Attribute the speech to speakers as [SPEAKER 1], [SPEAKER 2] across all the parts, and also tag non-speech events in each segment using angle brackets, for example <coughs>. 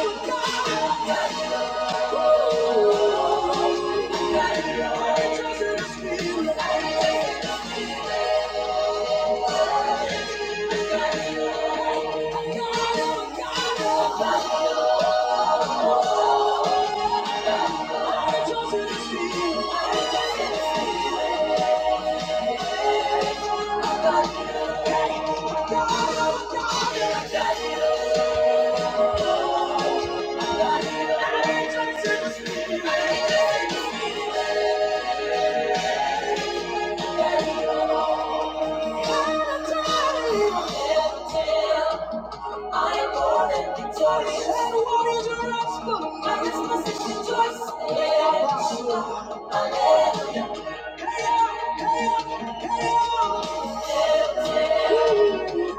[SPEAKER 1] Thank you. Thank you. Thank you. I am born and victorious. The waters are up. My response is rejoice. Hallelujah. Hallelujah.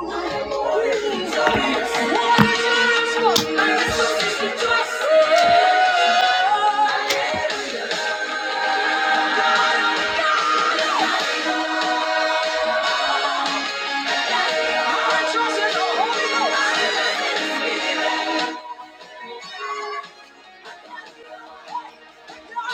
[SPEAKER 1] I am born and victorious. The warriors are up. My Christmas is rejoice. Hallelujah. Thank you.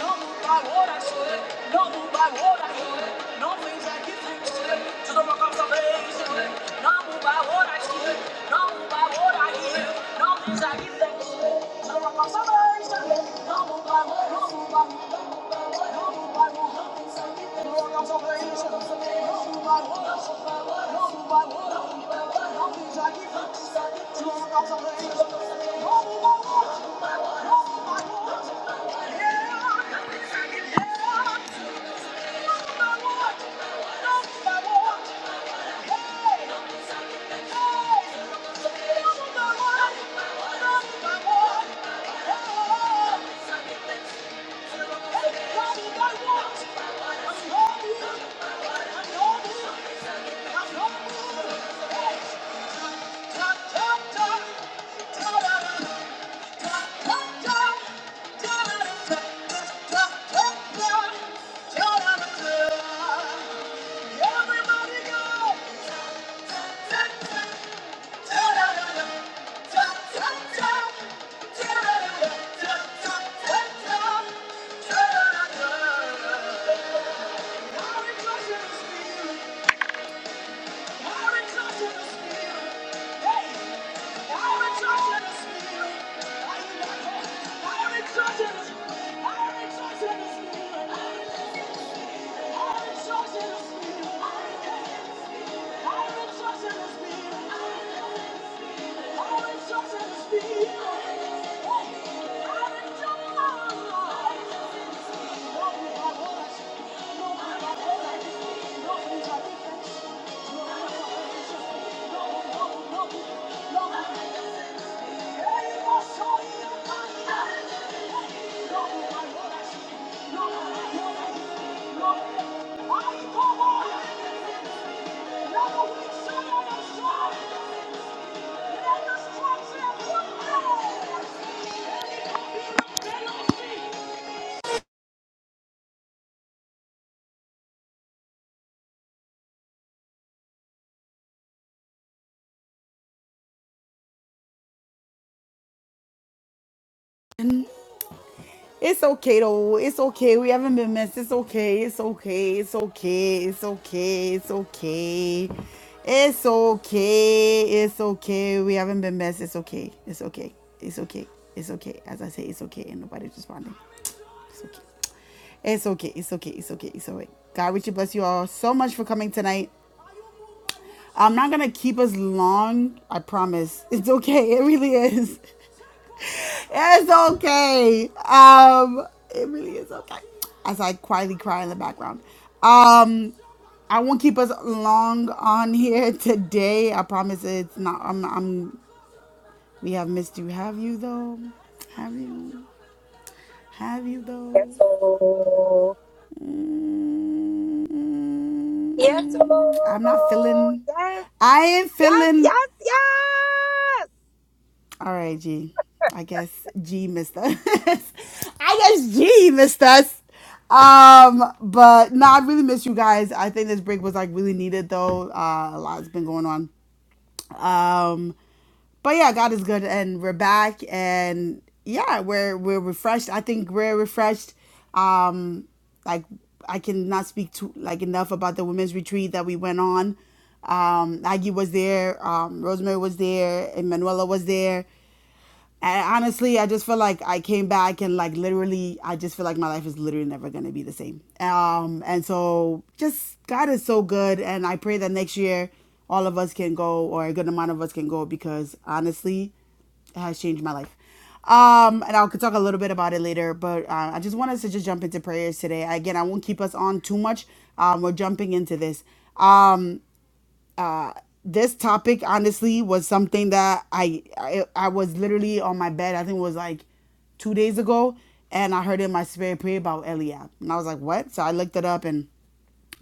[SPEAKER 1] No move by what I said. No move by what I heard. No things I give thanks to. To the rock of salvation. No move by what I see. No move by what I hear. No things I give thanks to. To the rock of salvation. No move by what. No move by. No move by what. No move by what. No things I give thanks to. To the rock of salvation. No move by what. No move by what. No move by what. No move by what. No No No Hey! top, top, top, ta-da-da. Thank you. Thank you. It's okay though. It's okay. We haven't been missed. It's okay. It's okay. It's okay. It's okay. It's okay. It's okay. It's okay. We haven't been missed. It's okay. It's okay. It's okay. It's okay. As I say, it's okay. And nobody's responding. It's okay. It's okay. It's okay. It's okay. It's all right. God, Richie, bless you all so much for coming tonight. I'm not gonna keep us long. I promise. It's okay. It really is. It's okay. Um, it really is okay. As I quietly cry in the background. Um, I won't keep us long on here today. I promise. It's not. I'm. I'm. We have missed you. Have you though? Have you? Have you
[SPEAKER 2] Yes,
[SPEAKER 1] though?
[SPEAKER 2] oh. Yes,
[SPEAKER 1] Mm, I'm not
[SPEAKER 2] oh.
[SPEAKER 1] feeling.
[SPEAKER 2] Yes,
[SPEAKER 1] I ain't
[SPEAKER 2] yes,
[SPEAKER 1] feeling.
[SPEAKER 2] yes,
[SPEAKER 1] All right, G. I guess G missed us. <laughs> I guess G missed us. Um, but no, I really miss you guys. I think this break was like really needed though. Uh, a lot's been going on. Um, but yeah, God is good, and we're back, and yeah, we're we're refreshed. I think we're refreshed. Um, like I cannot speak to like enough about the women's retreat that we went on. Um, Aggie was there, um, Rosemary was there, Emanuela was there. And honestly, I just feel like I came back and like literally, I just feel like my life is literally never gonna be the same. Um, and so just God is so good, and I pray that next year all of us can go, or a good amount of us can go, because honestly, it has changed my life. Um, and I'll could talk a little bit about it later, but uh, I just want us to just jump into prayers today. Again, I won't keep us on too much. Um, we're jumping into this this topic honestly was something that I, I I was literally on my bed. I think it was like two days ago, and I heard in my spirit pray about Eliab, and I was like, "What?" So I looked it up, and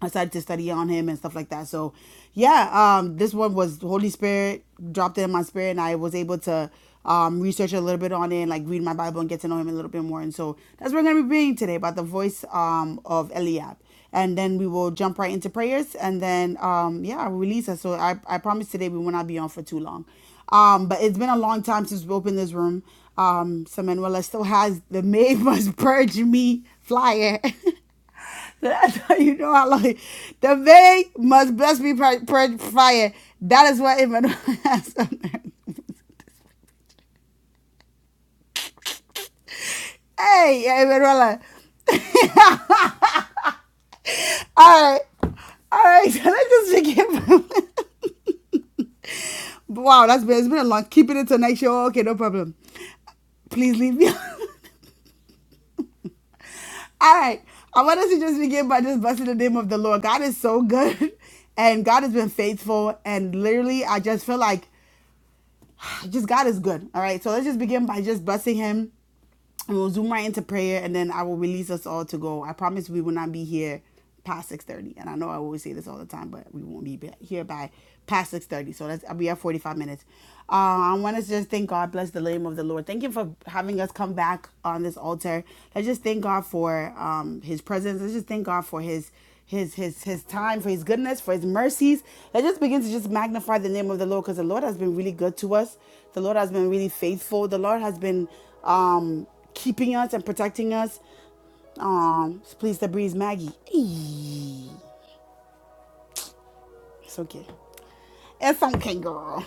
[SPEAKER 1] I started to study on him and stuff like that. So, yeah, um, this one was the Holy Spirit dropped it in my spirit, and I was able to um, research a little bit on it, and, like read my Bible and get to know him a little bit more. And so that's what we're gonna be reading today about the voice um, of Eliab, and then we will jump right into prayers, and then um, yeah, I'll release us. So I I promise today we will not be on for too long. Um, but it's been a long time since we opened this room. Um, so Manuela still has the <laughs> May Must Purge Me flyer. <laughs> That's how you know how long The vain must bless me by by fire. That is what Emmanuel <laughs> has on there. Hey, Emmanuel. All right. All right. <laughs> So let's just begin. <laughs> wow, that's been, it's been a long. Keeping it till next show. Okay, no problem. Please leave me. <laughs> All right. I want us to just begin by just blessing the name of the Lord. God is so good. <laughs> And God has been faithful. And literally, I just feel like just God is good. All right. So let's just begin by just blessing him and we'll zoom right into prayer and then i will release us all to go i promise we will not be here past 6.30 and i know i always say this all the time but we won't be here by past 6.30 so that's we have 45 minutes uh, i want us to just thank god bless the name of the lord thank you for having us come back on this altar let's just thank god for um, his presence let's just thank god for his his his his time for his goodness for his mercies let's just begin to just magnify the name of the lord because the lord has been really good to us the lord has been really faithful the lord has been um keeping us and protecting us um please the breeze maggie Eee. it's okay it's okay girl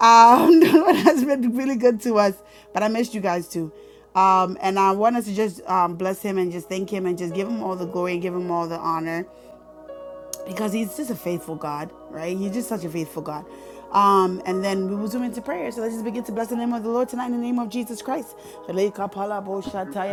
[SPEAKER 1] um <laughs> the lord has been really good to us but i missed you guys too um, and I want us to just um, bless him and just thank him and just give him all the glory and give him all the honor. because he's just a faithful God, right? He's just such a faithful God. Um, and then we will zoom into prayer. So let's just begin to bless the name of the Lord tonight in the name of Jesus Christ. <laughs> Re kapala bo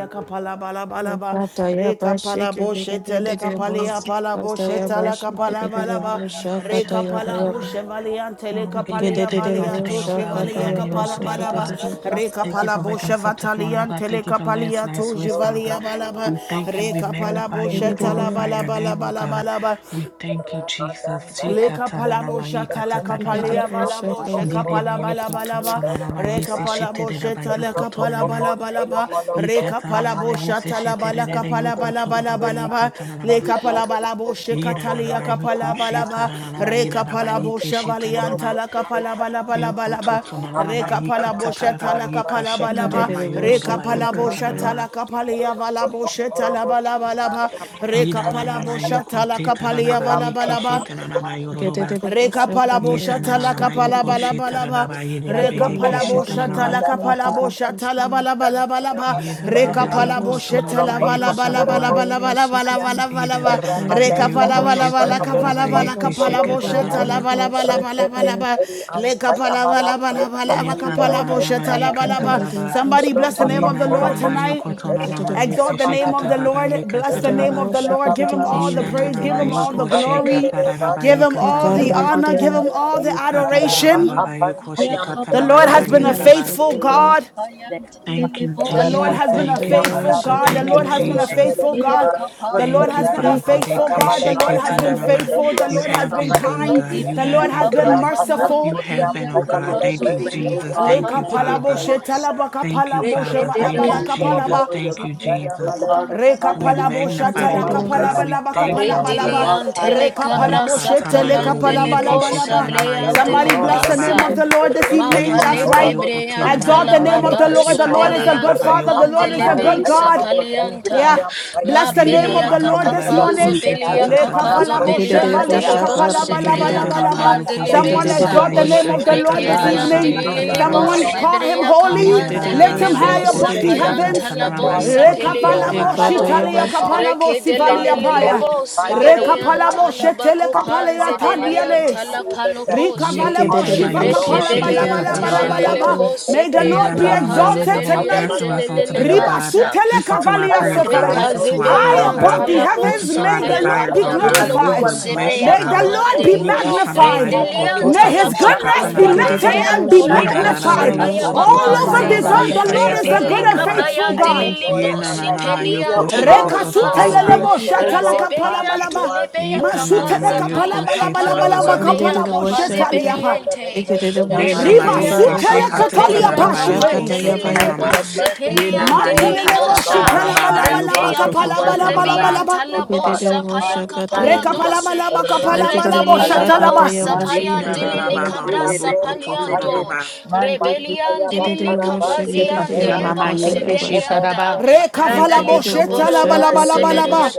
[SPEAKER 1] kapala bala ba.
[SPEAKER 3] Kataya
[SPEAKER 1] Re kapala
[SPEAKER 3] bashiki
[SPEAKER 1] bo
[SPEAKER 3] diki diki
[SPEAKER 1] shetele
[SPEAKER 3] diki bo.
[SPEAKER 1] kapalia pala
[SPEAKER 3] Kataya bashiki
[SPEAKER 1] kapala
[SPEAKER 3] diki
[SPEAKER 1] bala
[SPEAKER 3] diki
[SPEAKER 1] ba.
[SPEAKER 3] bo.
[SPEAKER 1] Re
[SPEAKER 3] Shakataya
[SPEAKER 1] kapala
[SPEAKER 3] baya.
[SPEAKER 1] bo shevalia tele
[SPEAKER 4] Lord, we give
[SPEAKER 3] Diki
[SPEAKER 4] you
[SPEAKER 3] diki diki
[SPEAKER 4] thanks on
[SPEAKER 3] bo.
[SPEAKER 4] today, oh God. We
[SPEAKER 3] Shakataya
[SPEAKER 4] honor you on
[SPEAKER 1] kapala
[SPEAKER 4] today,
[SPEAKER 3] bashiki
[SPEAKER 4] oh
[SPEAKER 1] bala
[SPEAKER 3] diki
[SPEAKER 1] ba.
[SPEAKER 4] God.
[SPEAKER 3] diki bo.
[SPEAKER 1] Re
[SPEAKER 4] Thank you
[SPEAKER 1] kapala
[SPEAKER 4] for
[SPEAKER 1] bo
[SPEAKER 4] waking us up this morning, oh
[SPEAKER 1] shevatalia
[SPEAKER 4] God. Thank you for last night's rest, Father.
[SPEAKER 1] ba.
[SPEAKER 4] We thank you,
[SPEAKER 1] Re
[SPEAKER 4] we
[SPEAKER 1] kapala
[SPEAKER 4] magnify
[SPEAKER 1] bo
[SPEAKER 4] you, we
[SPEAKER 3] Diki diki
[SPEAKER 1] shetala
[SPEAKER 4] glorify
[SPEAKER 3] diki.
[SPEAKER 1] bala
[SPEAKER 4] your name, oh God.
[SPEAKER 1] ba.
[SPEAKER 4] We thank you, Jesus.
[SPEAKER 1] Leka palabo shatala
[SPEAKER 3] Diki diki
[SPEAKER 4] Shikatananamayikatataraba.
[SPEAKER 1] kapalia
[SPEAKER 3] bo.
[SPEAKER 1] balabo
[SPEAKER 3] Shakas.
[SPEAKER 1] sheka palabala balaba reka palabo shetala kapala
[SPEAKER 4] Nineneyukututunanamayisishiteredabayukutunanama.
[SPEAKER 1] balaba reka palabo shatala balaka palabala balabalaba
[SPEAKER 4] Ikatananamayisishiterereyukuturunabayikatananama.
[SPEAKER 1] leka palabala sheka talia
[SPEAKER 4] Yirararara yuko
[SPEAKER 1] kapala balaba
[SPEAKER 4] shitarararaba
[SPEAKER 1] reka
[SPEAKER 4] yiraraba
[SPEAKER 1] palabo
[SPEAKER 4] yike
[SPEAKER 1] shavalianta
[SPEAKER 4] shitararaba
[SPEAKER 1] la kapala
[SPEAKER 2] yes.
[SPEAKER 1] balabala
[SPEAKER 4] yuko
[SPEAKER 1] balaba
[SPEAKER 4] totonararaba
[SPEAKER 2] Malam
[SPEAKER 1] reka
[SPEAKER 4] yika
[SPEAKER 1] palabo
[SPEAKER 4] tatararaba
[SPEAKER 1] shatala
[SPEAKER 4] yika
[SPEAKER 1] kapala
[SPEAKER 3] Diki diki
[SPEAKER 1] balaba
[SPEAKER 4] shetanaraba
[SPEAKER 3] diki bo.
[SPEAKER 1] reka
[SPEAKER 4] yororoba
[SPEAKER 1] palabo
[SPEAKER 4] yika
[SPEAKER 3] Shakataya baya.
[SPEAKER 4] tararaba
[SPEAKER 1] shatala
[SPEAKER 5] Thank
[SPEAKER 1] kapalia balabo shetala balaba reka
[SPEAKER 4] yirararara
[SPEAKER 1] palabo
[SPEAKER 4] yuko
[SPEAKER 1] shatala kapalia
[SPEAKER 4] titararaba yike
[SPEAKER 1] balabalaba
[SPEAKER 4] shitararaba
[SPEAKER 3] Diki diki
[SPEAKER 4] yororoba
[SPEAKER 3] diki bo.
[SPEAKER 1] Reka palabo
[SPEAKER 3] Shakataya
[SPEAKER 1] shata la
[SPEAKER 3] bashiki
[SPEAKER 4] yitarararaba
[SPEAKER 3] diki
[SPEAKER 1] kapala
[SPEAKER 3] diki
[SPEAKER 4] yuko
[SPEAKER 3] bo.
[SPEAKER 1] bala bala ba.
[SPEAKER 4] shitararaba yirerebe
[SPEAKER 3] Diki diki
[SPEAKER 2] Rokotom
[SPEAKER 1] Reka
[SPEAKER 3] diki bo.
[SPEAKER 4] yike
[SPEAKER 3] Shakataya bashiki diki diki bo. Diki diki
[SPEAKER 1] palabo
[SPEAKER 2] Korobos,
[SPEAKER 3] diki
[SPEAKER 1] shata
[SPEAKER 3] bo.
[SPEAKER 1] la
[SPEAKER 4] shitararaba
[SPEAKER 2] Antaya
[SPEAKER 1] kapala bo
[SPEAKER 2] Malabra,
[SPEAKER 1] shata la bala bala bala ba. Reka
[SPEAKER 4] yirararara
[SPEAKER 1] palabo
[SPEAKER 4] yuko
[SPEAKER 1] shata
[SPEAKER 4] tonaraba
[SPEAKER 1] la bala
[SPEAKER 4] yika
[SPEAKER 1] bala bala
[SPEAKER 4] tararaba
[SPEAKER 3] Shakataya
[SPEAKER 1] bala bala
[SPEAKER 3] bashiki diki
[SPEAKER 1] bala
[SPEAKER 3] diki bo.
[SPEAKER 1] bala bala ba.
[SPEAKER 4] yirararara
[SPEAKER 1] Reka
[SPEAKER 3] Ekadaya
[SPEAKER 1] bala
[SPEAKER 4] yuko
[SPEAKER 2] Antaya
[SPEAKER 1] bala
[SPEAKER 3] was a
[SPEAKER 1] bala
[SPEAKER 3] good
[SPEAKER 4] shitararaba
[SPEAKER 1] kapala bala
[SPEAKER 4] yike
[SPEAKER 3] abortion.
[SPEAKER 1] kapala bo shata la
[SPEAKER 4] shikatararaba
[SPEAKER 3] Ekadaya
[SPEAKER 1] bala bala bala bala ba. Reka pala bala bala bala kapala bo
[SPEAKER 4] yitarararaba
[SPEAKER 1] shata la
[SPEAKER 4] yika
[SPEAKER 1] bala ba.
[SPEAKER 4] tararaba
[SPEAKER 1] Somebody bless the name
[SPEAKER 4] Ye
[SPEAKER 1] of
[SPEAKER 4] na
[SPEAKER 1] the
[SPEAKER 4] na
[SPEAKER 1] Lord
[SPEAKER 4] na ma
[SPEAKER 5] you.
[SPEAKER 4] yo ko to
[SPEAKER 1] tonight.
[SPEAKER 4] no no ma ye
[SPEAKER 5] Thank
[SPEAKER 4] se
[SPEAKER 1] Exalt the
[SPEAKER 4] she
[SPEAKER 1] name
[SPEAKER 4] ka
[SPEAKER 1] of
[SPEAKER 4] ta
[SPEAKER 1] the
[SPEAKER 4] ba ba
[SPEAKER 1] Lord.
[SPEAKER 4] ye ka
[SPEAKER 1] Bless
[SPEAKER 4] ta
[SPEAKER 1] the
[SPEAKER 4] da da
[SPEAKER 1] name of
[SPEAKER 4] ba.
[SPEAKER 1] the Lord. Give him
[SPEAKER 2] Baba
[SPEAKER 1] all
[SPEAKER 4] Ye
[SPEAKER 1] the
[SPEAKER 4] na
[SPEAKER 6] Sebirle
[SPEAKER 4] na
[SPEAKER 1] praise.
[SPEAKER 4] na
[SPEAKER 1] Give
[SPEAKER 4] ma
[SPEAKER 1] him
[SPEAKER 4] yo
[SPEAKER 1] all
[SPEAKER 6] kanze
[SPEAKER 1] the
[SPEAKER 4] ko she
[SPEAKER 6] pelya
[SPEAKER 4] ka
[SPEAKER 1] glory.
[SPEAKER 4] ta da
[SPEAKER 2] Rapatang
[SPEAKER 4] da ba
[SPEAKER 6] kapapa
[SPEAKER 1] Give
[SPEAKER 4] ye
[SPEAKER 1] him
[SPEAKER 4] ka ta
[SPEAKER 1] all
[SPEAKER 4] na na
[SPEAKER 1] the
[SPEAKER 6] kuya
[SPEAKER 4] ma.
[SPEAKER 1] honor. Give him all the
[SPEAKER 4] Ye
[SPEAKER 6] nadabanse
[SPEAKER 4] ta da da da ba
[SPEAKER 1] adoration.
[SPEAKER 4] ba
[SPEAKER 6] maz
[SPEAKER 4] ba yo ko she
[SPEAKER 6] kuya
[SPEAKER 4] ka ta
[SPEAKER 1] The
[SPEAKER 4] na na
[SPEAKER 1] Lord
[SPEAKER 4] na
[SPEAKER 6] kapapa
[SPEAKER 4] ma
[SPEAKER 1] has
[SPEAKER 4] ye
[SPEAKER 1] been a
[SPEAKER 4] da da
[SPEAKER 6] kuati
[SPEAKER 3] was
[SPEAKER 4] ba.
[SPEAKER 3] a
[SPEAKER 5] you,
[SPEAKER 1] faithful
[SPEAKER 5] O
[SPEAKER 6] be
[SPEAKER 5] Lord.
[SPEAKER 1] God.
[SPEAKER 6] bayan
[SPEAKER 5] Thank you, Father,
[SPEAKER 4] Thank
[SPEAKER 6] telele
[SPEAKER 4] you,
[SPEAKER 1] The
[SPEAKER 5] God,
[SPEAKER 6] boşe
[SPEAKER 1] Lord
[SPEAKER 4] Jesus.
[SPEAKER 5] Father,
[SPEAKER 1] has been a
[SPEAKER 5] for
[SPEAKER 4] Thank
[SPEAKER 5] your
[SPEAKER 4] you,
[SPEAKER 1] faithful
[SPEAKER 4] Father.
[SPEAKER 1] God. The
[SPEAKER 4] Thank
[SPEAKER 6] Mazebeleya
[SPEAKER 1] Lord
[SPEAKER 4] you,
[SPEAKER 1] has
[SPEAKER 5] We
[SPEAKER 1] been a
[SPEAKER 5] Thank
[SPEAKER 6] kapanza
[SPEAKER 4] Jesus.
[SPEAKER 5] you, O
[SPEAKER 1] faithful
[SPEAKER 6] peya
[SPEAKER 1] God.
[SPEAKER 5] God, for
[SPEAKER 1] The
[SPEAKER 6] kapanze
[SPEAKER 1] Lord
[SPEAKER 4] Thank
[SPEAKER 5] being
[SPEAKER 4] you,
[SPEAKER 1] has been
[SPEAKER 6] lebre
[SPEAKER 1] a
[SPEAKER 5] faithful
[SPEAKER 4] Father. They
[SPEAKER 1] faithful
[SPEAKER 5] to us,
[SPEAKER 4] ka
[SPEAKER 6] kapado
[SPEAKER 1] God.
[SPEAKER 5] O
[SPEAKER 1] The
[SPEAKER 4] she
[SPEAKER 1] Lord
[SPEAKER 4] ke
[SPEAKER 5] God,
[SPEAKER 1] has
[SPEAKER 4] ta
[SPEAKER 6] şapeya
[SPEAKER 1] been
[SPEAKER 4] na
[SPEAKER 5] Father.
[SPEAKER 4] na
[SPEAKER 5] We
[SPEAKER 4] ma.
[SPEAKER 5] thank
[SPEAKER 1] faithful.
[SPEAKER 5] you
[SPEAKER 1] The
[SPEAKER 5] for
[SPEAKER 4] You
[SPEAKER 5] your
[SPEAKER 6] nanamasa
[SPEAKER 1] Lord has
[SPEAKER 4] have
[SPEAKER 1] been
[SPEAKER 5] covering.
[SPEAKER 4] been good,
[SPEAKER 1] kind.
[SPEAKER 4] God.
[SPEAKER 5] We
[SPEAKER 4] You
[SPEAKER 1] The
[SPEAKER 5] thank
[SPEAKER 6] Mazepeya
[SPEAKER 4] have
[SPEAKER 1] Lord
[SPEAKER 5] you
[SPEAKER 4] been
[SPEAKER 1] has
[SPEAKER 5] for
[SPEAKER 1] been
[SPEAKER 4] kind.
[SPEAKER 5] blessing us.
[SPEAKER 6] kapapalon
[SPEAKER 4] You
[SPEAKER 1] merciful.
[SPEAKER 5] We
[SPEAKER 4] have
[SPEAKER 5] thank
[SPEAKER 6] teleria
[SPEAKER 4] been,
[SPEAKER 5] you
[SPEAKER 4] oh
[SPEAKER 5] for
[SPEAKER 4] God.
[SPEAKER 5] your
[SPEAKER 6] kapazo
[SPEAKER 4] Thank you,
[SPEAKER 5] healing, O
[SPEAKER 6] peleya
[SPEAKER 4] Jesus.
[SPEAKER 5] God. We
[SPEAKER 4] Thank you,
[SPEAKER 1] Aleka
[SPEAKER 5] thank you
[SPEAKER 6] kapandelele
[SPEAKER 1] palabo
[SPEAKER 5] for
[SPEAKER 1] she
[SPEAKER 4] Father.
[SPEAKER 5] your
[SPEAKER 6] boşa
[SPEAKER 1] shetalaba
[SPEAKER 4] Thank you,
[SPEAKER 1] kapalabo
[SPEAKER 4] Father.
[SPEAKER 5] Father,
[SPEAKER 4] Thank
[SPEAKER 5] we
[SPEAKER 6] Rekedeleya
[SPEAKER 4] you,
[SPEAKER 1] shevalabala
[SPEAKER 5] thank
[SPEAKER 6] dele
[SPEAKER 5] you
[SPEAKER 4] Jesus.
[SPEAKER 2] Robot
[SPEAKER 1] kapalaba.
[SPEAKER 5] for your
[SPEAKER 4] Thank you,
[SPEAKER 2] and
[SPEAKER 6] Zepeya
[SPEAKER 5] goodness,
[SPEAKER 4] Jesus.
[SPEAKER 5] oh Lord.
[SPEAKER 1] Reka
[SPEAKER 6] kapantala
[SPEAKER 5] Father,
[SPEAKER 4] We
[SPEAKER 2] Yamale
[SPEAKER 5] we
[SPEAKER 6] braz
[SPEAKER 1] palabo
[SPEAKER 5] thank you
[SPEAKER 4] magnify
[SPEAKER 5] that
[SPEAKER 1] shatala
[SPEAKER 4] you,
[SPEAKER 5] your
[SPEAKER 2] Thank
[SPEAKER 4] O
[SPEAKER 2] you.
[SPEAKER 5] grace
[SPEAKER 1] kapalaba
[SPEAKER 4] God.
[SPEAKER 5] is
[SPEAKER 4] We
[SPEAKER 1] laba
[SPEAKER 4] thank you,
[SPEAKER 5] sufficient,
[SPEAKER 1] kapalaba
[SPEAKER 4] O
[SPEAKER 5] oh
[SPEAKER 1] laba.
[SPEAKER 4] God.
[SPEAKER 6] Redilian
[SPEAKER 5] God, Father, for
[SPEAKER 1] Reka
[SPEAKER 5] us.
[SPEAKER 1] palabo
[SPEAKER 6] telecabrasa
[SPEAKER 5] Father, we
[SPEAKER 1] shetele
[SPEAKER 5] thank
[SPEAKER 4] Yikatamarorobe
[SPEAKER 5] you for
[SPEAKER 6] palandele
[SPEAKER 1] kapalaba
[SPEAKER 5] your
[SPEAKER 1] laba
[SPEAKER 5] divine
[SPEAKER 6] bosa
[SPEAKER 1] laba.
[SPEAKER 5] covering, oh
[SPEAKER 1] Somebody
[SPEAKER 6] bleandele
[SPEAKER 5] Lord.
[SPEAKER 1] bless the
[SPEAKER 5] We
[SPEAKER 1] name of
[SPEAKER 6] basa.
[SPEAKER 5] thank
[SPEAKER 1] the
[SPEAKER 5] you
[SPEAKER 1] Lord
[SPEAKER 5] for
[SPEAKER 1] this
[SPEAKER 5] your
[SPEAKER 4] yekeshitananamayokotodoroba.
[SPEAKER 6] Ma
[SPEAKER 1] evening.
[SPEAKER 5] peace,
[SPEAKER 1] That's
[SPEAKER 5] oh
[SPEAKER 6] pale
[SPEAKER 1] right.
[SPEAKER 5] God. We thank you
[SPEAKER 6] kebrean
[SPEAKER 5] for your
[SPEAKER 1] Exalt the name of
[SPEAKER 5] perfect
[SPEAKER 1] the
[SPEAKER 6] talababan
[SPEAKER 1] Lord.
[SPEAKER 5] peace, oh
[SPEAKER 1] The Lord is a
[SPEAKER 5] God.
[SPEAKER 6] sopelean
[SPEAKER 1] good
[SPEAKER 4] Yenanamayokotenanamamamayekashitatatadababa
[SPEAKER 1] Father. The Lord is
[SPEAKER 6] kapandele
[SPEAKER 1] a
[SPEAKER 5] Father,
[SPEAKER 4] yokototodoba.
[SPEAKER 6] ben
[SPEAKER 1] good
[SPEAKER 5] we thank you
[SPEAKER 1] God.
[SPEAKER 5] for
[SPEAKER 1] Yeah.
[SPEAKER 5] keeping
[SPEAKER 6] sapalianta.
[SPEAKER 1] Bless
[SPEAKER 6] Ma
[SPEAKER 1] the
[SPEAKER 5] we
[SPEAKER 1] name
[SPEAKER 5] thank
[SPEAKER 1] of
[SPEAKER 6] pelia
[SPEAKER 1] the
[SPEAKER 5] you for
[SPEAKER 1] Lord this
[SPEAKER 6] kapapa
[SPEAKER 5] keeping
[SPEAKER 1] morning.
[SPEAKER 6] zobelia
[SPEAKER 5] Magic.
[SPEAKER 1] Le
[SPEAKER 5] We
[SPEAKER 6] kapazo
[SPEAKER 5] thank
[SPEAKER 4] Yinanamamamayokoshitatatadaraba.
[SPEAKER 1] kavalabo
[SPEAKER 5] you for
[SPEAKER 6] belian
[SPEAKER 1] shevalia
[SPEAKER 6] dele
[SPEAKER 5] keeping Columbus.
[SPEAKER 1] kapalaba
[SPEAKER 6] bose
[SPEAKER 1] laba
[SPEAKER 5] Oh,
[SPEAKER 6] prea
[SPEAKER 1] laba
[SPEAKER 5] God,
[SPEAKER 1] laba.
[SPEAKER 5] Father, our
[SPEAKER 6] kapandele
[SPEAKER 5] way
[SPEAKER 1] Someone
[SPEAKER 5] Father,
[SPEAKER 6] besa.
[SPEAKER 1] exalt the
[SPEAKER 5] we
[SPEAKER 1] name of the
[SPEAKER 5] ask
[SPEAKER 1] Lord this
[SPEAKER 5] God.
[SPEAKER 6] Rekerian
[SPEAKER 4] Yinananamayokotenananamayeseshikatadababa
[SPEAKER 1] evening.
[SPEAKER 3] good
[SPEAKER 5] Father,
[SPEAKER 2] Father
[SPEAKER 5] we
[SPEAKER 6] delili
[SPEAKER 5] thank
[SPEAKER 2] God,
[SPEAKER 4] yekatanama.
[SPEAKER 1] Someone
[SPEAKER 5] you,
[SPEAKER 6] bose
[SPEAKER 2] of
[SPEAKER 1] call
[SPEAKER 5] mighty
[SPEAKER 1] him
[SPEAKER 6] brea
[SPEAKER 5] God, Father,
[SPEAKER 1] holy.
[SPEAKER 5] for
[SPEAKER 1] Lift him
[SPEAKER 6] kapandele
[SPEAKER 2] we
[SPEAKER 1] high
[SPEAKER 5] things
[SPEAKER 6] bosa
[SPEAKER 1] above
[SPEAKER 5] that
[SPEAKER 4] Yirarararabayokoshe
[SPEAKER 1] the
[SPEAKER 2] lift you
[SPEAKER 5] you
[SPEAKER 2] up,
[SPEAKER 5] have
[SPEAKER 6] payan
[SPEAKER 2] O
[SPEAKER 5] done
[SPEAKER 1] heavens.
[SPEAKER 2] Lord
[SPEAKER 3] abortion.
[SPEAKER 5] that no
[SPEAKER 2] God.
[SPEAKER 5] man
[SPEAKER 2] We
[SPEAKER 6] talabosa
[SPEAKER 5] could
[SPEAKER 2] exalt you,
[SPEAKER 5] do.
[SPEAKER 6] pelea
[SPEAKER 2] O
[SPEAKER 1] Rekavalabo
[SPEAKER 4] katatanamayokototoroba.
[SPEAKER 5] Father, we
[SPEAKER 6] kapa.
[SPEAKER 3] Ekataya
[SPEAKER 2] Lord
[SPEAKER 1] shitalia
[SPEAKER 5] thank
[SPEAKER 3] bash,
[SPEAKER 5] you for
[SPEAKER 2] God.
[SPEAKER 1] kapalavo
[SPEAKER 5] being there,
[SPEAKER 1] sivalia
[SPEAKER 2] Father,
[SPEAKER 5] even
[SPEAKER 2] we
[SPEAKER 6] Rekedelelelele
[SPEAKER 5] though,
[SPEAKER 1] paya.
[SPEAKER 6] bo
[SPEAKER 2] magnify your
[SPEAKER 5] Father,
[SPEAKER 2] holy
[SPEAKER 6] sibirian
[SPEAKER 5] our
[SPEAKER 1] Rekapalabo
[SPEAKER 2] name.
[SPEAKER 5] parents,
[SPEAKER 1] shetele
[SPEAKER 6] talabako
[SPEAKER 5] my
[SPEAKER 2] Father
[SPEAKER 5] parents
[SPEAKER 1] kapalaya
[SPEAKER 6] panze
[SPEAKER 2] God,
[SPEAKER 5] are
[SPEAKER 2] in the
[SPEAKER 5] right.
[SPEAKER 2] name
[SPEAKER 6] belian
[SPEAKER 2] of
[SPEAKER 1] tandianes.
[SPEAKER 5] Father,
[SPEAKER 6] talapalo
[SPEAKER 2] Jesus, uh, we
[SPEAKER 6] poşe.
[SPEAKER 1] Rikavalabo
[SPEAKER 2] honor
[SPEAKER 5] that
[SPEAKER 3] ekedede
[SPEAKER 1] shiva
[SPEAKER 5] there's
[SPEAKER 2] you,
[SPEAKER 3] bush,
[SPEAKER 2] Lord.
[SPEAKER 1] kapalaba
[SPEAKER 5] something that
[SPEAKER 1] laba
[SPEAKER 3] ekedede
[SPEAKER 6] Rekebelean
[SPEAKER 1] laba
[SPEAKER 3] bush,
[SPEAKER 1] laba
[SPEAKER 4] Yikitemayokoshitatadaraba.
[SPEAKER 2] Randa
[SPEAKER 5] you
[SPEAKER 6] telelele
[SPEAKER 5] cannot do
[SPEAKER 1] laba.
[SPEAKER 5] for
[SPEAKER 2] lebe
[SPEAKER 3] kataya,
[SPEAKER 6] ko
[SPEAKER 5] me, oh
[SPEAKER 1] May
[SPEAKER 2] sende
[SPEAKER 1] the
[SPEAKER 5] God.
[SPEAKER 2] ya
[SPEAKER 6] seprea
[SPEAKER 1] Lord
[SPEAKER 4] yidda
[SPEAKER 5] You
[SPEAKER 1] be
[SPEAKER 4] na na ma
[SPEAKER 5] are
[SPEAKER 2] malabra
[SPEAKER 5] enough.
[SPEAKER 6] kapaze
[SPEAKER 1] exalted
[SPEAKER 2] sapaya
[SPEAKER 1] tonight.
[SPEAKER 6] belian
[SPEAKER 4] Answer us
[SPEAKER 5] God.
[SPEAKER 4] on
[SPEAKER 6] delelele
[SPEAKER 4] today,
[SPEAKER 5] You
[SPEAKER 2] basiende
[SPEAKER 4] oh
[SPEAKER 5] are
[SPEAKER 2] ya
[SPEAKER 1] Riba
[SPEAKER 4] God.
[SPEAKER 5] enough
[SPEAKER 6] bansa.
[SPEAKER 5] for
[SPEAKER 1] sutele
[SPEAKER 5] me,
[SPEAKER 4] Listen
[SPEAKER 5] O
[SPEAKER 4] to our
[SPEAKER 1] kavalia
[SPEAKER 5] God.
[SPEAKER 2] mantaya
[SPEAKER 4] prayers, God.
[SPEAKER 1] sovaya.
[SPEAKER 5] God,
[SPEAKER 4] Listen
[SPEAKER 2] malabro
[SPEAKER 6] Rekaze
[SPEAKER 4] to
[SPEAKER 5] you
[SPEAKER 4] our
[SPEAKER 5] have
[SPEAKER 4] heart, oh
[SPEAKER 2] sochong
[SPEAKER 1] High
[SPEAKER 5] done
[SPEAKER 6] berian
[SPEAKER 5] what
[SPEAKER 4] God.
[SPEAKER 1] above
[SPEAKER 5] no
[SPEAKER 1] the
[SPEAKER 2] korobo
[SPEAKER 5] man can
[SPEAKER 4] Listen
[SPEAKER 1] heavens,
[SPEAKER 4] to
[SPEAKER 6] talabosa
[SPEAKER 5] do,
[SPEAKER 4] our
[SPEAKER 1] may
[SPEAKER 2] sende
[SPEAKER 5] O
[SPEAKER 2] ya
[SPEAKER 1] the
[SPEAKER 6] paya
[SPEAKER 1] Lord
[SPEAKER 5] Lord.
[SPEAKER 4] desires,
[SPEAKER 1] be
[SPEAKER 4] oh
[SPEAKER 6] kapan
[SPEAKER 2] ma
[SPEAKER 5] You
[SPEAKER 4] God. And
[SPEAKER 5] have
[SPEAKER 4] we
[SPEAKER 5] done
[SPEAKER 6] dolobo
[SPEAKER 1] glorified.
[SPEAKER 5] what
[SPEAKER 4] would
[SPEAKER 5] my
[SPEAKER 4] bless
[SPEAKER 5] parents
[SPEAKER 4] you,
[SPEAKER 6] sebrea
[SPEAKER 1] May the
[SPEAKER 4] God.
[SPEAKER 2] malabro
[SPEAKER 5] cannot
[SPEAKER 1] Lord
[SPEAKER 5] do,
[SPEAKER 1] be
[SPEAKER 6] kapande.
[SPEAKER 5] O
[SPEAKER 2] korobo
[SPEAKER 5] Lord.
[SPEAKER 2] sondo
[SPEAKER 1] magnified.
[SPEAKER 2] yo
[SPEAKER 5] Father, it
[SPEAKER 6] Redelian
[SPEAKER 5] is
[SPEAKER 1] May
[SPEAKER 5] you
[SPEAKER 2] molobro
[SPEAKER 1] his
[SPEAKER 5] that I
[SPEAKER 1] goodness
[SPEAKER 5] lean
[SPEAKER 2] sapaya
[SPEAKER 1] be
[SPEAKER 6] talakapanda
[SPEAKER 5] on,
[SPEAKER 4] Yikatanama-yukotototo-shikatananama.
[SPEAKER 5] O
[SPEAKER 1] lifted
[SPEAKER 3] ekedede
[SPEAKER 2] bakanda
[SPEAKER 5] Lord.
[SPEAKER 6] belean
[SPEAKER 1] and
[SPEAKER 2] ya
[SPEAKER 1] be
[SPEAKER 3] bush,
[SPEAKER 5] Father, I
[SPEAKER 2] malabro
[SPEAKER 6] tolibosa
[SPEAKER 5] thank
[SPEAKER 3] kataya
[SPEAKER 1] magnified
[SPEAKER 5] you,
[SPEAKER 6] paya
[SPEAKER 3] bash,
[SPEAKER 5] O
[SPEAKER 2] sapaya
[SPEAKER 1] all
[SPEAKER 5] God,
[SPEAKER 1] over
[SPEAKER 5] Father,
[SPEAKER 3] ekedede
[SPEAKER 6] bapanze.
[SPEAKER 1] this
[SPEAKER 5] for
[SPEAKER 1] earth.
[SPEAKER 2] Father,
[SPEAKER 1] The
[SPEAKER 5] being my
[SPEAKER 2] you
[SPEAKER 1] Lord
[SPEAKER 3] kataya
[SPEAKER 2] are
[SPEAKER 1] is a
[SPEAKER 3] bash,
[SPEAKER 5] refuge,
[SPEAKER 1] good
[SPEAKER 6] Repele
[SPEAKER 2] good
[SPEAKER 5] O
[SPEAKER 2] and
[SPEAKER 1] and
[SPEAKER 2] your
[SPEAKER 5] God.
[SPEAKER 4] Yidda-na-na-ma-yukototono-no-no-ma-yikashatadadadaba.
[SPEAKER 1] faithful
[SPEAKER 6] kapayan
[SPEAKER 2] mercy
[SPEAKER 5] I
[SPEAKER 2] it
[SPEAKER 3] ekedede
[SPEAKER 1] God.
[SPEAKER 5] thank
[SPEAKER 3] bush,
[SPEAKER 6] dilili
[SPEAKER 5] you
[SPEAKER 2] endures
[SPEAKER 5] for being
[SPEAKER 6] bosi
[SPEAKER 5] my
[SPEAKER 2] forever.
[SPEAKER 5] Savior,
[SPEAKER 6] pelian
[SPEAKER 5] O
[SPEAKER 1] Reka
[SPEAKER 2] Father
[SPEAKER 5] Lord. I
[SPEAKER 2] God,
[SPEAKER 6] talikapasa.
[SPEAKER 2] you
[SPEAKER 4] Yenananama-yukoshokototododoba.
[SPEAKER 1] sutelelebo
[SPEAKER 5] thank
[SPEAKER 2] are
[SPEAKER 5] you, O
[SPEAKER 2] worthy.
[SPEAKER 5] Lord,
[SPEAKER 1] shatalaka
[SPEAKER 5] Father.
[SPEAKER 6] Razebelian
[SPEAKER 2] You
[SPEAKER 1] palabalaba.
[SPEAKER 2] are
[SPEAKER 6] tolebeya
[SPEAKER 2] worthy,
[SPEAKER 5] Lord,
[SPEAKER 6] kapa
[SPEAKER 2] Lord
[SPEAKER 1] Masuteleka
[SPEAKER 6] zapaya
[SPEAKER 5] my,
[SPEAKER 2] Jesus. You are
[SPEAKER 6] kapalo
[SPEAKER 1] palabalabalabalaba
[SPEAKER 5] my
[SPEAKER 4] Yitananama-yukoshitadadaba.
[SPEAKER 2] worthy.
[SPEAKER 6] zobeya
[SPEAKER 3] ekedede
[SPEAKER 1] kapalabo
[SPEAKER 5] Savior,
[SPEAKER 6] kapa
[SPEAKER 3] bush,
[SPEAKER 2] My
[SPEAKER 5] my best
[SPEAKER 1] shetaliapa.
[SPEAKER 2] Father, the
[SPEAKER 6] zebeliente.
[SPEAKER 2] tender of my
[SPEAKER 5] deliverer,
[SPEAKER 2] life,
[SPEAKER 4] Denama
[SPEAKER 1] Riva
[SPEAKER 4] ye
[SPEAKER 5] oh
[SPEAKER 6] Repelea
[SPEAKER 3] ekedede bush,
[SPEAKER 5] God.
[SPEAKER 4] keshe
[SPEAKER 6] kapa
[SPEAKER 1] suteleka
[SPEAKER 2] Father,
[SPEAKER 4] katata
[SPEAKER 3] ekedede
[SPEAKER 5] Thank
[SPEAKER 6] zobelia
[SPEAKER 1] taliapa
[SPEAKER 5] you,
[SPEAKER 4] daraba
[SPEAKER 3] bush,
[SPEAKER 2] Father,
[SPEAKER 6] kapa
[SPEAKER 5] Jesus,
[SPEAKER 4] yoko
[SPEAKER 5] for
[SPEAKER 1] shuveis.
[SPEAKER 3] kataya
[SPEAKER 5] being
[SPEAKER 3] baya
[SPEAKER 5] my
[SPEAKER 6] delelende
[SPEAKER 4] shotonama.
[SPEAKER 5] healer.
[SPEAKER 2] Your
[SPEAKER 3] bash,
[SPEAKER 6] bosse
[SPEAKER 2] mercy
[SPEAKER 5] Thank
[SPEAKER 4] Ye
[SPEAKER 5] you
[SPEAKER 2] it
[SPEAKER 5] for
[SPEAKER 6] peleyan
[SPEAKER 4] nama
[SPEAKER 5] being
[SPEAKER 4] ye
[SPEAKER 5] my
[SPEAKER 6] dilili
[SPEAKER 2] endures, O
[SPEAKER 1] Matelelebo
[SPEAKER 4] katata
[SPEAKER 6] bossa.
[SPEAKER 5] comforter,
[SPEAKER 2] God.
[SPEAKER 5] oh
[SPEAKER 4] daraba ba
[SPEAKER 5] God.
[SPEAKER 4] yoko
[SPEAKER 1] shitalabalabalaba
[SPEAKER 6] Rapeya
[SPEAKER 2] Father,
[SPEAKER 5] Thank
[SPEAKER 2] we
[SPEAKER 5] you
[SPEAKER 4] shoko
[SPEAKER 6] kapa
[SPEAKER 5] for
[SPEAKER 4] toto
[SPEAKER 5] your
[SPEAKER 2] worship you.
[SPEAKER 4] totonaba.
[SPEAKER 6] zebian
[SPEAKER 1] kapalabalabalabalaba.
[SPEAKER 5] blessings, oh Lord.
[SPEAKER 2] Father,
[SPEAKER 3] ekedede
[SPEAKER 6] talabosa
[SPEAKER 2] we
[SPEAKER 3] bush,
[SPEAKER 2] give
[SPEAKER 6] paya
[SPEAKER 5] Man,
[SPEAKER 2] you
[SPEAKER 5] we
[SPEAKER 2] thanks.
[SPEAKER 3] kataya
[SPEAKER 1] Reka
[SPEAKER 5] thank you,
[SPEAKER 3] bash.
[SPEAKER 5] baby,
[SPEAKER 6] kapaladose.
[SPEAKER 5] that
[SPEAKER 1] palabalaba
[SPEAKER 5] you are
[SPEAKER 2] Ram
[SPEAKER 5] grace,
[SPEAKER 3] Ekedede
[SPEAKER 5] that
[SPEAKER 1] kapalabalabo
[SPEAKER 5] you
[SPEAKER 3] bush,
[SPEAKER 2] Kantaya
[SPEAKER 5] love
[SPEAKER 6] Redelili
[SPEAKER 5] us.
[SPEAKER 2] Male,
[SPEAKER 1] shatalaba.
[SPEAKER 3] kataya
[SPEAKER 6] bossa
[SPEAKER 5] Man,
[SPEAKER 3] bash,
[SPEAKER 5] we
[SPEAKER 4] Dina
[SPEAKER 5] thank
[SPEAKER 3] ekedede
[SPEAKER 5] you,
[SPEAKER 6] payandelili
[SPEAKER 4] daraba
[SPEAKER 3] bush,
[SPEAKER 4] ba
[SPEAKER 5] baby,
[SPEAKER 6] kabrasa
[SPEAKER 5] baby,
[SPEAKER 4] boko
[SPEAKER 5] thank you, baby.
[SPEAKER 6] paliando.
[SPEAKER 4] totonaba.
[SPEAKER 2] Rada da da da da
[SPEAKER 5] Man, we thank you,
[SPEAKER 2] da da
[SPEAKER 6] Rebeliandelili
[SPEAKER 3] ekedede
[SPEAKER 5] baby,
[SPEAKER 3] bush,
[SPEAKER 5] baby, take
[SPEAKER 2] da
[SPEAKER 4] Ye
[SPEAKER 5] me,
[SPEAKER 3] ekedede
[SPEAKER 5] that's
[SPEAKER 4] katina
[SPEAKER 5] all
[SPEAKER 6] kapaziandele
[SPEAKER 4] mama ye
[SPEAKER 6] bosse
[SPEAKER 3] bakataya
[SPEAKER 4] keshe
[SPEAKER 3] bash,
[SPEAKER 6] pelianda.
[SPEAKER 4] tadaba.
[SPEAKER 5] about.
[SPEAKER 1] Reka valabo
[SPEAKER 6] Radale
[SPEAKER 3] ekedede
[SPEAKER 5] thank you,
[SPEAKER 3] bush,
[SPEAKER 6] koboloban
[SPEAKER 3] kataya
[SPEAKER 6] seberia
[SPEAKER 1] shetalabalabalaba.
[SPEAKER 3] bash,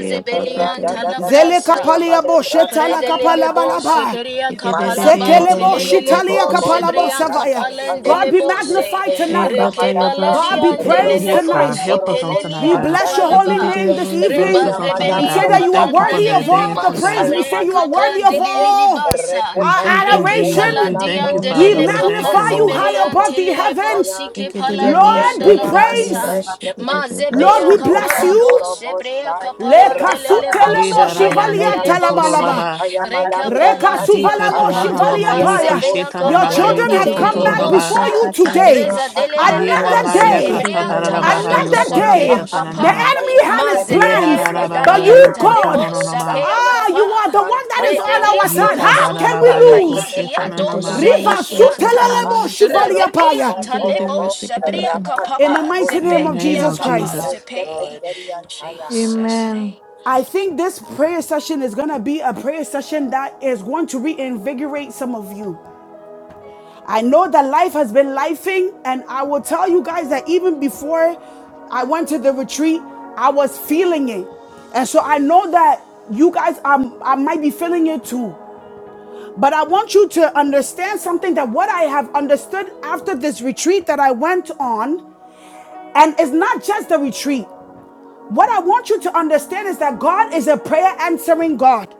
[SPEAKER 5] baby,
[SPEAKER 6] belian
[SPEAKER 3] bakataya.
[SPEAKER 1] Zele
[SPEAKER 6] talabrasa.
[SPEAKER 1] kapalia
[SPEAKER 5] that
[SPEAKER 1] bo
[SPEAKER 5] you
[SPEAKER 2] da
[SPEAKER 1] shetala
[SPEAKER 2] da
[SPEAKER 5] love
[SPEAKER 1] kapala
[SPEAKER 6] Bredelele bo
[SPEAKER 2] da
[SPEAKER 5] us.
[SPEAKER 1] balaba.
[SPEAKER 3] Amen.
[SPEAKER 6] sheperia kapala
[SPEAKER 2] Malam
[SPEAKER 6] ban
[SPEAKER 2] pon
[SPEAKER 1] Sekele bo
[SPEAKER 2] korobo
[SPEAKER 6] telelele
[SPEAKER 1] shitalia
[SPEAKER 6] bo
[SPEAKER 2] korobo
[SPEAKER 1] kapala bo
[SPEAKER 6] sebrian
[SPEAKER 1] savaya.
[SPEAKER 2] brakatan
[SPEAKER 6] kapalen
[SPEAKER 2] kaya
[SPEAKER 1] God
[SPEAKER 6] dele
[SPEAKER 1] be
[SPEAKER 6] bo se
[SPEAKER 1] magnified
[SPEAKER 2] yesen kaya
[SPEAKER 1] tonight.
[SPEAKER 6] reke
[SPEAKER 2] malaba
[SPEAKER 1] God be
[SPEAKER 6] baladian
[SPEAKER 1] praised
[SPEAKER 6] delele
[SPEAKER 4] Yes,
[SPEAKER 6] bo
[SPEAKER 2] rokoton
[SPEAKER 4] God,
[SPEAKER 1] tonight.
[SPEAKER 6] si
[SPEAKER 4] help us
[SPEAKER 2] korobo
[SPEAKER 4] on tonight,
[SPEAKER 1] We
[SPEAKER 6] pelelia
[SPEAKER 4] God.
[SPEAKER 1] bless your
[SPEAKER 2] sandaya
[SPEAKER 6] kapala
[SPEAKER 1] holy
[SPEAKER 6] ba
[SPEAKER 1] name this
[SPEAKER 2] yesen
[SPEAKER 6] reba
[SPEAKER 4] Bless
[SPEAKER 1] evening.
[SPEAKER 2] kaya
[SPEAKER 4] us on tonight,
[SPEAKER 1] We
[SPEAKER 6] zebelia
[SPEAKER 4] God.
[SPEAKER 1] say
[SPEAKER 2] malabro
[SPEAKER 4] We
[SPEAKER 1] that you are
[SPEAKER 4] thank you
[SPEAKER 6] kapanda
[SPEAKER 2] tapai
[SPEAKER 4] for
[SPEAKER 1] worthy
[SPEAKER 4] the
[SPEAKER 1] of
[SPEAKER 6] lelele
[SPEAKER 1] all
[SPEAKER 6] bo
[SPEAKER 1] the
[SPEAKER 4] advances,
[SPEAKER 1] praise.
[SPEAKER 4] God.
[SPEAKER 1] We
[SPEAKER 2] mantaya
[SPEAKER 1] say
[SPEAKER 6] sabrea
[SPEAKER 1] you are
[SPEAKER 2] malibre
[SPEAKER 1] worthy
[SPEAKER 6] kapan
[SPEAKER 1] of
[SPEAKER 2] sepe
[SPEAKER 6] delelili
[SPEAKER 1] all
[SPEAKER 6] basa
[SPEAKER 4] We
[SPEAKER 1] our
[SPEAKER 4] thank
[SPEAKER 2] repepempen
[SPEAKER 4] you,
[SPEAKER 6] reke
[SPEAKER 2] daya
[SPEAKER 4] Jesus.
[SPEAKER 1] adoration.
[SPEAKER 4] We thank
[SPEAKER 2] malabro
[SPEAKER 4] you,
[SPEAKER 6] paladian
[SPEAKER 1] We
[SPEAKER 4] Father.
[SPEAKER 6] delele
[SPEAKER 4] We thank you,
[SPEAKER 1] magnify
[SPEAKER 2] rokoton
[SPEAKER 6] kapazi
[SPEAKER 1] you
[SPEAKER 4] Lord.
[SPEAKER 1] high
[SPEAKER 6] belian
[SPEAKER 2] koromo
[SPEAKER 1] above the
[SPEAKER 6] telele bo
[SPEAKER 1] heavens.
[SPEAKER 2] sandaya
[SPEAKER 6] si ke palan Andi
[SPEAKER 2] yesen
[SPEAKER 6] and
[SPEAKER 1] Lord, be
[SPEAKER 2] daya
[SPEAKER 1] praised.
[SPEAKER 2] malibre
[SPEAKER 6] Alabasa.
[SPEAKER 2] sepe
[SPEAKER 1] Lord,
[SPEAKER 6] Mazebeya
[SPEAKER 1] we bless
[SPEAKER 2] rokoton
[SPEAKER 6] kapala
[SPEAKER 1] you.
[SPEAKER 6] bose,
[SPEAKER 2] korobo
[SPEAKER 6] breya
[SPEAKER 2] sa
[SPEAKER 1] Le
[SPEAKER 6] kapala delele
[SPEAKER 2] rapatan
[SPEAKER 1] kasutele
[SPEAKER 4] Ye
[SPEAKER 1] mo
[SPEAKER 6] bosa,
[SPEAKER 2] kuriem
[SPEAKER 4] darama
[SPEAKER 6] payan
[SPEAKER 1] shivalia
[SPEAKER 2] Paya,
[SPEAKER 6] dele
[SPEAKER 4] yoko
[SPEAKER 1] talabalaba.
[SPEAKER 6] bose.
[SPEAKER 4] totonaba.
[SPEAKER 2] Mantaya mala
[SPEAKER 6] Reka
[SPEAKER 5] Thank
[SPEAKER 1] Reka
[SPEAKER 6] pala
[SPEAKER 2] broska
[SPEAKER 6] dia
[SPEAKER 1] suvalamo
[SPEAKER 2] tankaya,
[SPEAKER 6] kapado
[SPEAKER 4] Yikatananama
[SPEAKER 1] shivalia
[SPEAKER 2] Yara
[SPEAKER 1] paya.
[SPEAKER 6] basebeya
[SPEAKER 2] boston
[SPEAKER 1] Your
[SPEAKER 4] yikishetananama
[SPEAKER 6] kapale
[SPEAKER 2] joyo
[SPEAKER 1] children have
[SPEAKER 2] molo
[SPEAKER 1] come
[SPEAKER 6] dilili
[SPEAKER 1] back
[SPEAKER 2] broska
[SPEAKER 4] yokototororoba.
[SPEAKER 1] before
[SPEAKER 2] paya,
[SPEAKER 1] you
[SPEAKER 6] bosa.
[SPEAKER 1] today.
[SPEAKER 6] Reza
[SPEAKER 2] Rapa
[SPEAKER 6] delele de
[SPEAKER 2] tankaya
[SPEAKER 1] Another
[SPEAKER 4] Yenama
[SPEAKER 6] bosi,
[SPEAKER 1] day.
[SPEAKER 2] melian
[SPEAKER 6] kebrian tala
[SPEAKER 2] tayaba,
[SPEAKER 4] yakatadarababa
[SPEAKER 1] Another
[SPEAKER 6] dosa,
[SPEAKER 2] Rapa
[SPEAKER 1] day.
[SPEAKER 6] peya
[SPEAKER 1] The
[SPEAKER 2] pampan
[SPEAKER 4] yokoshetananama.
[SPEAKER 6] kapa.
[SPEAKER 1] enemy
[SPEAKER 2] jaya
[SPEAKER 1] had his
[SPEAKER 2] male breske
[SPEAKER 6] Mazebeya
[SPEAKER 1] plans, but
[SPEAKER 2] peken
[SPEAKER 4] Yedarababa
[SPEAKER 6] kadalian
[SPEAKER 1] you,
[SPEAKER 2] jaya
[SPEAKER 6] tale
[SPEAKER 2] mala
[SPEAKER 1] God,
[SPEAKER 6] bosa,
[SPEAKER 4] yokotononama.
[SPEAKER 2] broska
[SPEAKER 6] peya
[SPEAKER 2] paya,
[SPEAKER 1] ah, you
[SPEAKER 6] kapa.
[SPEAKER 1] are the one that is
[SPEAKER 2] Mantaya
[SPEAKER 1] on
[SPEAKER 5] you.
[SPEAKER 2] male
[SPEAKER 1] our
[SPEAKER 6] Redelia
[SPEAKER 1] side.
[SPEAKER 6] mama
[SPEAKER 2] breste
[SPEAKER 1] How can
[SPEAKER 6] sun
[SPEAKER 1] we
[SPEAKER 4] Yitadarababa
[SPEAKER 6] kapayi
[SPEAKER 1] lose?
[SPEAKER 6] dia
[SPEAKER 2] Repepepen jaya
[SPEAKER 6] dose
[SPEAKER 4] yokoshetananama.
[SPEAKER 2] mala
[SPEAKER 1] Riva
[SPEAKER 2] broska
[SPEAKER 6] ikianta.
[SPEAKER 2] pa,
[SPEAKER 1] sutelelemo shivalia paya.
[SPEAKER 6] Radebian
[SPEAKER 2] Ropoton
[SPEAKER 6] talebo
[SPEAKER 2] korobo,
[SPEAKER 6] sabria
[SPEAKER 2] Rapa
[SPEAKER 1] In the
[SPEAKER 6] kapapa
[SPEAKER 1] mighty
[SPEAKER 4] In
[SPEAKER 1] name
[SPEAKER 4] the
[SPEAKER 6] zepe
[SPEAKER 2] tankurien
[SPEAKER 1] of
[SPEAKER 4] name
[SPEAKER 6] lia
[SPEAKER 2] jaya
[SPEAKER 1] Jesus
[SPEAKER 4] of
[SPEAKER 2] mali
[SPEAKER 6] kapa
[SPEAKER 1] Christ.
[SPEAKER 4] Jesus.
[SPEAKER 2] breske
[SPEAKER 6] zepe.
[SPEAKER 5] Lord.
[SPEAKER 2] pengerian taya.
[SPEAKER 6] Jesus name.
[SPEAKER 3] Amen.
[SPEAKER 1] I think this prayer session is going to be a prayer session that is going to reinvigorate some of you. I know that life has been lifing, and I will tell you guys that even before I went to the retreat, I was feeling it. And so I know that you guys are, I might be feeling it too. But I want you to understand something that what I have understood after this retreat that I went on, and it's not just the retreat. What I want you to understand is that God is a prayer answering God.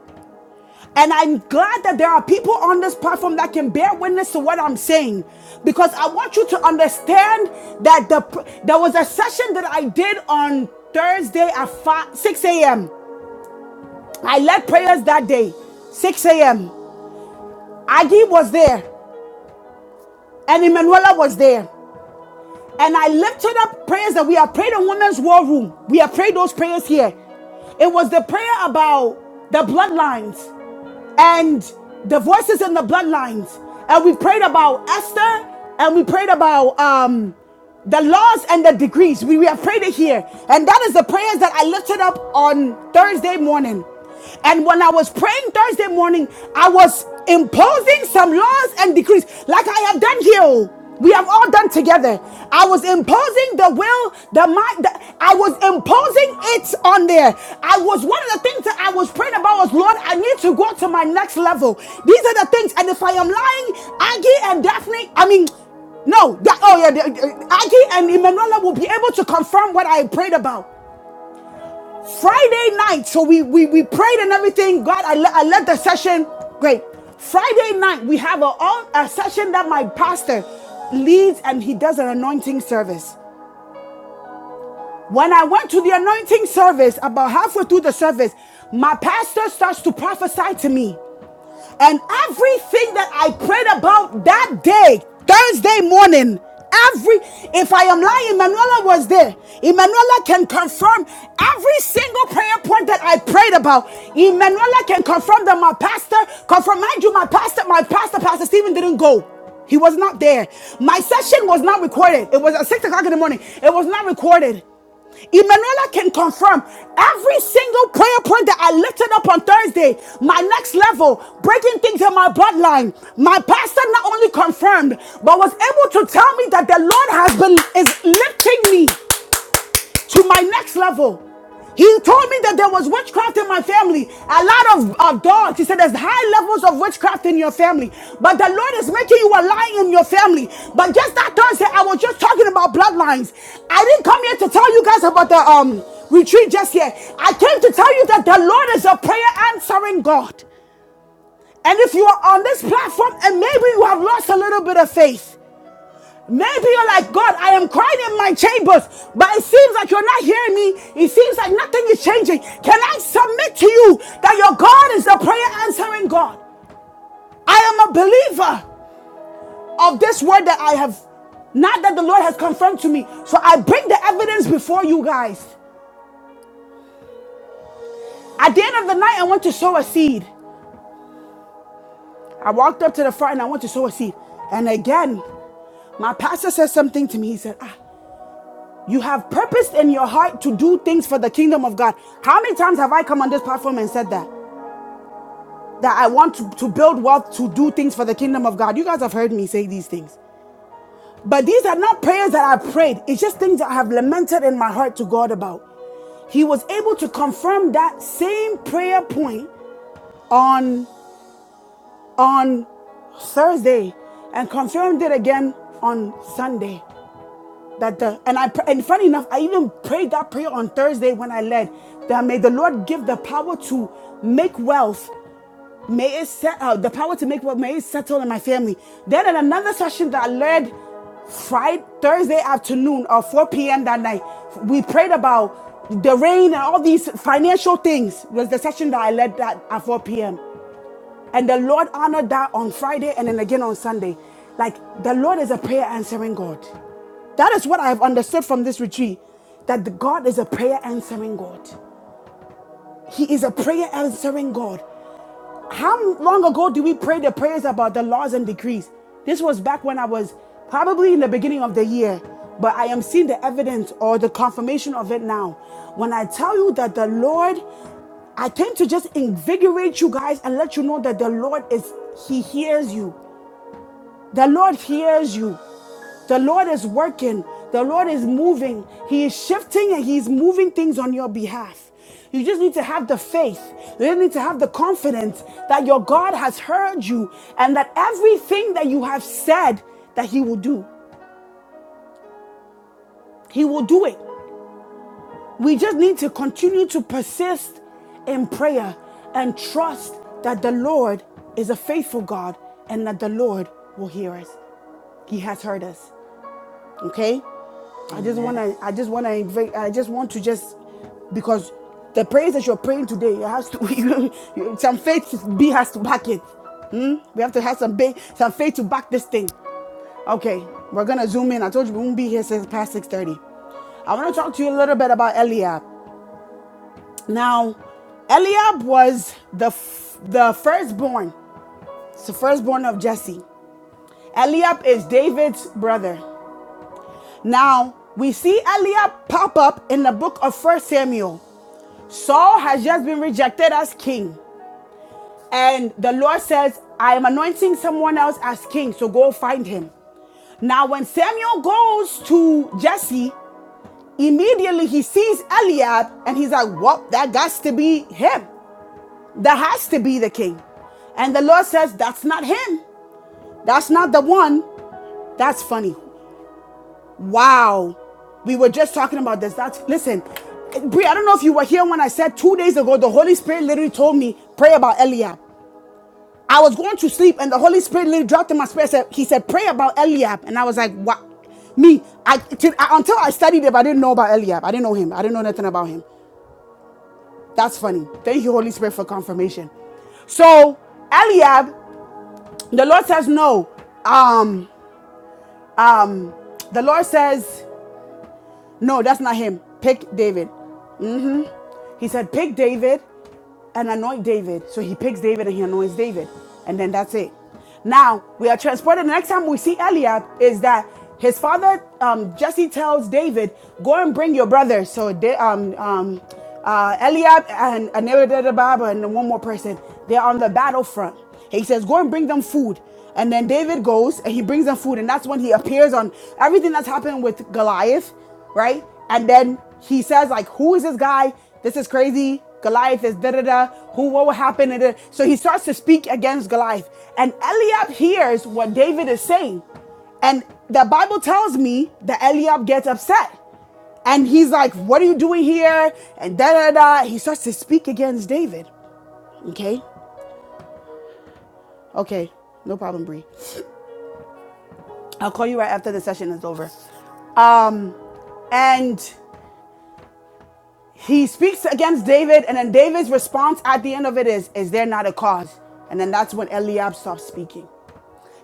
[SPEAKER 1] And I'm glad that there are people on this platform that can bear witness to what I'm saying. Because I want you to understand that the there was a session that I did on Thursday at 5, 6 a.m. I led prayers that day, 6 a.m. Agi was there and Emanuela was there. And I lifted up prayers that we have prayed in Women's War Room. We have prayed those prayers here. It was the prayer about the bloodlines. and the voices in the bloodlines. And we prayed about Esther and we prayed about um the laws and the degrees. We, we have prayed it here. And that is the prayers that I lifted up on Thursday morning. And when I was praying Thursday morning, I was imposing some laws and decrees, like I have done here. oh. We have all done together. I was imposing the will, the mind. The, I was imposing it on there. I was one of the things that I was praying about was Lord. I need need to go to my next level. These are the things. And if I am lying, Aggie and Daphne, I mean, no, that, oh yeah, uh, Aggie and Emanuela will be able to confirm what I prayed about. Friday night, so we we, we prayed and everything. God, I, le- I led the session. Great. Friday night, we have a, all- a session that my pastor leads and he does an anointing service. When I went to the anointing service, about halfway through the service, my pastor starts to prophesy to me. And everything that I prayed about that day, Thursday morning, every if I am lying, Emanuela was there. Emanuela can confirm every single prayer point that I prayed about. Emanuela can confirm that my pastor, confirm mind you, my pastor, my pastor, Pastor Stephen didn't go. He was not there. My session was not recorded. It was at six o'clock in the morning. It was not recorded. Emanuela can confirm every single prayer point that I lifted up on Thursday, my next level, breaking things in my bloodline. My pastor not only confirmed, but was able to tell me that the Lord has been is lifting me to my next level. He told me that there was witchcraft in my family. A lot of, of dogs. He said there's high levels of witchcraft in your family. But the Lord is making you a lion in your family. But just that Thursday, I was just talking about bloodlines. I didn't come here to tell you guys about the um retreat just yet. I came to tell you that the Lord is a prayer answering God. And if you are on this platform and maybe you have lost a little bit of faith, Maybe you're like, God, I am crying in my chambers, but it seems like you're not hearing me. It seems like nothing is changing. Can I submit to you that your God is the prayer answering God? I am a believer of this word that I have, not that the Lord has confirmed to me. So I bring the evidence before you guys. At the end of the night, I want to sow a seed. I walked up to the front and I want to sow a seed. And again, my pastor said something to me. He said, "Ah, You have purpose in your heart to do things for the kingdom of God. How many times have I come on this platform and said that? That I want to, to build wealth to do things for the kingdom of God. You guys have heard me say these things. But these are not prayers that I prayed, it's just things that I have lamented in my heart to God about. He was able to confirm that same prayer point on on Thursday and confirmed it again on Sunday. That the and I and funny enough, I even prayed that prayer on Thursday when I led. That may the Lord give the power to make wealth. May it set uh, the power to make wealth. May it settle in my family. Then in another session that I led Friday Thursday afternoon or 4 p.m. that night, we prayed about the rain and all these financial things. Was the session that I led that at 4 p.m. And the Lord honored that on Friday and then again on Sunday. Like the Lord is a prayer answering God. That is what I have understood from this retreat that the God is a prayer answering God. He is a prayer answering God. How long ago did we pray the prayers about the laws and decrees? This was back when I was probably in the beginning of the year, but I am seeing the evidence or the confirmation of it now. When I tell you that the Lord, I came to just invigorate you guys and let you know that the Lord is, He hears you. The Lord hears you. The Lord is working. The Lord is moving. He is shifting and He's moving things on your behalf. You just need to have the faith. You just need to have the confidence that your God has heard you and that everything that you have said that He will do, He will do it. We just need to continue to persist in prayer and trust that the Lord is a faithful God and that the Lord will hear us. He has heard us. okay i just want
[SPEAKER 5] Amen.
[SPEAKER 1] to i just want to invite i just want to just because the prayers that you're praying today it has to <laughs> you, you- some faith to be has to back it hmm? we have to have some ba- some faith to back this thing okay we're gonna zoom in i told you we won't be here since past 6.30 i want to talk to you a little bit about eliab now eliab was the f- the firstborn it's the firstborn of jesse eliab is david's brother Now, we see Eliab pop up in the book of First Samuel. Saul has just been rejected as king. And the Lord says, I am anointing someone else as king, so go find him. Now, when Samuel goes to Jesse, immediately he sees Eliab and he's like, Well, that has to be him. That has to be the king. And the Lord says, That's not him. That's not the one. That's funny. Wow. We were just talking about this. That's listen, Brie, I don't know if you were here when I said two days ago, the Holy Spirit literally told me, pray about Eliab. I was going to sleep and the Holy Spirit literally dropped in my spirit. Said, he said, pray about Eliab. And I was like, what? Me, I, till, I until I studied him, I didn't know about Eliab. I didn't know him. I didn't know nothing about him. That's funny. Thank you, Holy Spirit, for confirmation. So Eliab, the Lord says no. Um, um, the Lord says no. That's not him. Pick David. He said, pick David and anoint David. So he picks David and he anoints David. And then that's it. Now we are transported. The next time we see Eliab is that his father, um, Jesse tells David, go and bring your brother. So they, um, um, uh, Eliab and Abinadab and one more person, they're on the battlefront. He says, go and bring them food. And then David goes and he brings them food. And that's when he appears on everything that's happened with Goliath right? And then he says, like, who is this guy? This is crazy. Goliath is da da da. Who? What will happen? So he starts to speak against Goliath, and Eliab hears what David is saying, and the Bible tells me that Eliab gets upset. And he's like, What are you doing here? And da da da. He starts to speak against David. Okay? Okay. No problem, Bree. I'll call you right after the session is over. Um, and he speaks against David, and then David's response at the end of it is, Is there not a cause? And then that's when Eliab stops speaking.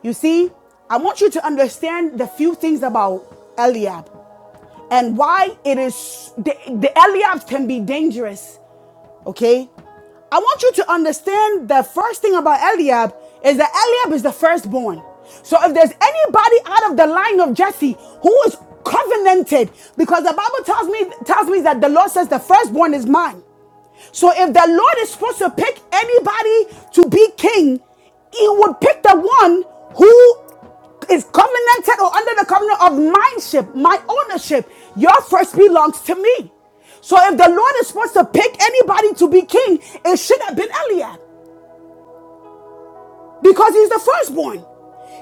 [SPEAKER 1] You see, I want you to understand the few things about Eliab and why it is the, the Eliabs can be dangerous, okay? I want you to understand the first thing about Eliab is that Eliab is the firstborn. So if there's anybody out of the line of Jesse who is covenanted, because the Bible tells me tells me that the Lord says the firstborn is mine. So if the Lord is supposed to pick anybody to be king, he would pick the one who is covenanted or under the covenant of mindship, my ownership. Your first belongs to me. So if the Lord is supposed to pick anybody to be king, it should have been Eliab because he's the firstborn.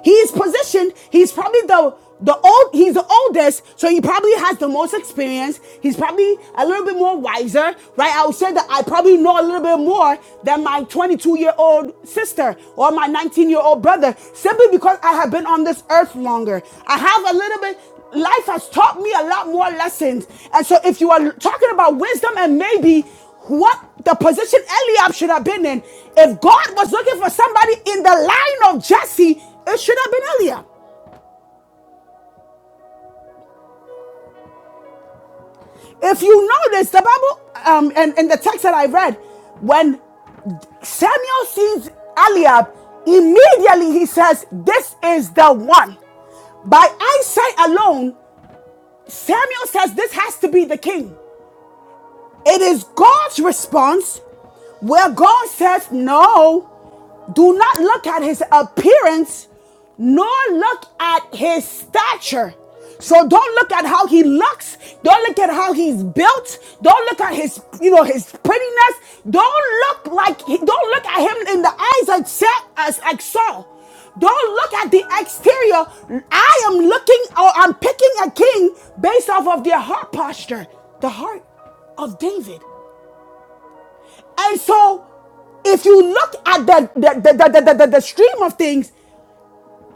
[SPEAKER 1] He is positioned. He's probably the the old. He's the oldest, so he probably has the most experience. He's probably a little bit more wiser, right? I would say that I probably know a little bit more than my 22 year old sister or my 19 year old brother, simply because I have been on this earth longer. I have a little bit life has taught me a lot more lessons. And so if you are talking about wisdom and maybe what the position Eliab should have been in. If God was looking for somebody in the line of Jesse, it should have been Eliab. If you notice the Bible um, and in the text that I read, when Samuel sees Eliab, immediately he says, This is the one. By eyesight alone, Samuel says this has to be the king. It is God's response where God says, No. Do not look at his appearance, nor look at his stature. So don't look at how he looks. Don't look at how he's built. Don't look at his, you know, his prettiness. Don't look like, don't look at him in the eyes except as, like Saul. Don't look at the exterior. I am looking or I'm picking a king based off of their heart posture, the heart of David. And so, if you look at the the, the, the, the, the, the stream of things,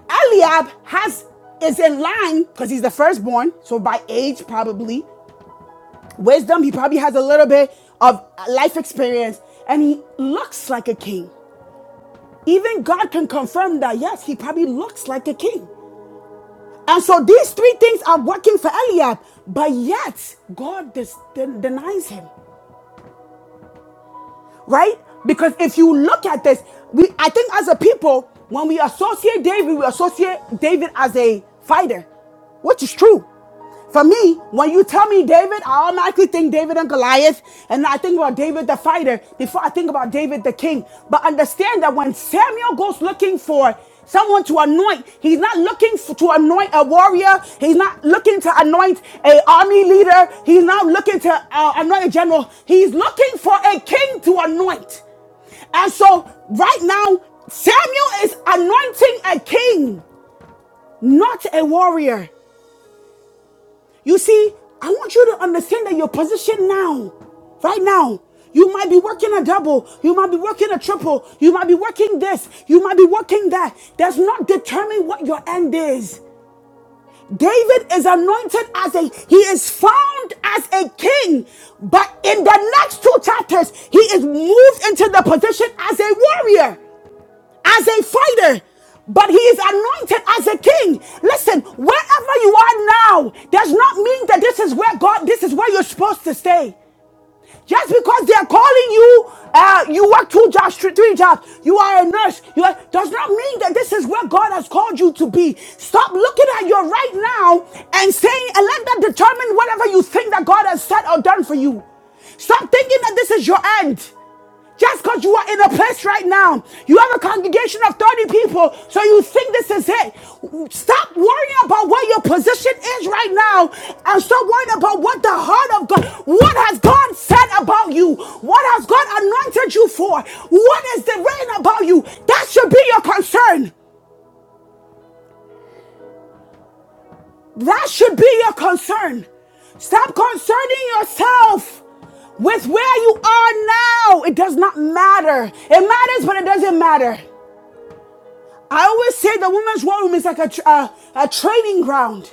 [SPEAKER 1] Eliab has is in line because he's the firstborn. So by age, probably wisdom, he probably has a little bit of life experience, and he looks like a king. Even God can confirm that yes, he probably looks like a king. And so these three things are working for Eliab, but yet God dis- den- denies him. right? Because if you look at this, we I think as a people, when we associate David, we associate David as a fighter, which is true. For me, when you tell me David, I automatically think David and Goliath, and I think about David the fighter before I think about David the king. But understand that when Samuel goes looking for someone to anoint. He's not looking f- to anoint a warrior. He's not looking to anoint a army leader. He's not looking to uh, anoint a general. He's looking for a king to anoint. And so right now, Samuel is anointing a king, not a warrior. You see, I want you to understand that your position now, right now, you might be working a double, you might be working a triple, you might be working this, you might be working that. That's not determine what your end is. David is anointed as a, he is found as a king, but in the next two chapters, he is moved into the position as a warrior as a fighter, but he is anointed as a king. Listen, wherever you are now does not mean that this is where God, this is where you're supposed to stay. Just because they are calling you, uh, you work two jobs, three, jobs, you are a nurse, you are, does not mean that this is where God has called you to be. Stop looking at your right now and saying, and let that determine whatever you think that God has said or done for you. Stop thinking that this is your end. Just because you are in a place right now, you have a congregation of 30 people, so you think this is it. Stop worrying about what your position is right now and stop worrying about what the heart of God, what has God said about you, what has God anointed you for, what is the rain about you. That should be your concern. That should be your concern. Stop concerning yourself with where you are now. It does not matter. It matters, but it doesn't matter. I always say the women's war room is like a, tr- a, a training ground.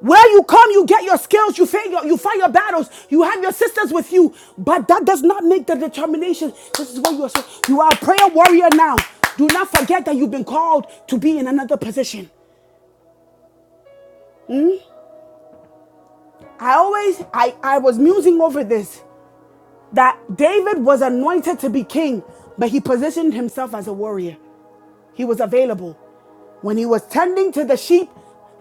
[SPEAKER 1] Where you come, you get your skills, you fight your, you fight your battles, you have your sisters with you. But that does not make the determination. This is what you are saying. You are a prayer warrior now. Do not forget that you've been called to be in another position. I always, I, I was musing over this that David was anointed to be king, but he positioned himself as a warrior. He was available. When he was tending to the sheep,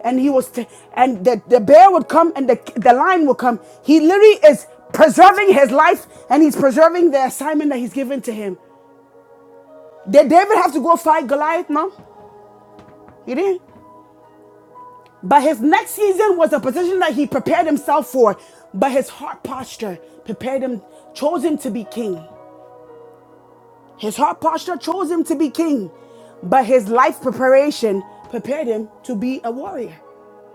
[SPEAKER 1] and he was, t- and the, the bear would come and the, the lion would come. He literally is preserving his life and he's preserving the assignment that he's given to him. Did David have to go fight Goliath? No, he didn't. But his next season was a position that he prepared himself for, but his heart posture prepared him, chose him to be king. His heart posture chose him to be king, but his life preparation prepared him to be a warrior.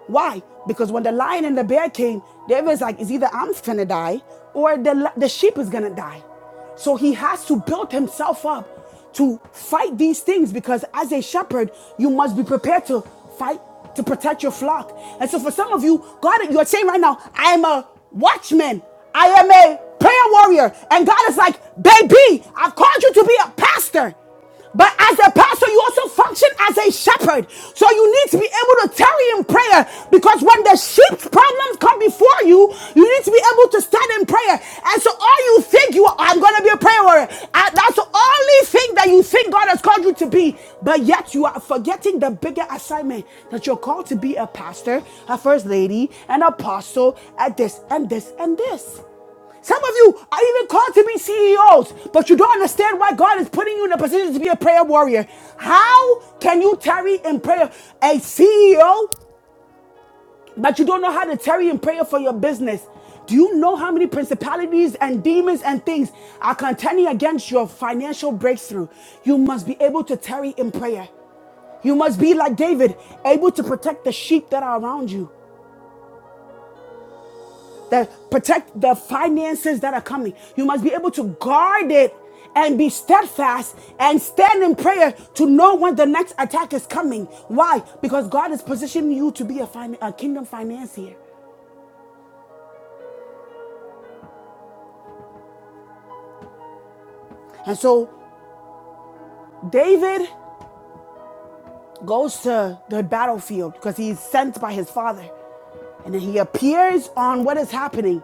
[SPEAKER 1] Why? Because when the lion and the bear came, David's like, it's either I'm gonna die or the, the sheep is gonna die. So he has to build himself up to fight these things because as a shepherd, you must be prepared to fight to protect your flock. And so for some of you, God, you're saying right now, I am a watchman. I am a prayer warrior. And God is like, baby, I've called you to be a pastor. But as a pastor, you also function as a shepherd. So you need to be able to tarry in prayer because when the sheep's problems come before you, you need to be able to stand in prayer. And so all you think you are, I'm going to be a prayer warrior. And that's the only thing that you think God has called you to be. But yet you are forgetting the bigger assignment that you're called to be a pastor, a first lady, an apostle, and this and this and this. Some of you are even called to be CEOs, but you don't understand why God is putting you in a position to be a prayer warrior. How can you tarry in prayer? A CEO, but you don't know how to tarry in prayer for your business. Do you know how many principalities and demons and things are contending against your financial breakthrough? You must be able to tarry in prayer. You must be like David, able to protect the sheep that are around you. that protect the finances that are coming. You must be able to guard it and be steadfast and stand in prayer to know when the next attack is coming. Why? Because God is positioning you to be a, fin- a kingdom financier. And so David goes to the battlefield because he's sent by his father. And then he appears on what is happening.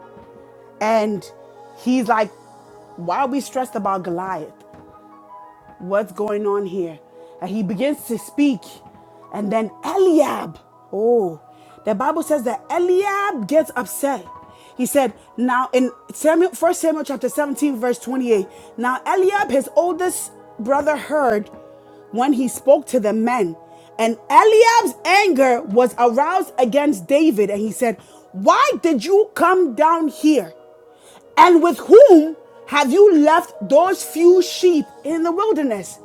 [SPEAKER 1] And he's like, why are we stressed about Goliath? What's going on here? And he begins to speak. And then Eliab, oh, the Bible says that Eliab gets upset. He said, now in Samuel, First Samuel chapter 17, verse 28, now Eliab, his oldest brother, heard when he spoke to the men. And Eliab's anger was aroused against David. And he said, Why did you come down here? And with whom have you left those few sheep in the wilderness?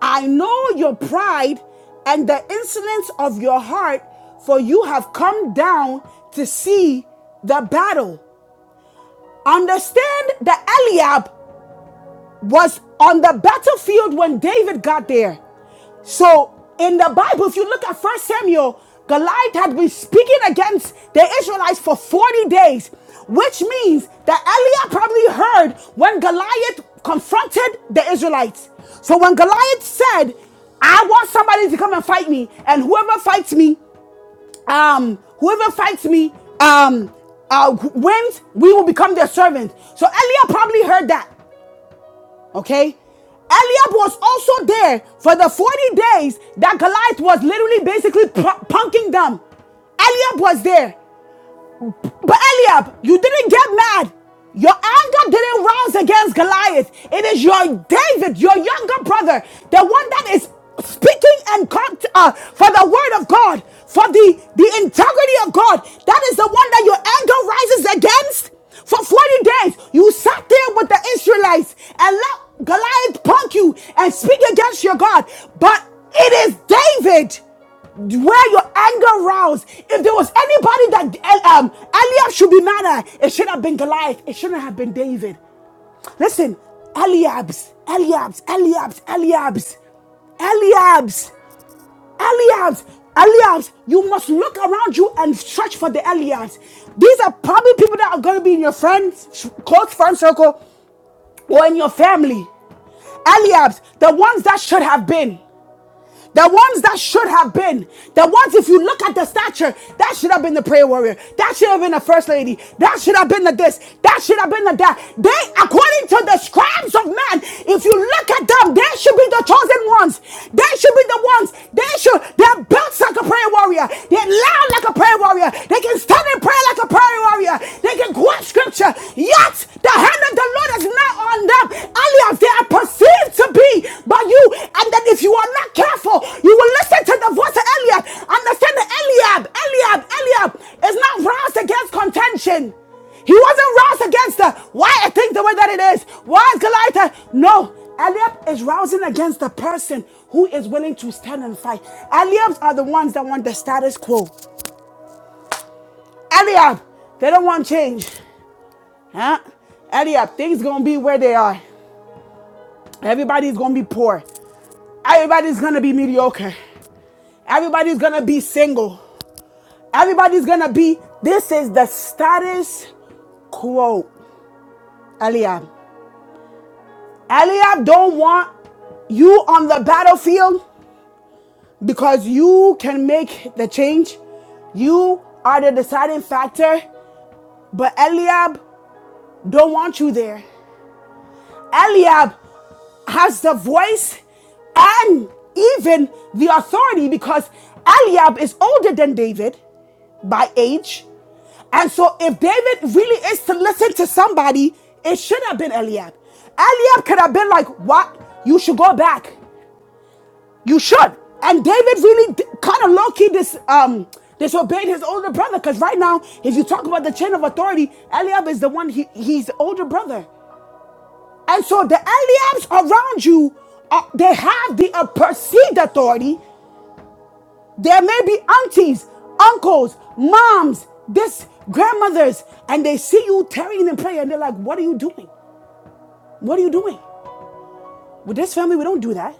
[SPEAKER 1] I know your pride and the insolence of your heart, for you have come down to see the battle. Understand that Eliab was on the battlefield when David got there. So in the Bible, if you look at First Samuel, Goliath had been speaking against the Israelites for 40 days, which means that Eliab probably heard when Goliath confronted the Israelites. So when Goliath said, I want somebody to come and fight me, and whoever fights me, um, whoever fights me, um, uh, wins, we will become their servant. So Eliab probably heard that. Okay? Eliab was also there for the 40 days that Goliath was literally basically punking them. Eliab was there. But Eliab, you didn't get mad. Your anger didn't rouse against Goliath. It is your David, your younger brother, the one that is speaking and cont- uh, for the word of God, for the, the integrity of God. That is the one that your anger rises against. For 40 days, you sat there with the Israelites and let Goliath punk you and speak against your God. But it is David where your anger roused. If there was anybody that eh, um, Eliab should be mad at, it should have been Goliath. It shouldn't have been David. Listen, Eliab's, Eliab's, Eliab's, Eliab's, Eliab's, Eliab's, Eliab's. You must look around you and search for the Eliab's. These are probably people that are going to be in your friends, close friend circle, or in your family. Eliab's, the ones that should have been. The ones that should have been, the ones, if you look at the stature, that should have been the prayer warrior, that should have been the first lady, that should have been the this, that should have been the that. They, according to the scribes of man, if you look at them, they should be the chosen ones. They should be the ones, they should, they're built like a prayer warrior, they're loud like a prayer warrior, they can stand in prayer like a prayer warrior, they can quote scripture, yet the hand of the Lord is not on them. Only they are perceived to be by you. And then if you are not careful, you will listen to the voice of Eliab. Understand that Eliab, Eliab, Eliab is not roused against contention. He wasn't roused against the why I think the way that it is. Why is Goliath? No, Eliab is rousing against the person who is willing to stand and fight. Eliabs are the ones that want the status quo. Eliab, they don't want change. Huh? Eliab, things gonna be where they are. Everybody's gonna be poor. Everybody's gonna be mediocre. Everybody's gonna be single. Everybody's gonna be. This is the status quo, Eliab. Eliab don't want you on the battlefield because you can make the change. You are the deciding factor, but Eliab don't want you there. Eliab has the voice and even the authority because Eliab is older than David by age. And so if David really is to listen to somebody, it should have been Eliab. Eliab could have been like, what? You should go back. You should. And David really kind of low-key dis, um, disobeyed his older brother. Because right now, if you talk about the chain of authority, Eliab is the one, he, he's the older brother. And so the Eliabs around you, uh, they have the uh, perceived authority. There may be aunties, uncles, moms, this grandmothers, and they see you tarrying in prayer, and they're like, "What are you doing? What are you doing?" With this family, we don't do that.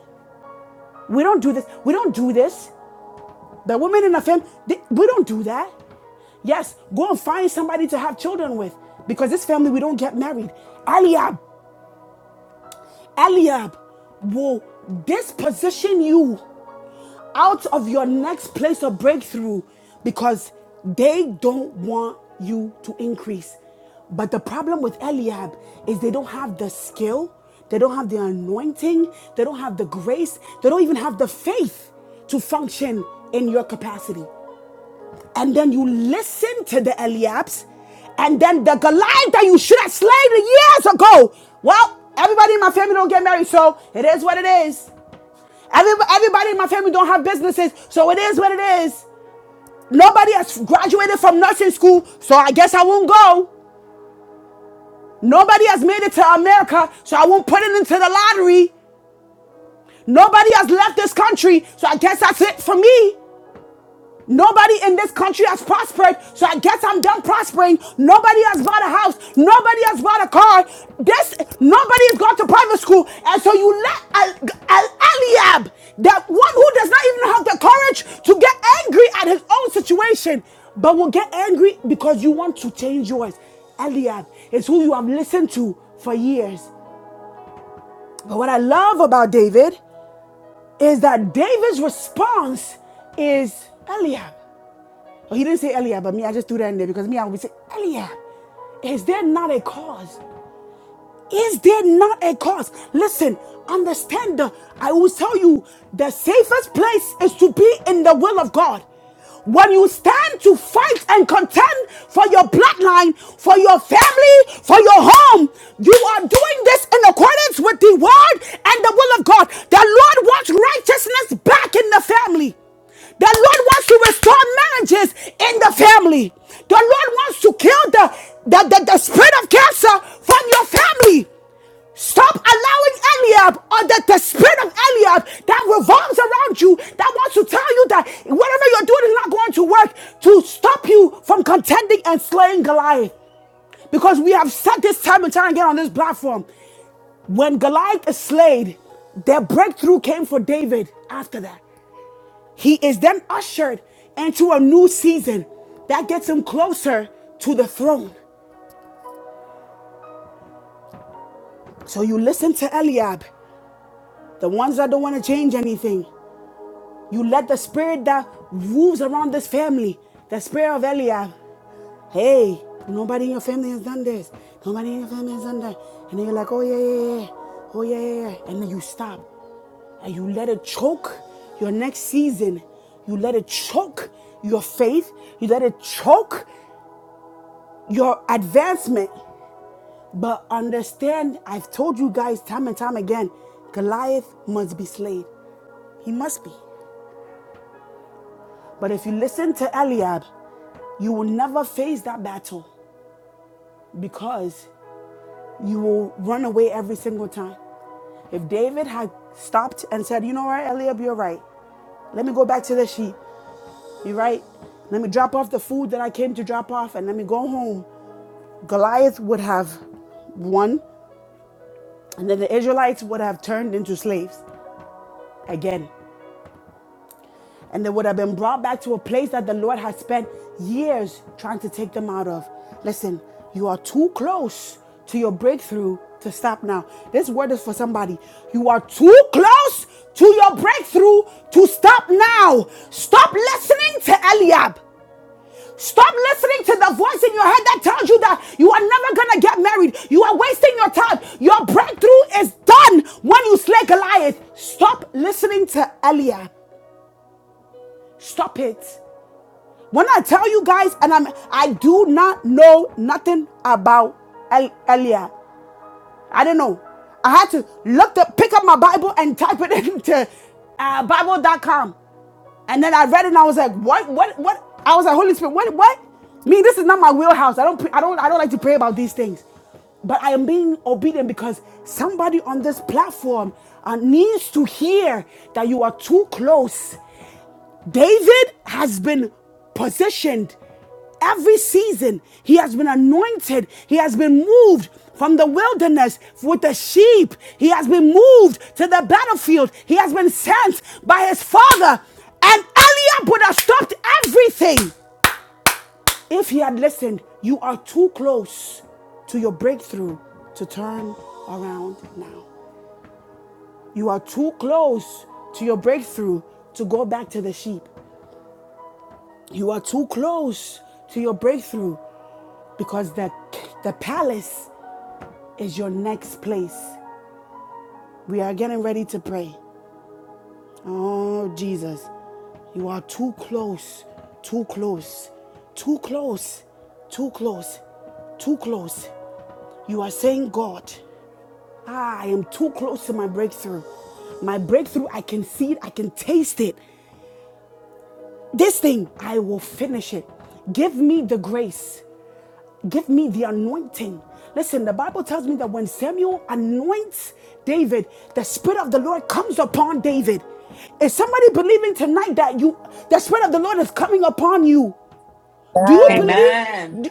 [SPEAKER 1] We don't do this. We don't do this. The women in the family, they- we don't do that. Yes, go and find somebody to have children with, because this family we don't get married. Eliab, Eliab will disposition you out of your next place of breakthrough because they don't want you to increase. But the problem with Eliab is they don't have the skill, they don't have the anointing, they don't have the grace, they don't even have the faith to function in your capacity. And then you listen to the Eliabs, and then the Goliath that you should have slain years ago. Well, everybody in my family don't get married, so it is what it is. Everybody in my family don't have businesses, so it is what it is. Nobody has graduated from nursing school, so I guess I won't go. Nobody has made it to America, so I won't put it into the lottery. Nobody has left this country, so I guess that's it for me. Nobody in this country has prospered, so I guess I'm done prospering. Nobody has bought a house. Nobody has bought a car. This nobody has gone to private school, and so you let Eliab, that one who does not even have the courage to get angry at his own situation, but will get angry because you want to change yours. Eliab is who you have listened to for years. But what I love about David is that David's response is Eliab. Oh, he didn't say Eliab, but me, I just threw that in there because me, I would say, Eliab, is there not a cause? Is there not a cause? Listen, understand. The, I will tell you the safest place is to be in the will of God. When you stand to fight and contend for your bloodline, for your family, for your home, you are doing this in accordance with the word and the will of God. The Lord wants righteousness back in the family. The Lord wants to restore marriages in the family. The Lord wants to kill the, the, the, the spirit of cancer from your family. Stop allowing Eliab or the, the spirit of Eliab that revolves around you that wants to tell you that whatever you're doing is not going to work to stop you from contending and slaying Goliath. Because we have said this time and time again on this platform when Goliath is slayed, their breakthrough came for David after that. He is then ushered into a new season that gets him closer to the throne. So you listen to Eliab, the ones that don't want to change anything. You let the spirit that moves around this family, the spirit of Eliab, hey, nobody in your family has done this. Nobody in your family has done that. And then you're like, oh, yeah, yeah, yeah. yeah. Oh, yeah, yeah, yeah. And then you stop and you let it choke your next season. You let it choke your faith. You let it choke your advancement. But understand, I've told you guys time and time again, Goliath must be slain. He must be. But if you listen to Eliab, you will never face that battle because you will run away every single time. If David had stopped and said, You know what, Eliab, you're right. Let me go back to the sheep. You're right. Let me drop off the food that I came to drop off and let me go home. Goliath would have won, and then the Israelites would have turned into slaves again. and they would have been brought back to a place that the Lord had spent years trying to take them out of. Listen, you are too close to your breakthrough to stop now. This word is for somebody. You are too close to your breakthrough to stop now. Stop listening to Eliab. Stop listening to the voice in your head that tells you that you are never gonna get married. You are wasting your time. Your breakthrough is done when you slay Goliath. Stop listening to Eliab. Stop it. When I tell you guys, and I'm I do not know nothing about El- Elia. I don't know. I had to look up, pick up my Bible and type it <laughs> into uh, Bible dot com, And then I read it and I was like, what, what, what? I was like, Holy Spirit, what, what? Me, this is not my wheelhouse. I don't, I don't, I don't like to pray about these things. But I am being obedient because somebody on this platform uh, needs to hear that you are too close David has been positioned every season. He has been anointed. He has been moved from the wilderness with the sheep. He has been moved to the battlefield. He has been sent by his father. And Eliab would have stopped everything if he had listened. You are too close to your breakthrough to turn around now. You are too close to your breakthrough to go back to the sheep. You are too close to your breakthrough because the, the palace is your next place. We are getting ready to pray. Oh, Jesus. You are too close, too close, too close, too close, too close. You are saying, God, ah, I am too close to my breakthrough. My breakthrough, I can see it, I can taste it. This thing, I will finish it. Give me the grace. Give me the anointing. Listen, the Bible tells me that when Samuel anoints David, the Spirit of the Lord comes upon David. Is somebody believing tonight that you the Spirit of the Lord is coming upon you? Do you
[SPEAKER 2] Amen.
[SPEAKER 1] believe?
[SPEAKER 7] Amen.
[SPEAKER 1] Do,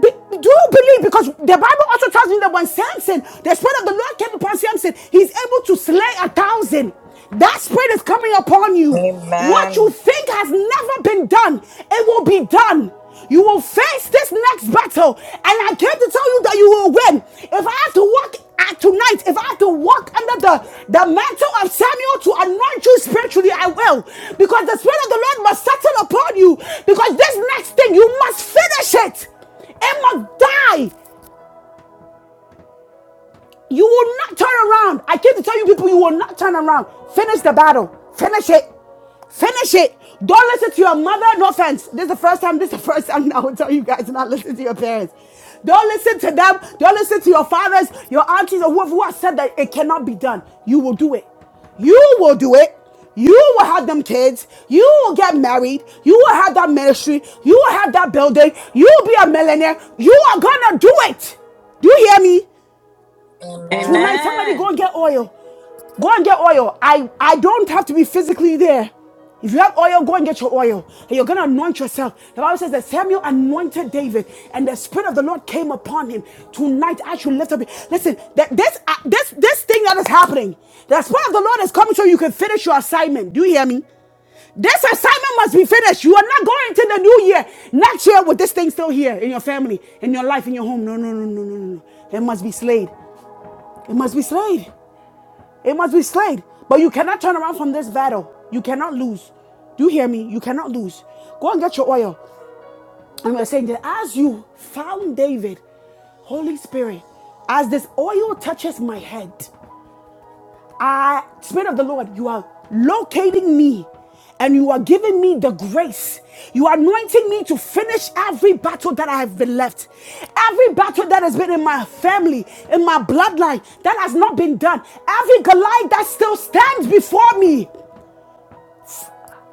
[SPEAKER 1] be- do you believe? Because the Bible also tells me that when Samson, the Spirit of the Lord came upon Samson, he's able to slay a thousand. That Spirit is coming upon you. What
[SPEAKER 2] Amen.
[SPEAKER 1] you think has never been done, it will be done. You will face this next battle, and I came to tell you that you will win. If I have to walk to tonight, if I have to walk under the, the mantle of Samuel to anoint you spiritually, I will. Because the Spirit of the Lord must settle upon you. Because this next thing, you must finish it. It must die. You will not turn around. I came to tell you people, you will not turn around. Finish the battle. Finish it. Finish it. Don't listen to your mother. No offense. This is the first time. This is the first time I will tell you guys to not listen to your parents. Don't listen to them. Don't listen to your fathers, your aunties, or whoever who has said that it cannot be done. You will do it. You will do it. You will have them kids. You will get married. You will have that ministry. You will have that building. You will be a millionaire. You are gonna do it. Do you hear me?
[SPEAKER 2] Amen.
[SPEAKER 1] Tonight, somebody go
[SPEAKER 7] Amen.
[SPEAKER 1] and get oil. Go and get oil. I, I don't have to be physically there. If you have oil, go and get your oil. And you're going to anoint yourself. The Bible says that Samuel anointed David, and the Spirit of the Lord came upon him. Tonight, I should lift up. Listen, that this, uh, this, this thing that is happening, the Spirit of the Lord is coming so you can finish your assignment. Do you hear me? This assignment must be finished. You are not going to the new year next year with this thing still here in your family, in your life, in your home. No, no, no, no, no, no. no. It must be slayed. It must be slayed. It must be slayed. But you cannot turn around from this battle. You cannot lose. Do you hear me? You cannot lose. Go and get your oil. And we're saying that as you found David, Holy Spirit, as this oil touches my head, I, Spirit of the Lord, you are locating me and you are giving me the grace. You are anointing me to finish every battle that I have been left. Every battle that has been in my family, in my bloodline, that has not been done. Every Goliath that still stands before me.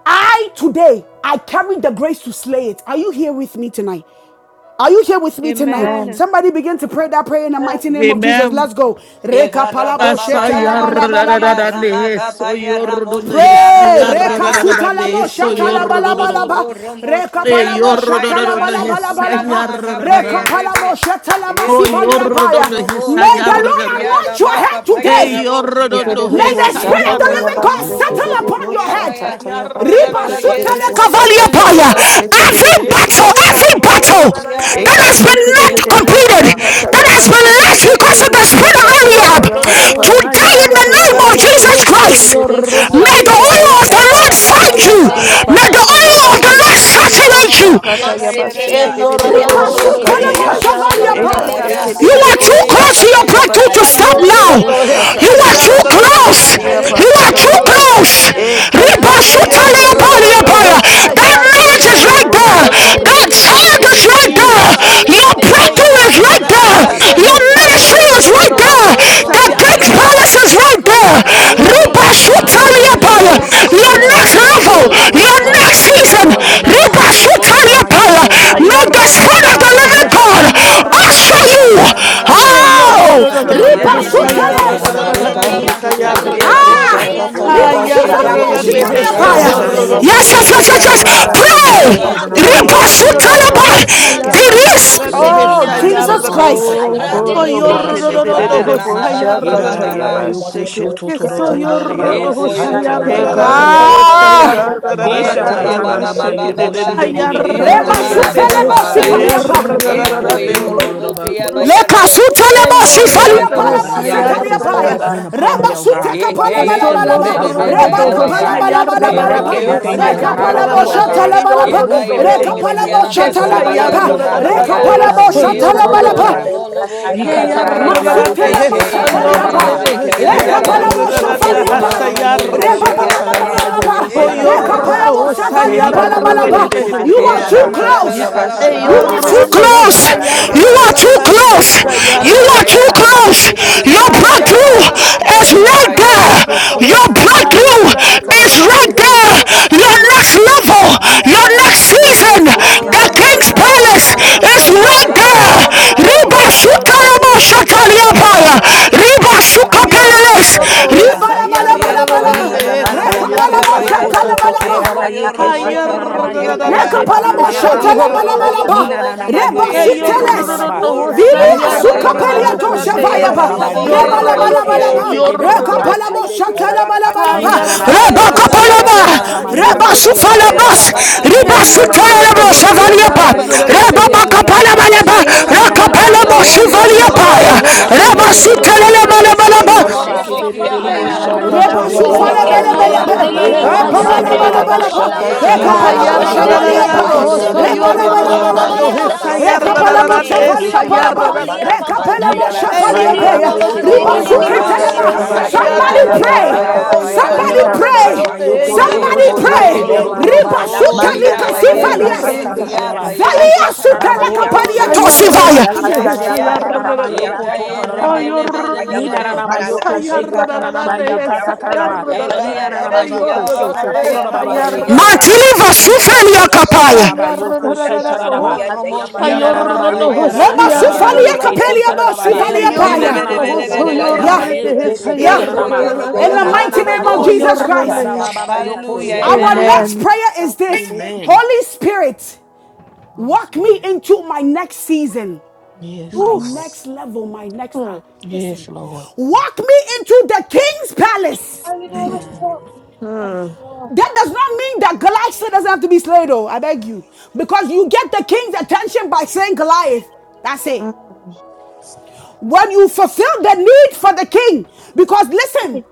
[SPEAKER 1] I today, I carry the grace to slay it. Are you here with me tonight? Are you here with me tonight?
[SPEAKER 8] Amen.
[SPEAKER 1] Somebody begin to pray that prayer in the mighty name of Jesus.
[SPEAKER 9] Amen.
[SPEAKER 1] Let's go. Reka palabo sheta
[SPEAKER 7] Ikarababaya
[SPEAKER 1] laba laba laba.
[SPEAKER 7] Ramoshia
[SPEAKER 9] Asayarradadadane,
[SPEAKER 7] Ramakapaya
[SPEAKER 9] soyordono,
[SPEAKER 7] Ramoshia
[SPEAKER 1] Pray. Reka
[SPEAKER 7] Rabakapa.
[SPEAKER 1] suta labo
[SPEAKER 9] asayarradadadane,
[SPEAKER 1] shata
[SPEAKER 7] Ikoyo
[SPEAKER 1] laba
[SPEAKER 7] Romolo
[SPEAKER 9] soyordono.
[SPEAKER 1] Reka
[SPEAKER 9] Eh,
[SPEAKER 7] Ramoshia
[SPEAKER 1] palabo shata
[SPEAKER 7] Kapaya
[SPEAKER 9] yordododono,
[SPEAKER 1] laba laba
[SPEAKER 7] Ramoshia
[SPEAKER 1] Reka
[SPEAKER 7] Ramakapaya
[SPEAKER 9] asayarradadadane.
[SPEAKER 1] palabo
[SPEAKER 7] Rebe.
[SPEAKER 1] shata laba
[SPEAKER 9] Oh,
[SPEAKER 1] sivali
[SPEAKER 7] Ekoyo romo
[SPEAKER 9] yordodono,
[SPEAKER 7] lobo
[SPEAKER 1] May the
[SPEAKER 7] romo
[SPEAKER 1] Lord
[SPEAKER 7] sia
[SPEAKER 9] asayarradadadane.
[SPEAKER 1] anoint
[SPEAKER 7] la
[SPEAKER 1] your head
[SPEAKER 7] maka paya
[SPEAKER 9] Eh,
[SPEAKER 1] today.
[SPEAKER 7] rabo
[SPEAKER 3] Ekar
[SPEAKER 7] sia.
[SPEAKER 9] yordodono,
[SPEAKER 1] May the Spirit of the
[SPEAKER 7] Ekoyo
[SPEAKER 1] living
[SPEAKER 9] asayarradadadane.
[SPEAKER 7] romo
[SPEAKER 1] God
[SPEAKER 7] lobo
[SPEAKER 1] settle
[SPEAKER 7] robo
[SPEAKER 1] upon your
[SPEAKER 7] sia
[SPEAKER 1] head.
[SPEAKER 7] kaya. Ekoye
[SPEAKER 9] Ayarradadadane,
[SPEAKER 7] remede bele bele be.
[SPEAKER 9] soyordono.
[SPEAKER 1] Every battle,
[SPEAKER 7] Ekoyo
[SPEAKER 1] every
[SPEAKER 7] romo lobo
[SPEAKER 1] battle
[SPEAKER 7] sia
[SPEAKER 1] that
[SPEAKER 7] kaya.
[SPEAKER 1] has
[SPEAKER 9] Ayarradadadane,
[SPEAKER 1] been not
[SPEAKER 7] Ekoyo
[SPEAKER 9] soyordono.
[SPEAKER 1] completed,
[SPEAKER 7] romo lobo
[SPEAKER 1] that has
[SPEAKER 7] lobo
[SPEAKER 1] been
[SPEAKER 7] sia
[SPEAKER 1] lost
[SPEAKER 9] Ayarradadadane.
[SPEAKER 1] because
[SPEAKER 7] kaya.
[SPEAKER 1] of the spirit of Eliab,
[SPEAKER 7] Ekoyo romo
[SPEAKER 9] Ayorrondo,
[SPEAKER 7] lobo
[SPEAKER 1] today
[SPEAKER 7] sia
[SPEAKER 1] in the
[SPEAKER 7] kaya.
[SPEAKER 1] name of
[SPEAKER 3] Nekorobo
[SPEAKER 1] Jesus
[SPEAKER 9] sayarrarararando,
[SPEAKER 1] Christ,
[SPEAKER 3] shekedede
[SPEAKER 5] I
[SPEAKER 9] soyorrondo,
[SPEAKER 1] may the
[SPEAKER 9] eh.
[SPEAKER 6] Kepaze
[SPEAKER 3] boshekedede
[SPEAKER 7] Ye
[SPEAKER 1] oil of the
[SPEAKER 7] rama
[SPEAKER 6] belian
[SPEAKER 7] ba
[SPEAKER 1] Lord
[SPEAKER 7] ba ba ba
[SPEAKER 1] find
[SPEAKER 6] talabo
[SPEAKER 7] ba
[SPEAKER 1] you.
[SPEAKER 3] boshakarekedede
[SPEAKER 7] ba.
[SPEAKER 1] May
[SPEAKER 6] seberia
[SPEAKER 1] the
[SPEAKER 9] Eyorrararararando,
[SPEAKER 3] yapakata
[SPEAKER 1] oil
[SPEAKER 5] ask
[SPEAKER 6] kapada
[SPEAKER 5] the
[SPEAKER 1] of the
[SPEAKER 7] Ekoyo
[SPEAKER 5] oil
[SPEAKER 1] Lord
[SPEAKER 5] of
[SPEAKER 9] soyorrondo.
[SPEAKER 7] romolo
[SPEAKER 3] yabashekedede
[SPEAKER 6] didimosa
[SPEAKER 7] bolo
[SPEAKER 1] saturate you.
[SPEAKER 7] bokiya
[SPEAKER 3] boshakata
[SPEAKER 7] baya
[SPEAKER 5] oh
[SPEAKER 7] rebe.
[SPEAKER 6] masepeya
[SPEAKER 5] God.
[SPEAKER 3] yabashekedede
[SPEAKER 7] O
[SPEAKER 6] kapala
[SPEAKER 5] carry the
[SPEAKER 6] dosi
[SPEAKER 9] Eyorrorororondo, eh,
[SPEAKER 3] boshakata
[SPEAKER 5] grace
[SPEAKER 6] brea
[SPEAKER 7] romolo
[SPEAKER 3] ya
[SPEAKER 5] to pray,
[SPEAKER 6] kapalan
[SPEAKER 7] bokiya
[SPEAKER 5] oh
[SPEAKER 1] Ribasutalaboshavaliapaya.
[SPEAKER 7] baya.
[SPEAKER 6] delebre
[SPEAKER 9] sayarrarararanda,
[SPEAKER 5] God,
[SPEAKER 1] You
[SPEAKER 5] Father,
[SPEAKER 3] ekarekedede
[SPEAKER 1] are too
[SPEAKER 6] sebelian
[SPEAKER 5] the
[SPEAKER 9] sayorrondo.
[SPEAKER 7] Eke
[SPEAKER 1] close to
[SPEAKER 5] liars
[SPEAKER 3] boshakata
[SPEAKER 1] your
[SPEAKER 7] ye
[SPEAKER 6] talaba
[SPEAKER 5] that
[SPEAKER 7] rebe
[SPEAKER 1] breakthrough to
[SPEAKER 6] kapaya
[SPEAKER 5] has
[SPEAKER 7] lebe
[SPEAKER 5] been
[SPEAKER 1] stop
[SPEAKER 5] left
[SPEAKER 3] yabashekedede
[SPEAKER 7] kiya
[SPEAKER 1] now.
[SPEAKER 6] badasia
[SPEAKER 9] Ayorrorondo, eh,
[SPEAKER 7] baya.
[SPEAKER 5] unattended,
[SPEAKER 1] You
[SPEAKER 3] boshakata
[SPEAKER 5] oh
[SPEAKER 1] are
[SPEAKER 6] bantelebe
[SPEAKER 1] too
[SPEAKER 5] God
[SPEAKER 7] Ekoyo
[SPEAKER 3] yabashekedede
[SPEAKER 1] close.
[SPEAKER 5] that
[SPEAKER 9] sayarrarararande,
[SPEAKER 5] has
[SPEAKER 7] romolo
[SPEAKER 9] eh,
[SPEAKER 5] been
[SPEAKER 6] mapalia
[SPEAKER 1] You
[SPEAKER 7] bolo
[SPEAKER 1] are
[SPEAKER 3] yapakata
[SPEAKER 1] too
[SPEAKER 5] fighting,
[SPEAKER 6] kapado
[SPEAKER 7] bokiya
[SPEAKER 3] yaba
[SPEAKER 5] oh
[SPEAKER 7] baya.
[SPEAKER 5] God,
[SPEAKER 9] sayorrorororando.
[SPEAKER 1] close.
[SPEAKER 6] sebrea
[SPEAKER 5] women in this
[SPEAKER 6] kapala
[SPEAKER 5] family,
[SPEAKER 7] Ekoyo
[SPEAKER 5] that has been
[SPEAKER 6] delelebo
[SPEAKER 3] ekarekedede
[SPEAKER 7] romolo
[SPEAKER 5] fighting
[SPEAKER 6] sabrea
[SPEAKER 7] bokiya
[SPEAKER 1] Ribasutaliapaliapaya.
[SPEAKER 9] Eyorrorororondo,
[SPEAKER 5] marriage,
[SPEAKER 3] boshakata
[SPEAKER 7] baya.
[SPEAKER 6] kapan
[SPEAKER 5] that
[SPEAKER 1] That
[SPEAKER 5] has been
[SPEAKER 1] marriage is
[SPEAKER 6] delebosa
[SPEAKER 3] yabashekedede
[SPEAKER 5] fighting
[SPEAKER 1] right
[SPEAKER 7] Ekoyo
[SPEAKER 9] sayarrarararande,
[SPEAKER 7] rombo
[SPEAKER 1] there.
[SPEAKER 5] finances,
[SPEAKER 7] bolo
[SPEAKER 5] oh
[SPEAKER 7] bolo
[SPEAKER 1] That
[SPEAKER 5] God,
[SPEAKER 9] eyorrorororando.
[SPEAKER 7] lobo
[SPEAKER 5] that
[SPEAKER 6] mazebelian
[SPEAKER 5] has
[SPEAKER 1] child
[SPEAKER 7] lobo.
[SPEAKER 5] been
[SPEAKER 1] is
[SPEAKER 9] Oh,
[SPEAKER 1] right
[SPEAKER 6] delebeya
[SPEAKER 5] fighting
[SPEAKER 3] boshakarekedede
[SPEAKER 1] there.
[SPEAKER 9] Jesus.
[SPEAKER 6] kapan
[SPEAKER 5] children, oh
[SPEAKER 7] Ekoyo
[SPEAKER 1] Your
[SPEAKER 5] God.
[SPEAKER 7] robo
[SPEAKER 6] delebeya
[SPEAKER 9] Hey,
[SPEAKER 7] bolo
[SPEAKER 1] breakthrough
[SPEAKER 5] Father,
[SPEAKER 1] is
[SPEAKER 6] kapan
[SPEAKER 7] lobo
[SPEAKER 5] I
[SPEAKER 1] right
[SPEAKER 7] lobo
[SPEAKER 1] there.
[SPEAKER 5] pray,
[SPEAKER 2] Malambron
[SPEAKER 9] yarrarararande,
[SPEAKER 6] dalabasa
[SPEAKER 5] I
[SPEAKER 1] Your
[SPEAKER 9] eh,
[SPEAKER 7] kiyabaya.
[SPEAKER 2] Toyobo
[SPEAKER 5] pray as
[SPEAKER 1] ministry
[SPEAKER 5] you
[SPEAKER 2] Corridor,
[SPEAKER 3] Karote
[SPEAKER 1] is
[SPEAKER 3] de
[SPEAKER 5] go,
[SPEAKER 6] Rededeke
[SPEAKER 3] de
[SPEAKER 1] right
[SPEAKER 3] de
[SPEAKER 5] I
[SPEAKER 7] Ekoyo
[SPEAKER 1] there.
[SPEAKER 9] soyorrorororondo,
[SPEAKER 7] robo
[SPEAKER 9] eh,
[SPEAKER 3] bocha
[SPEAKER 5] the
[SPEAKER 2] Shandarian
[SPEAKER 6] papazo
[SPEAKER 1] The
[SPEAKER 7] lobo
[SPEAKER 3] pata
[SPEAKER 5] Spirit,
[SPEAKER 1] king's
[SPEAKER 6] belian
[SPEAKER 2] Talamala
[SPEAKER 5] oh
[SPEAKER 7] kiyabaye.
[SPEAKER 9] sayarrarararande.
[SPEAKER 1] palace
[SPEAKER 5] God.
[SPEAKER 1] is
[SPEAKER 2] Prasa
[SPEAKER 6] telebreya
[SPEAKER 1] right there.
[SPEAKER 2] Tayaba,
[SPEAKER 9] no, no,
[SPEAKER 5] In
[SPEAKER 6] kapala
[SPEAKER 5] the
[SPEAKER 6] bo
[SPEAKER 7] Ekoyo
[SPEAKER 5] mighty
[SPEAKER 1] Rupa
[SPEAKER 7] rombo
[SPEAKER 6] seyan
[SPEAKER 5] name
[SPEAKER 4] Nanama
[SPEAKER 7] bolo
[SPEAKER 5] of
[SPEAKER 2] Malakatu
[SPEAKER 9] no,
[SPEAKER 6] dalibo.
[SPEAKER 7] lobo
[SPEAKER 4] yororoba
[SPEAKER 5] Jesus,
[SPEAKER 2] Tonkoro,
[SPEAKER 1] Sutariapaya.
[SPEAKER 7] kiya.
[SPEAKER 4] yeka
[SPEAKER 9] no,
[SPEAKER 5] as
[SPEAKER 3] Ekar
[SPEAKER 1] Your
[SPEAKER 5] your
[SPEAKER 6] Radeleke
[SPEAKER 4] sheta
[SPEAKER 1] next
[SPEAKER 6] parian
[SPEAKER 2] Shandayamali
[SPEAKER 7] Ekoyo
[SPEAKER 5] anointing
[SPEAKER 1] level.
[SPEAKER 5] has
[SPEAKER 7] robo
[SPEAKER 9] no,
[SPEAKER 6] dedidi
[SPEAKER 3] Hey,
[SPEAKER 5] come
[SPEAKER 9] da da
[SPEAKER 2] Breske,
[SPEAKER 1] Your
[SPEAKER 7] bolo
[SPEAKER 5] upon
[SPEAKER 7] lobo.
[SPEAKER 1] next
[SPEAKER 6] kapazo
[SPEAKER 5] me, O
[SPEAKER 6] beyan
[SPEAKER 1] season.
[SPEAKER 5] God,
[SPEAKER 2] Radan
[SPEAKER 9] da
[SPEAKER 4] yoko
[SPEAKER 6] teliada
[SPEAKER 5] as
[SPEAKER 1] Rupa
[SPEAKER 9] da,
[SPEAKER 4] sheka
[SPEAKER 5] you
[SPEAKER 2] Dayamali
[SPEAKER 6] seberian
[SPEAKER 2] Breske,
[SPEAKER 5] anointed
[SPEAKER 6] kapan.
[SPEAKER 1] Sutariapaya.
[SPEAKER 4] yerebe
[SPEAKER 5] David,
[SPEAKER 1] May
[SPEAKER 5] O
[SPEAKER 4] yoko
[SPEAKER 1] the
[SPEAKER 2] Etantaya,
[SPEAKER 9] Ayarra da
[SPEAKER 5] God,
[SPEAKER 9] da
[SPEAKER 6] Rebelia
[SPEAKER 1] Son
[SPEAKER 4] shoto
[SPEAKER 9] da
[SPEAKER 1] of
[SPEAKER 9] da.
[SPEAKER 1] the
[SPEAKER 5] Father, in
[SPEAKER 6] kapazo
[SPEAKER 9] no,
[SPEAKER 1] Living
[SPEAKER 7] Keya
[SPEAKER 1] God
[SPEAKER 5] Jesus'
[SPEAKER 6] berian
[SPEAKER 7] ramala
[SPEAKER 2] Yakaramoto
[SPEAKER 5] mighty
[SPEAKER 7] bala
[SPEAKER 6] kapan
[SPEAKER 2] Toko,
[SPEAKER 5] name.
[SPEAKER 9] sayorno
[SPEAKER 7] bala
[SPEAKER 1] usher
[SPEAKER 7] bala
[SPEAKER 1] you.
[SPEAKER 9] es.
[SPEAKER 6] deliberia
[SPEAKER 7] bala
[SPEAKER 5] Katada
[SPEAKER 4] Inanama
[SPEAKER 7] bala
[SPEAKER 5] bada
[SPEAKER 7] ba.
[SPEAKER 6] kapalo
[SPEAKER 4] yoko
[SPEAKER 2] Ripatankaya,
[SPEAKER 9] Ayorno
[SPEAKER 4] sheta
[SPEAKER 5] katando
[SPEAKER 1] Oh,
[SPEAKER 9] da da
[SPEAKER 6] sepelian
[SPEAKER 9] da no,
[SPEAKER 5] shete
[SPEAKER 9] ne
[SPEAKER 1] Rupa
[SPEAKER 7] Ya
[SPEAKER 5] bende
[SPEAKER 2] Robodon
[SPEAKER 4] yosho
[SPEAKER 6] dalibelebe.
[SPEAKER 7] Ramala
[SPEAKER 9] sayarra
[SPEAKER 1] Sutares.
[SPEAKER 9] da
[SPEAKER 7] bala
[SPEAKER 9] da
[SPEAKER 2] Dolomolo
[SPEAKER 9] da
[SPEAKER 4] kotodoroba.
[SPEAKER 7] bala
[SPEAKER 9] da
[SPEAKER 7] bala
[SPEAKER 9] ne
[SPEAKER 7] ba.
[SPEAKER 2] Broske,
[SPEAKER 6] Mazepeya
[SPEAKER 5] shete. Mande
[SPEAKER 9] sayarra
[SPEAKER 6] kapala
[SPEAKER 9] da,
[SPEAKER 6] do
[SPEAKER 9] da
[SPEAKER 5] keshete
[SPEAKER 7] Ekoyo
[SPEAKER 1] Ah,
[SPEAKER 2] Repetanke,
[SPEAKER 6] sabreya
[SPEAKER 7] rombo
[SPEAKER 5] shete.
[SPEAKER 1] Rupa
[SPEAKER 7] lobo
[SPEAKER 6] kapan
[SPEAKER 5] I carry
[SPEAKER 9] Ayarra
[SPEAKER 6] delelebo
[SPEAKER 5] the
[SPEAKER 7] kiyabaye.
[SPEAKER 9] da
[SPEAKER 4] Ye
[SPEAKER 5] grace,
[SPEAKER 2] Rapatankoriam
[SPEAKER 9] ne
[SPEAKER 5] O
[SPEAKER 6] sefeya
[SPEAKER 4] katana
[SPEAKER 1] Sufalamositariapaya.
[SPEAKER 5] God
[SPEAKER 6] kapan
[SPEAKER 4] nama
[SPEAKER 7] Ekoyo
[SPEAKER 2] Payamale
[SPEAKER 9] sayorno
[SPEAKER 5] this
[SPEAKER 7] robo
[SPEAKER 1] Yes,
[SPEAKER 4] yoko
[SPEAKER 9] no,
[SPEAKER 2] Brenke,
[SPEAKER 1] yes,
[SPEAKER 4] to
[SPEAKER 7] lobo
[SPEAKER 5] way.
[SPEAKER 6] delebosa.
[SPEAKER 4] to
[SPEAKER 1] yes, yes,
[SPEAKER 4] to do
[SPEAKER 1] yes.
[SPEAKER 9] sayarra
[SPEAKER 5] I
[SPEAKER 7] kiyabaya
[SPEAKER 9] da da
[SPEAKER 4] ba.
[SPEAKER 7] rabo
[SPEAKER 5] carry the
[SPEAKER 4] Ye
[SPEAKER 1] Pray.
[SPEAKER 5] grace,
[SPEAKER 4] kete na
[SPEAKER 7] siyalaba.
[SPEAKER 6] Zekean
[SPEAKER 5] O
[SPEAKER 4] nama
[SPEAKER 1] Rupa
[SPEAKER 5] Lord,
[SPEAKER 6] delebro
[SPEAKER 4] woko
[SPEAKER 9] Ayorno
[SPEAKER 4] do do
[SPEAKER 9] da
[SPEAKER 2] Malam
[SPEAKER 4] da
[SPEAKER 5] Father,
[SPEAKER 6] sepeya
[SPEAKER 5] to
[SPEAKER 1] Sutarabai.
[SPEAKER 9] no,
[SPEAKER 4] ba.
[SPEAKER 6] kadian
[SPEAKER 5] finish, to
[SPEAKER 1] There
[SPEAKER 9] sayarra
[SPEAKER 5] go
[SPEAKER 9] da
[SPEAKER 1] is.
[SPEAKER 6] tililibo
[SPEAKER 5] to
[SPEAKER 9] da
[SPEAKER 5] the
[SPEAKER 4] Ye na
[SPEAKER 9] ne
[SPEAKER 4] na
[SPEAKER 5] finish
[SPEAKER 1] Oh,
[SPEAKER 6] sebelian
[SPEAKER 4] nama
[SPEAKER 5] line, O
[SPEAKER 2] Mantaya
[SPEAKER 1] Jesus
[SPEAKER 9] sayarra
[SPEAKER 4] yoko
[SPEAKER 9] da da
[SPEAKER 5] Lord.
[SPEAKER 6] talabo.
[SPEAKER 4] shita
[SPEAKER 1] Christ.
[SPEAKER 4] ta
[SPEAKER 5] I
[SPEAKER 4] baba. da
[SPEAKER 2] Meliantaya
[SPEAKER 4] ba
[SPEAKER 5] carry the
[SPEAKER 4] ba. Ye ka
[SPEAKER 6] Radelebe.
[SPEAKER 5] power,
[SPEAKER 9] Ayorno
[SPEAKER 4] she
[SPEAKER 5] O
[SPEAKER 9] da
[SPEAKER 4] ka
[SPEAKER 2] Rantaya
[SPEAKER 5] Lord.
[SPEAKER 4] da
[SPEAKER 9] no,
[SPEAKER 4] na.
[SPEAKER 5] I
[SPEAKER 7] Karama
[SPEAKER 5] have
[SPEAKER 7] ba
[SPEAKER 2] Bakiara
[SPEAKER 7] ba
[SPEAKER 5] come
[SPEAKER 7] ba
[SPEAKER 4] Ye
[SPEAKER 5] too
[SPEAKER 4] da
[SPEAKER 7] ba
[SPEAKER 9] sayarra
[SPEAKER 4] da
[SPEAKER 9] da
[SPEAKER 7] ba
[SPEAKER 4] da
[SPEAKER 5] close to
[SPEAKER 4] da
[SPEAKER 9] da
[SPEAKER 7] ba.
[SPEAKER 2] Bosondoyo
[SPEAKER 5] my
[SPEAKER 4] yoko
[SPEAKER 2] Mole
[SPEAKER 4] shi
[SPEAKER 5] breakthrough
[SPEAKER 4] to
[SPEAKER 5] to
[SPEAKER 4] to do
[SPEAKER 5] turn
[SPEAKER 9] Eso
[SPEAKER 2] Peskepe
[SPEAKER 4] do
[SPEAKER 9] yo
[SPEAKER 5] around, O
[SPEAKER 4] ba.
[SPEAKER 7] E
[SPEAKER 4] Ye
[SPEAKER 5] Lord.
[SPEAKER 9] rondo
[SPEAKER 4] se shita
[SPEAKER 7] koyo
[SPEAKER 5] Touch me,
[SPEAKER 4] na
[SPEAKER 2] Rampantaya
[SPEAKER 7] rombo
[SPEAKER 4] na
[SPEAKER 5] this
[SPEAKER 7] lobo
[SPEAKER 5] day,
[SPEAKER 4] nama.
[SPEAKER 5] touch
[SPEAKER 7] lobo
[SPEAKER 5] that,
[SPEAKER 9] sayarrararate,
[SPEAKER 2] Bakiara
[SPEAKER 7] lobo
[SPEAKER 5] touch
[SPEAKER 7] lobo.
[SPEAKER 1] Ah,
[SPEAKER 5] that, touch that, touch
[SPEAKER 2] Bosondoyo
[SPEAKER 5] that.
[SPEAKER 7] E
[SPEAKER 4] Desha
[SPEAKER 2] Molo
[SPEAKER 5] My
[SPEAKER 7] rama
[SPEAKER 2] Bro
[SPEAKER 5] day,
[SPEAKER 7] ba
[SPEAKER 4] katana
[SPEAKER 9] sayarrararararando.
[SPEAKER 7] ba
[SPEAKER 5] this
[SPEAKER 7] ba
[SPEAKER 4] nama
[SPEAKER 5] day, this
[SPEAKER 7] ba ba
[SPEAKER 4] yoko
[SPEAKER 5] day,
[SPEAKER 4] shibe
[SPEAKER 7] ba.
[SPEAKER 4] be de
[SPEAKER 5] touch
[SPEAKER 4] de
[SPEAKER 5] me,
[SPEAKER 2] Repepempende
[SPEAKER 4] be
[SPEAKER 7] E
[SPEAKER 5] touch
[SPEAKER 1] reba
[SPEAKER 4] yoko
[SPEAKER 5] me,
[SPEAKER 7] rama
[SPEAKER 4] shi
[SPEAKER 2] Yamalabra
[SPEAKER 4] o
[SPEAKER 7] la
[SPEAKER 5] touch,
[SPEAKER 4] do
[SPEAKER 7] ba
[SPEAKER 4] do
[SPEAKER 5] touch,
[SPEAKER 7] la
[SPEAKER 9] Ayarrarararate,
[SPEAKER 1] sufelebo
[SPEAKER 4] da
[SPEAKER 7] ba
[SPEAKER 5] touch,
[SPEAKER 7] la
[SPEAKER 4] ba.
[SPEAKER 5] touch.
[SPEAKER 7] ba.
[SPEAKER 4] Do
[SPEAKER 5] My
[SPEAKER 4] shi
[SPEAKER 1] sipaliapa.
[SPEAKER 3] Karikidibus,
[SPEAKER 5] day, this
[SPEAKER 4] katana
[SPEAKER 7] E
[SPEAKER 2] Rokotonkoromo
[SPEAKER 4] ma
[SPEAKER 5] day,
[SPEAKER 4] ba
[SPEAKER 5] this day,
[SPEAKER 7] koyo
[SPEAKER 9] sayarrararararande.
[SPEAKER 4] yo
[SPEAKER 5] this
[SPEAKER 4] do do
[SPEAKER 5] day,
[SPEAKER 7] robo
[SPEAKER 5] this day, this
[SPEAKER 7] kia ba
[SPEAKER 5] day,
[SPEAKER 7] ya
[SPEAKER 5] this
[SPEAKER 1] Leka
[SPEAKER 5] day, this
[SPEAKER 7] ramosia la
[SPEAKER 1] sutelebo
[SPEAKER 5] day.
[SPEAKER 4] I
[SPEAKER 9] Ello
[SPEAKER 7] baka ka ba
[SPEAKER 4] thank
[SPEAKER 7] ya
[SPEAKER 4] you,
[SPEAKER 1] sifaliapa
[SPEAKER 9] rondo
[SPEAKER 5] Mandos
[SPEAKER 1] la
[SPEAKER 2] Malabra,
[SPEAKER 4] Father.
[SPEAKER 5] katu
[SPEAKER 4] God,
[SPEAKER 7] ramosia.
[SPEAKER 4] as this
[SPEAKER 1] bosetaliapa
[SPEAKER 4] all
[SPEAKER 1] ya.
[SPEAKER 4] has
[SPEAKER 5] kashandaba,
[SPEAKER 2] Rabadada,
[SPEAKER 4] been upon
[SPEAKER 9] sayarrarararate.
[SPEAKER 1] Reba
[SPEAKER 4] me, oh
[SPEAKER 5] mandos
[SPEAKER 4] God.
[SPEAKER 2] Rekente
[SPEAKER 1] suteka
[SPEAKER 5] kende
[SPEAKER 1] palaba
[SPEAKER 2] Yamala
[SPEAKER 4] Let
[SPEAKER 1] la
[SPEAKER 9] Eso
[SPEAKER 7] Ekeye
[SPEAKER 4] the
[SPEAKER 9] yo
[SPEAKER 5] kende
[SPEAKER 1] balaba.
[SPEAKER 4] let
[SPEAKER 2] Proska
[SPEAKER 4] the
[SPEAKER 7] rebele
[SPEAKER 5] kende
[SPEAKER 4] work be
[SPEAKER 1] Reba
[SPEAKER 7] bekaya
[SPEAKER 2] Payamale
[SPEAKER 4] done,
[SPEAKER 9] rondo
[SPEAKER 5] kende,
[SPEAKER 4] oh
[SPEAKER 7] baya.
[SPEAKER 4] God.
[SPEAKER 1] kapalaba
[SPEAKER 2] Bresta,
[SPEAKER 1] la
[SPEAKER 5] mandos
[SPEAKER 4] Let
[SPEAKER 1] balaba la
[SPEAKER 5] katu
[SPEAKER 4] break
[SPEAKER 1] ba.
[SPEAKER 7] Ekoyo
[SPEAKER 9] sayarrararate,
[SPEAKER 2] Rapapam
[SPEAKER 4] everything that
[SPEAKER 5] yandos
[SPEAKER 4] is
[SPEAKER 7] robolo
[SPEAKER 1] Reka
[SPEAKER 4] not
[SPEAKER 7] bolo
[SPEAKER 4] of
[SPEAKER 5] kataya
[SPEAKER 1] palabo
[SPEAKER 4] you,
[SPEAKER 7] bolo
[SPEAKER 4] oh
[SPEAKER 1] shata
[SPEAKER 7] bo.
[SPEAKER 4] God.
[SPEAKER 9] sayarrarararate.
[SPEAKER 1] la
[SPEAKER 9] Ello
[SPEAKER 5] kashandaba,
[SPEAKER 1] balaba.
[SPEAKER 4] Remove
[SPEAKER 9] rondo
[SPEAKER 7] Yekaye
[SPEAKER 1] Reka
[SPEAKER 4] everything and
[SPEAKER 2] Pantayamalabra,
[SPEAKER 7] ramosia
[SPEAKER 1] palabo
[SPEAKER 9] es.
[SPEAKER 7] la
[SPEAKER 4] everyone
[SPEAKER 5] mandos
[SPEAKER 4] that
[SPEAKER 9] Que
[SPEAKER 4] is
[SPEAKER 1] shata la
[SPEAKER 5] kende
[SPEAKER 4] not for
[SPEAKER 7] makapaya
[SPEAKER 4] me,
[SPEAKER 1] balaba.
[SPEAKER 5] kende
[SPEAKER 4] oh God, in the
[SPEAKER 5] kende,
[SPEAKER 1] Reka
[SPEAKER 4] mighty
[SPEAKER 2] Radadadadadada
[SPEAKER 7] ramosia.
[SPEAKER 9] sayarrarararando,
[SPEAKER 4] name of
[SPEAKER 1] palabo
[SPEAKER 5] mandos
[SPEAKER 2] Basi
[SPEAKER 9] soy
[SPEAKER 4] Jesus
[SPEAKER 9] yo
[SPEAKER 1] shata la
[SPEAKER 4] Christ, oh
[SPEAKER 5] katali
[SPEAKER 7] Ekoyo
[SPEAKER 1] balaba.
[SPEAKER 4] God.
[SPEAKER 2] Kandayamale
[SPEAKER 9] rondorante.
[SPEAKER 5] yandos
[SPEAKER 7] romolo
[SPEAKER 3] Yes.
[SPEAKER 2] Breske
[SPEAKER 5] kataya
[SPEAKER 9] Que
[SPEAKER 7] bokia
[SPEAKER 2] Paya Baba
[SPEAKER 7] paye.
[SPEAKER 5] kashandaba,
[SPEAKER 2] Baba
[SPEAKER 4] Ikatananama yoko
[SPEAKER 1] Masutele
[SPEAKER 2] Baba,
[SPEAKER 9] yarrararande,
[SPEAKER 5] mandos
[SPEAKER 7] Ekeye
[SPEAKER 9] soy yo
[SPEAKER 5] kashandaba
[SPEAKER 1] masefaliapa.
[SPEAKER 7] rebele
[SPEAKER 4] shekatatanama.
[SPEAKER 9] rondo
[SPEAKER 5] kende
[SPEAKER 2] Mantayamale
[SPEAKER 7] bekia
[SPEAKER 2] Breske
[SPEAKER 5] kende
[SPEAKER 7] paya.
[SPEAKER 4] Geraraba yo
[SPEAKER 1] Lekapalabo
[SPEAKER 5] kende
[SPEAKER 2] Pekende
[SPEAKER 4] shoto
[SPEAKER 5] kende,
[SPEAKER 9] sayarrarararanda,
[SPEAKER 7] Ekoyo
[SPEAKER 2] Yamale,
[SPEAKER 1] shafaliapa.
[SPEAKER 4] tonanama
[SPEAKER 5] mandos
[SPEAKER 7] romolo
[SPEAKER 4] yese
[SPEAKER 5] katu
[SPEAKER 9] sayarrarararanda.
[SPEAKER 2] Yakende
[SPEAKER 7] bokia
[SPEAKER 5] yandas
[SPEAKER 7] paye.
[SPEAKER 4] shekatatanaba
[SPEAKER 2] Yamala
[SPEAKER 4] yoko
[SPEAKER 1] Rebabababababa.
[SPEAKER 2] Bresta,
[SPEAKER 5] katali
[SPEAKER 7] Ekoyo
[SPEAKER 5] yandos
[SPEAKER 4] shekatananama.
[SPEAKER 1] Rekapalabo
[SPEAKER 9] Koyorno
[SPEAKER 7] robolo
[SPEAKER 5] kashandi
[SPEAKER 2] Ratakanda.
[SPEAKER 7] bolo bolo
[SPEAKER 1] safaliapa
[SPEAKER 5] kende
[SPEAKER 7] bolo
[SPEAKER 4] Yinanama
[SPEAKER 5] kende,
[SPEAKER 7] bo.
[SPEAKER 1] labalaba.
[SPEAKER 4] yoko
[SPEAKER 9] sayarrame.
[SPEAKER 1] You
[SPEAKER 5] mandos
[SPEAKER 1] are
[SPEAKER 7] E
[SPEAKER 1] too
[SPEAKER 5] katu
[SPEAKER 4] totororaba.
[SPEAKER 7] ramala bala
[SPEAKER 1] close.
[SPEAKER 5] yandaya
[SPEAKER 7] bala bala
[SPEAKER 5] kaba,
[SPEAKER 1] You
[SPEAKER 7] ba.
[SPEAKER 1] are
[SPEAKER 2] Robot
[SPEAKER 4] Yikatatananama.
[SPEAKER 1] too
[SPEAKER 9] Eyorno
[SPEAKER 5] mandos
[SPEAKER 1] close.
[SPEAKER 5] kashandi
[SPEAKER 2] Korobosh
[SPEAKER 1] You
[SPEAKER 4] Yikatananama
[SPEAKER 5] kende
[SPEAKER 1] are
[SPEAKER 2] and
[SPEAKER 4] yoko
[SPEAKER 1] too
[SPEAKER 5] kende
[SPEAKER 9] sayarrame
[SPEAKER 1] close.
[SPEAKER 4] shekatananama
[SPEAKER 5] kende
[SPEAKER 1] You
[SPEAKER 7] Ha
[SPEAKER 1] are
[SPEAKER 5] kende.
[SPEAKER 1] too
[SPEAKER 7] kaya
[SPEAKER 9] sayarrame.
[SPEAKER 4] yikatatararaba
[SPEAKER 5] Mandede
[SPEAKER 1] close.
[SPEAKER 7] ramosia
[SPEAKER 4] yoko
[SPEAKER 7] la
[SPEAKER 1] Your
[SPEAKER 5] katoya
[SPEAKER 7] bakapaya
[SPEAKER 5] kasanda
[SPEAKER 1] breakthrough
[SPEAKER 4] shetatararaba.
[SPEAKER 7] ramosia
[SPEAKER 1] is
[SPEAKER 9] Hayarrame
[SPEAKER 7] la
[SPEAKER 5] bakatuya
[SPEAKER 1] right
[SPEAKER 5] ka
[SPEAKER 4] Yinanama
[SPEAKER 7] bakaya.
[SPEAKER 4] yoko
[SPEAKER 5] mandada
[SPEAKER 1] there.
[SPEAKER 9] soyorno
[SPEAKER 5] da
[SPEAKER 1] Your
[SPEAKER 4] shetananama
[SPEAKER 5] katalian
[SPEAKER 4] yoko
[SPEAKER 1] breakthrough
[SPEAKER 9] sayarrame
[SPEAKER 1] is
[SPEAKER 4] totororaba
[SPEAKER 1] right
[SPEAKER 5] kesedede
[SPEAKER 4] yese
[SPEAKER 1] there.
[SPEAKER 5] mando
[SPEAKER 9] soyorno.
[SPEAKER 1] Your
[SPEAKER 4] shekatananama.
[SPEAKER 1] next
[SPEAKER 5] katulian dos
[SPEAKER 1] level,
[SPEAKER 5] kataya
[SPEAKER 1] your
[SPEAKER 5] kavan
[SPEAKER 1] next
[SPEAKER 4] Yishetamama
[SPEAKER 2] Rapatankuriam
[SPEAKER 4] yoko
[SPEAKER 5] mando
[SPEAKER 7] Ye
[SPEAKER 1] season,
[SPEAKER 7] ko
[SPEAKER 1] the
[SPEAKER 4] totananama
[SPEAKER 5] kesedede
[SPEAKER 7] robo
[SPEAKER 1] King's
[SPEAKER 7] lobo
[SPEAKER 9] Sayarrame
[SPEAKER 5] mando
[SPEAKER 1] Palace
[SPEAKER 7] lobo.
[SPEAKER 4] yekatatararaba
[SPEAKER 1] is
[SPEAKER 5] kotulian
[SPEAKER 1] right
[SPEAKER 7] e
[SPEAKER 4] yedararaba.
[SPEAKER 1] there.
[SPEAKER 5] kasanda
[SPEAKER 7] rama
[SPEAKER 9] soyorno
[SPEAKER 7] ba
[SPEAKER 5] bada
[SPEAKER 7] ba ba
[SPEAKER 1] Riba
[SPEAKER 7] ba
[SPEAKER 5] kasat
[SPEAKER 7] ba
[SPEAKER 4] Yenanama
[SPEAKER 7] ba.
[SPEAKER 9] yorno
[SPEAKER 5] mande
[SPEAKER 1] Sutarama
[SPEAKER 4] yoshoko
[SPEAKER 7] Ye
[SPEAKER 5] kantulian
[SPEAKER 7] kaya
[SPEAKER 1] Shataliapaya,
[SPEAKER 4] tatatararaba
[SPEAKER 5] sede
[SPEAKER 9] sayarrame.
[SPEAKER 5] kesende
[SPEAKER 1] Riba
[SPEAKER 7] ramosia rama
[SPEAKER 4] yekatananama
[SPEAKER 5] kesen
[SPEAKER 4] yoko
[SPEAKER 7] kapaya
[SPEAKER 5] mandi
[SPEAKER 1] Sukapeles,
[SPEAKER 9] Ayorno
[SPEAKER 5] bide de
[SPEAKER 7] rabosia.
[SPEAKER 1] Riba
[SPEAKER 4] shekatananama.
[SPEAKER 1] Laba
[SPEAKER 5] kesende
[SPEAKER 1] Laba
[SPEAKER 7] Ye
[SPEAKER 1] Laba Laba,
[SPEAKER 7] koyo
[SPEAKER 4] Ina
[SPEAKER 5] keselede
[SPEAKER 4] na
[SPEAKER 2] Pantaya
[SPEAKER 9] sayarrame
[SPEAKER 4] na
[SPEAKER 7] romo
[SPEAKER 4] na Inananama
[SPEAKER 5] mando
[SPEAKER 7] lobo
[SPEAKER 4] yoko
[SPEAKER 7] kia
[SPEAKER 1] Rekapalama
[SPEAKER 5] katoya
[SPEAKER 4] shoko
[SPEAKER 7] paye.
[SPEAKER 4] to
[SPEAKER 9] sayarrame.
[SPEAKER 5] kasanda
[SPEAKER 4] to to ro
[SPEAKER 7] Ye
[SPEAKER 5] bada
[SPEAKER 1] Shatalabalaba.
[SPEAKER 4] ro ba roraba
[SPEAKER 2] Malabroska
[SPEAKER 7] koyo
[SPEAKER 4] yeke
[SPEAKER 7] robo
[SPEAKER 5] kata
[SPEAKER 7] lobo lobo
[SPEAKER 4] shetananama
[SPEAKER 7] kia
[SPEAKER 4] yoko
[SPEAKER 2] Repepempentaya
[SPEAKER 7] paya.
[SPEAKER 4] she
[SPEAKER 9] Ayarrarararane.
[SPEAKER 4] ta
[SPEAKER 5] Mando
[SPEAKER 1] Lekapalabo
[SPEAKER 7] Ye
[SPEAKER 2] Malabroska
[SPEAKER 9] So
[SPEAKER 4] na
[SPEAKER 5] katoya
[SPEAKER 7] koyo
[SPEAKER 2] Ponkoro
[SPEAKER 7] robo
[SPEAKER 5] kashanda
[SPEAKER 7] lobo
[SPEAKER 1] shatalabalabalaba.
[SPEAKER 9] yorrarararane.
[SPEAKER 2] Moshandaya
[SPEAKER 7] lobo
[SPEAKER 5] kabada
[SPEAKER 4] Inananama
[SPEAKER 7] kia
[SPEAKER 1] Reba
[SPEAKER 7] paye
[SPEAKER 4] yoko
[SPEAKER 5] katoya
[SPEAKER 9] Hey,
[SPEAKER 5] do
[SPEAKER 7] rebe.
[SPEAKER 4] shoto
[SPEAKER 1] suteles.
[SPEAKER 4] roraba.
[SPEAKER 7] O
[SPEAKER 9] yorrararano,
[SPEAKER 5] katoya
[SPEAKER 9] sa
[SPEAKER 5] ndi
[SPEAKER 7] romo
[SPEAKER 1] Vilia
[SPEAKER 2] Kapaya
[SPEAKER 7] bobo
[SPEAKER 5] sese
[SPEAKER 7] yo
[SPEAKER 2] baba
[SPEAKER 5] de de
[SPEAKER 4] Yikatananama
[SPEAKER 2] baba,
[SPEAKER 7] robo.
[SPEAKER 5] de
[SPEAKER 1] sukapeliato
[SPEAKER 4] yoko
[SPEAKER 5] sese
[SPEAKER 4] she ta
[SPEAKER 7] e
[SPEAKER 9] yarrarararane.
[SPEAKER 4] ta ro
[SPEAKER 2] mantaya
[SPEAKER 1] shavayaba.
[SPEAKER 5] mando
[SPEAKER 4] ro
[SPEAKER 7] romo
[SPEAKER 9] Sa
[SPEAKER 4] ba
[SPEAKER 2] male
[SPEAKER 4] ge
[SPEAKER 7] bobo
[SPEAKER 4] de
[SPEAKER 7] yo
[SPEAKER 1] Reba
[SPEAKER 4] ro ba
[SPEAKER 5] katoya
[SPEAKER 2] breske,
[SPEAKER 4] ye ke
[SPEAKER 9] yorrararano,
[SPEAKER 4] she
[SPEAKER 7] robosia.
[SPEAKER 5] sese
[SPEAKER 1] labalabalaba.
[SPEAKER 4] te
[SPEAKER 5] de
[SPEAKER 4] ke
[SPEAKER 5] de
[SPEAKER 4] de na na
[SPEAKER 2] ratankuri
[SPEAKER 4] yeke
[SPEAKER 5] mande
[SPEAKER 9] yorrararane.
[SPEAKER 1] Rekapalabo
[SPEAKER 2] ampaya,
[SPEAKER 5] de de kado do do
[SPEAKER 4] shetekedananama.
[SPEAKER 1] shatalabalabalaba.
[SPEAKER 2] ratatankuri
[SPEAKER 5] katoya
[SPEAKER 4] Inananama
[SPEAKER 7] Ka
[SPEAKER 4] na
[SPEAKER 2] ete,
[SPEAKER 1] Reba
[SPEAKER 5] kashanda
[SPEAKER 7] rama ba ba
[SPEAKER 5] baya
[SPEAKER 1] kapalaba.
[SPEAKER 7] ba
[SPEAKER 9] Ayarrarararane.
[SPEAKER 2] mantaya
[SPEAKER 7] ba.
[SPEAKER 9] Sa
[SPEAKER 4] shekatananama
[SPEAKER 5] katoya
[SPEAKER 2] bakia
[SPEAKER 1] Reba
[SPEAKER 5] do
[SPEAKER 4] yoko
[SPEAKER 2] raba,
[SPEAKER 9] yarrararane.
[SPEAKER 7] e
[SPEAKER 1] sufalabas.
[SPEAKER 4] shetatararaba.
[SPEAKER 5] makatoya
[SPEAKER 7] rama ba ba
[SPEAKER 2] ratinkoyo
[SPEAKER 1] Reba
[SPEAKER 5] kashandi
[SPEAKER 7] ba
[SPEAKER 9] Hey,
[SPEAKER 7] ba.
[SPEAKER 5] sese
[SPEAKER 4] Inananama
[SPEAKER 2] bokorobo,
[SPEAKER 5] de
[SPEAKER 4] yoko
[SPEAKER 5] de
[SPEAKER 1] sutelebo
[SPEAKER 9] yorrararano,
[SPEAKER 4] shoto to
[SPEAKER 9] sa
[SPEAKER 4] to
[SPEAKER 7] Ye
[SPEAKER 5] madi
[SPEAKER 4] ro
[SPEAKER 5] da
[SPEAKER 4] ro
[SPEAKER 1] shavaliapa.
[SPEAKER 4] ba
[SPEAKER 5] de
[SPEAKER 7] kaya
[SPEAKER 5] de de
[SPEAKER 4] ta
[SPEAKER 7] ramo
[SPEAKER 4] she
[SPEAKER 2] rapapampantaya,
[SPEAKER 1] Reba
[SPEAKER 4] ye ke
[SPEAKER 9] yarrararane.
[SPEAKER 7] shia
[SPEAKER 4] to
[SPEAKER 7] la
[SPEAKER 4] na na
[SPEAKER 7] baka
[SPEAKER 4] ma.
[SPEAKER 1] bakapalabalaba.
[SPEAKER 7] paya
[SPEAKER 5] mando
[SPEAKER 2] yeketenkeri
[SPEAKER 6] Liboshe,
[SPEAKER 7] rabo.
[SPEAKER 5] kato
[SPEAKER 7] Ye
[SPEAKER 1] Rakapalabo
[SPEAKER 5] kusodo
[SPEAKER 4] Inanamayoko
[SPEAKER 3] Ooh,
[SPEAKER 9] Ayarrararano,
[SPEAKER 7] koyo
[SPEAKER 6] Rakapazi
[SPEAKER 3] thank
[SPEAKER 4] shito
[SPEAKER 5] kabaya
[SPEAKER 3] you,
[SPEAKER 7] robo
[SPEAKER 1] shivaliapa.
[SPEAKER 4] daraba
[SPEAKER 3] Jesus.
[SPEAKER 6] Belian
[SPEAKER 7] lobo
[SPEAKER 3] Eh,
[SPEAKER 5] kashanda
[SPEAKER 9] yorrararano,
[SPEAKER 4] yese
[SPEAKER 5] ba
[SPEAKER 7] kia
[SPEAKER 9] sa
[SPEAKER 3] kapre
[SPEAKER 1] Reba
[SPEAKER 7] baya.
[SPEAKER 3] kede
[SPEAKER 4] shekata
[SPEAKER 5] mande
[SPEAKER 3] kede
[SPEAKER 6] Talabadalian
[SPEAKER 5] de
[SPEAKER 4] tanama
[SPEAKER 3] bo
[SPEAKER 5] de de
[SPEAKER 9] yarrararane.
[SPEAKER 7] Ye
[SPEAKER 4] yese
[SPEAKER 5] de
[SPEAKER 2] Mantaya
[SPEAKER 3] shakata
[SPEAKER 6] Dililiba
[SPEAKER 7] ko
[SPEAKER 4] sheta
[SPEAKER 3] yaba,
[SPEAKER 1] sutelebalabalaba.
[SPEAKER 2] malebre
[SPEAKER 5] de
[SPEAKER 4] daraba.
[SPEAKER 6] Sapaya
[SPEAKER 3] sheke
[SPEAKER 9] Jesus.
[SPEAKER 7] lobo
[SPEAKER 3] dede
[SPEAKER 7] kia
[SPEAKER 2] sepenkeri
[SPEAKER 3] dede
[SPEAKER 6] Kapa,
[SPEAKER 3] bo
[SPEAKER 9] Hey,
[SPEAKER 7] baya.
[SPEAKER 2] antaya
[SPEAKER 5] Mando
[SPEAKER 4] Inanamayoko
[SPEAKER 1] Reba
[SPEAKER 2] malabron
[SPEAKER 4] shoto
[SPEAKER 5] Katolian
[SPEAKER 9] yorrararano,
[SPEAKER 1] sufale
[SPEAKER 6] Zeke
[SPEAKER 9] sa
[SPEAKER 4] daraba
[SPEAKER 2] yobo
[SPEAKER 1] mele
[SPEAKER 7] O
[SPEAKER 1] mele
[SPEAKER 5] Discussion
[SPEAKER 2] korobo
[SPEAKER 5] de
[SPEAKER 6] Payan
[SPEAKER 4] yekata
[SPEAKER 7] rama
[SPEAKER 1] be.
[SPEAKER 7] ba
[SPEAKER 3] Eh,
[SPEAKER 7] ba
[SPEAKER 9] yorrararane,
[SPEAKER 6] dilili
[SPEAKER 5] Bedebe,
[SPEAKER 1] Re
[SPEAKER 7] ba
[SPEAKER 2] shandaya
[SPEAKER 6] mo,
[SPEAKER 9] sa
[SPEAKER 4] namayoko
[SPEAKER 7] ba
[SPEAKER 3] karre
[SPEAKER 4] te
[SPEAKER 1] papa
[SPEAKER 7] ba
[SPEAKER 1] la
[SPEAKER 3] kede
[SPEAKER 5] Mando
[SPEAKER 1] ba
[SPEAKER 7] ba.
[SPEAKER 1] la
[SPEAKER 3] dede
[SPEAKER 6] Sebrea
[SPEAKER 4] taraba.
[SPEAKER 1] ba
[SPEAKER 3] bo
[SPEAKER 9] yarrararane.
[SPEAKER 1] la
[SPEAKER 2] yekendaya
[SPEAKER 1] ba.
[SPEAKER 5] Katolian
[SPEAKER 7] Ye
[SPEAKER 3] shakata
[SPEAKER 5] Dos
[SPEAKER 1] Re
[SPEAKER 6] Kapalaba,
[SPEAKER 2] malabron
[SPEAKER 1] kapa
[SPEAKER 9] Ha
[SPEAKER 7] rama
[SPEAKER 3] yaba,
[SPEAKER 1] la
[SPEAKER 7] ba
[SPEAKER 5] Kataya
[SPEAKER 2] yobo
[SPEAKER 1] bo
[SPEAKER 7] ba
[SPEAKER 3] sheke
[SPEAKER 7] ba
[SPEAKER 5] Kava,
[SPEAKER 3] dede
[SPEAKER 7] ba
[SPEAKER 2] korobo
[SPEAKER 4] Inanamayoko
[SPEAKER 7] ba
[SPEAKER 1] shavalia
[SPEAKER 9] yarrararara
[SPEAKER 3] yaba,
[SPEAKER 1] pa.
[SPEAKER 2] sha
[SPEAKER 7] ba.
[SPEAKER 9] no
[SPEAKER 6] Redelelebo,
[SPEAKER 4] shete
[SPEAKER 5] Maketa
[SPEAKER 3] karra
[SPEAKER 4] rebe
[SPEAKER 9] hoso
[SPEAKER 1] Re ba
[SPEAKER 3] kata
[SPEAKER 6] Sebrea
[SPEAKER 1] la
[SPEAKER 4] yoko
[SPEAKER 1] ba
[SPEAKER 3] yaba
[SPEAKER 5] Kavalava,
[SPEAKER 1] la
[SPEAKER 2] rapapapam
[SPEAKER 1] ba la
[SPEAKER 9] yorrorororo
[SPEAKER 4] tsunanama
[SPEAKER 1] ba
[SPEAKER 3] yaba.
[SPEAKER 5] Mande
[SPEAKER 1] la
[SPEAKER 9] no
[SPEAKER 6] Kapandulia
[SPEAKER 1] ba.
[SPEAKER 2] pantaya
[SPEAKER 6] da
[SPEAKER 4] yekata
[SPEAKER 9] hesa
[SPEAKER 5] Kishin
[SPEAKER 1] Re
[SPEAKER 5] de
[SPEAKER 2] malebre
[SPEAKER 5] Be
[SPEAKER 4] taraba
[SPEAKER 2] se
[SPEAKER 9] no
[SPEAKER 4] yete
[SPEAKER 9] de
[SPEAKER 5] Katolian
[SPEAKER 6] Sebeante,
[SPEAKER 5] Dos
[SPEAKER 9] esa
[SPEAKER 4] shete
[SPEAKER 2] repepe
[SPEAKER 9] yarra
[SPEAKER 4] daraba.
[SPEAKER 9] da
[SPEAKER 5] Kete
[SPEAKER 6] Mapalia
[SPEAKER 9] da
[SPEAKER 5] Bede
[SPEAKER 2] malam
[SPEAKER 5] Kishin de
[SPEAKER 2] pantaya
[SPEAKER 5] Be,
[SPEAKER 6] Kapadalebo,
[SPEAKER 9] Eh,
[SPEAKER 4] Yidararaba
[SPEAKER 3] Eh,
[SPEAKER 5] Mandi
[SPEAKER 6] Sebrea
[SPEAKER 4] yoko
[SPEAKER 5] de
[SPEAKER 3] karre
[SPEAKER 2] yakarabos
[SPEAKER 9] yorrororo
[SPEAKER 4] toto
[SPEAKER 3] kede
[SPEAKER 5] De,
[SPEAKER 1] Riba
[SPEAKER 9] no
[SPEAKER 3] dede
[SPEAKER 2] kondaya
[SPEAKER 4] daraba
[SPEAKER 3] bo
[SPEAKER 1] suke
[SPEAKER 5] Mando
[SPEAKER 4] yese
[SPEAKER 9] yorrororo
[SPEAKER 7] Ka
[SPEAKER 2] malabros
[SPEAKER 3] shakata
[SPEAKER 9] de
[SPEAKER 1] telema.
[SPEAKER 6] Kapadinimo,
[SPEAKER 4] sheka
[SPEAKER 3] yaba,
[SPEAKER 7] ramo
[SPEAKER 9] esa
[SPEAKER 5] Kotoya
[SPEAKER 2] kapaye
[SPEAKER 3] sheke
[SPEAKER 7] shia
[SPEAKER 4] tatananama
[SPEAKER 9] yarra
[SPEAKER 3] dede
[SPEAKER 5] Kashanda
[SPEAKER 7] la
[SPEAKER 9] da
[SPEAKER 1] Somebody
[SPEAKER 3] dede
[SPEAKER 9] da
[SPEAKER 3] bo
[SPEAKER 2] bekendaya
[SPEAKER 9] da
[SPEAKER 7] baka
[SPEAKER 1] pray.
[SPEAKER 9] no
[SPEAKER 5] Kabada
[SPEAKER 4] yidararaba.
[SPEAKER 7] ya
[SPEAKER 3] shakata
[SPEAKER 2] malabros ka
[SPEAKER 9] hoso
[SPEAKER 3] yaba
[SPEAKER 7] baya.
[SPEAKER 5] Katolian
[SPEAKER 1] Somebody
[SPEAKER 3] yaba.
[SPEAKER 1] pray.
[SPEAKER 9] yorrororo
[SPEAKER 4] Yinananama
[SPEAKER 5] Discussion de
[SPEAKER 3] Eh,
[SPEAKER 9] de
[SPEAKER 4] yoko
[SPEAKER 2] rikatankoya
[SPEAKER 3] korro
[SPEAKER 7] Ye
[SPEAKER 3] bo
[SPEAKER 5] Bedebe,
[SPEAKER 9] yarra
[SPEAKER 4] shoko
[SPEAKER 1] Somebody
[SPEAKER 9] da
[SPEAKER 3] sheke
[SPEAKER 4] toto
[SPEAKER 1] pray.
[SPEAKER 5] Mandi
[SPEAKER 7] koyo
[SPEAKER 3] dede
[SPEAKER 2] yekendaya
[SPEAKER 3] dede
[SPEAKER 2] ma
[SPEAKER 3] bo
[SPEAKER 7] robo
[SPEAKER 5] Ketele Be,
[SPEAKER 1] Riba
[SPEAKER 4] dodoroba.
[SPEAKER 7] lobo
[SPEAKER 5] Mando
[SPEAKER 7] kia
[SPEAKER 1] sutalika
[SPEAKER 2] malabrokoto
[SPEAKER 4] Yinananama
[SPEAKER 7] baya
[SPEAKER 4] yoko
[SPEAKER 5] Kotolian
[SPEAKER 1] sifalias.
[SPEAKER 7] reme
[SPEAKER 4] sheka
[SPEAKER 9] yarrararara
[SPEAKER 5] Discussion
[SPEAKER 7] kia
[SPEAKER 9] de eh. da da da
[SPEAKER 2] Rapatankoya,
[SPEAKER 5] de
[SPEAKER 4] tatanaba.
[SPEAKER 7] baya.
[SPEAKER 5] Bedebe,
[SPEAKER 1] Zalia
[SPEAKER 4] Ikatananama
[SPEAKER 1] sutela
[SPEAKER 5] Mandiri de
[SPEAKER 4] yoko
[SPEAKER 7] O
[SPEAKER 1] kapalia
[SPEAKER 5] de
[SPEAKER 2] Yakatankoriantaya,
[SPEAKER 9] Ay,
[SPEAKER 4] shoto
[SPEAKER 5] de
[SPEAKER 7] romo
[SPEAKER 5] de
[SPEAKER 4] daraba
[SPEAKER 7] lobo
[SPEAKER 9] yarrararara
[SPEAKER 1] tosivaya.
[SPEAKER 5] kenya
[SPEAKER 7] kia
[SPEAKER 4] yese
[SPEAKER 9] de
[SPEAKER 5] kashanda
[SPEAKER 9] esa
[SPEAKER 4] sheka
[SPEAKER 7] baya.
[SPEAKER 5] bada
[SPEAKER 2] Rapapampantaya,
[SPEAKER 9] yarra da
[SPEAKER 4] tananama
[SPEAKER 9] da
[SPEAKER 7] Ye
[SPEAKER 5] katolia
[SPEAKER 4] yoko
[SPEAKER 2] Bakianda,
[SPEAKER 7] kaya
[SPEAKER 4] toto
[SPEAKER 2] Yamala,
[SPEAKER 5] mandiri
[SPEAKER 9] Oh,
[SPEAKER 4] daraba.
[SPEAKER 5] de
[SPEAKER 7] reme
[SPEAKER 2] Broska,
[SPEAKER 7] lebe lebe
[SPEAKER 5] kestende
[SPEAKER 9] yorrororo
[SPEAKER 5] de
[SPEAKER 9] no
[SPEAKER 2] Payamali,
[SPEAKER 7] lebe.
[SPEAKER 9] no no
[SPEAKER 5] mando
[SPEAKER 2] Alada,
[SPEAKER 9] esa
[SPEAKER 4] Yinananamayoko
[SPEAKER 5] katolia
[SPEAKER 9] yarra da da da
[SPEAKER 5] kashanda
[SPEAKER 4] shekatananamaye
[SPEAKER 9] de
[SPEAKER 5] bada
[SPEAKER 9] esa
[SPEAKER 2] Rapatankoriampaya,
[SPEAKER 4] katatanaba.
[SPEAKER 5] katalia
[SPEAKER 9] yarrararara
[SPEAKER 7] Yekaya
[SPEAKER 9] de
[SPEAKER 5] kashanda
[SPEAKER 2] Yakenta,
[SPEAKER 9] eh,
[SPEAKER 5] baba
[SPEAKER 7] rabosia
[SPEAKER 5] ba
[SPEAKER 2] Yamala,
[SPEAKER 4] Yinananamayoko
[SPEAKER 7] la
[SPEAKER 9] yorrororo de
[SPEAKER 2] Broska,
[SPEAKER 7] baka
[SPEAKER 4] shoto
[SPEAKER 5] manda
[SPEAKER 9] Ey yorro no no
[SPEAKER 7] paya
[SPEAKER 2] Paya,
[SPEAKER 9] esa
[SPEAKER 5] katoya
[SPEAKER 4] torobabaye
[SPEAKER 5] kashanda
[SPEAKER 7] rabosia.
[SPEAKER 2] Rapa,
[SPEAKER 5] de
[SPEAKER 4] katana.
[SPEAKER 1] Matili
[SPEAKER 9] yarrararara.
[SPEAKER 5] tele de
[SPEAKER 4] Yika
[SPEAKER 2] Malabranto,
[SPEAKER 1] vasufelia
[SPEAKER 5] katoya
[SPEAKER 9] Amen.
[SPEAKER 5] kaba
[SPEAKER 1] kapaya.
[SPEAKER 2] Yobokorobo,
[SPEAKER 4] shetatadababayoko
[SPEAKER 5] manti
[SPEAKER 2] Shanda,
[SPEAKER 5] kashanda ba
[SPEAKER 4] shetananama.
[SPEAKER 7] O
[SPEAKER 2] Yabakianda,
[SPEAKER 5] katolia
[SPEAKER 7] romosia
[SPEAKER 2] Yamala,
[SPEAKER 7] la
[SPEAKER 5] ndis
[SPEAKER 7] baka
[SPEAKER 2] Broska,
[SPEAKER 5] keshende
[SPEAKER 7] paya
[SPEAKER 2] Paya,
[SPEAKER 4] Yinananamayoko
[SPEAKER 5] de
[SPEAKER 1] Reba
[SPEAKER 5] mate
[SPEAKER 2] Bakaraba,
[SPEAKER 7] ramosia.
[SPEAKER 4] shotoradabaye
[SPEAKER 1] sufalia
[SPEAKER 5] kashanda
[SPEAKER 1] kapelia
[SPEAKER 5] bada
[SPEAKER 1] ba
[SPEAKER 2] Shengeriantaya,
[SPEAKER 4] keteterababa.
[SPEAKER 7] E
[SPEAKER 1] sivalia
[SPEAKER 5] katilia
[SPEAKER 7] rebele
[SPEAKER 5] ndos
[SPEAKER 1] paya.
[SPEAKER 7] bele bele
[SPEAKER 5] ketere
[SPEAKER 4] Yinananamayoko
[SPEAKER 5] de
[SPEAKER 7] bele
[SPEAKER 2] Mandaya,
[SPEAKER 7] be.
[SPEAKER 1] Yeah,
[SPEAKER 5] mandi
[SPEAKER 2] Male,
[SPEAKER 4] totorabaye
[SPEAKER 5] ketere
[SPEAKER 2] Breske,
[SPEAKER 7] E
[SPEAKER 1] yeah.
[SPEAKER 5] keshende de
[SPEAKER 4] teshekatananama.
[SPEAKER 7] koyo
[SPEAKER 5] de de
[SPEAKER 7] robo
[SPEAKER 1] In
[SPEAKER 2] Penkeriantaya,
[SPEAKER 1] the
[SPEAKER 7] lobo
[SPEAKER 2] Mala,
[SPEAKER 5] mando
[SPEAKER 1] mighty
[SPEAKER 7] lobo
[SPEAKER 1] name of
[SPEAKER 4] Yenananamayoko
[SPEAKER 7] lobo.
[SPEAKER 5] katoya
[SPEAKER 2] Brokorobo,
[SPEAKER 1] Jesus
[SPEAKER 2] Shaya.
[SPEAKER 1] Christ,
[SPEAKER 5] kashanda bada
[SPEAKER 4] shekatadadababayoko
[SPEAKER 7] Hallelujah.
[SPEAKER 5] katolia nda
[SPEAKER 1] our
[SPEAKER 7] Amen.
[SPEAKER 1] next
[SPEAKER 4] shetananama.
[SPEAKER 9] Amen.
[SPEAKER 3] shakata
[SPEAKER 1] prayer is this
[SPEAKER 3] yaba. Eh,
[SPEAKER 4] Amen.
[SPEAKER 1] Holy Spirit,
[SPEAKER 4] Holy
[SPEAKER 1] walk me
[SPEAKER 4] Spirit.
[SPEAKER 1] into my next season,
[SPEAKER 4] Yes,
[SPEAKER 1] my
[SPEAKER 4] Lord.
[SPEAKER 1] next
[SPEAKER 3] Oof.
[SPEAKER 1] level, my next. Uh,
[SPEAKER 3] Hmm.
[SPEAKER 1] listen,
[SPEAKER 4] Yes, Lord.
[SPEAKER 1] walk me into the king's palace.
[SPEAKER 7] Amen.
[SPEAKER 2] Mm.
[SPEAKER 3] Hmm.
[SPEAKER 1] That does not mean that Goliath doesn't have to be slain, though. I beg you. Because you get the king's attention by saying Goliath. That's it.
[SPEAKER 3] Hmm.
[SPEAKER 1] When you fulfill the need for the king, because listen,
[SPEAKER 3] Ooh,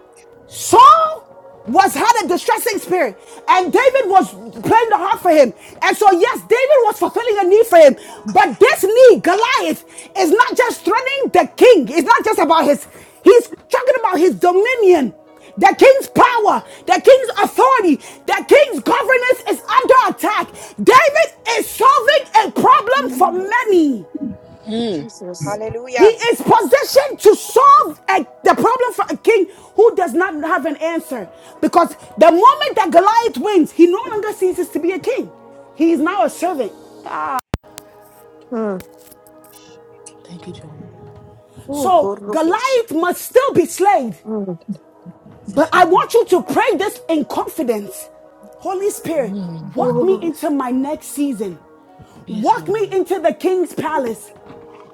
[SPEAKER 1] Saul was had a distressing spirit, and David was playing the harp for him. And so, yes, David was fulfilling a need for him, but this need, Goliath, is not just threatening the king. It's not just about his. He's talking about his dominion, the king's power, the king's authority, the king's governance is under attack. David is solving a problem for
[SPEAKER 3] mm,
[SPEAKER 1] many.
[SPEAKER 4] Mm.
[SPEAKER 3] Jesus.
[SPEAKER 1] He
[SPEAKER 2] Hallelujah.
[SPEAKER 1] is positioned to solve a- the problem for a king who does not have an answer. Because the moment that Goliath wins, he no longer ceases to be a king. He is now a servant.
[SPEAKER 3] Hmm.
[SPEAKER 4] Thank you, Jehovah.
[SPEAKER 3] Oh,
[SPEAKER 1] So
[SPEAKER 3] korro
[SPEAKER 1] Goliath must still be slain.
[SPEAKER 3] Mm.
[SPEAKER 1] But
[SPEAKER 4] Yes,
[SPEAKER 1] I
[SPEAKER 4] Lord.
[SPEAKER 1] want you to pray this in confidence. Holy Spirit,
[SPEAKER 4] Mm.
[SPEAKER 1] walk me
[SPEAKER 3] Oh,
[SPEAKER 1] into my next season.
[SPEAKER 4] Yes,
[SPEAKER 1] Walk me
[SPEAKER 4] Lord.
[SPEAKER 1] into the king's palace.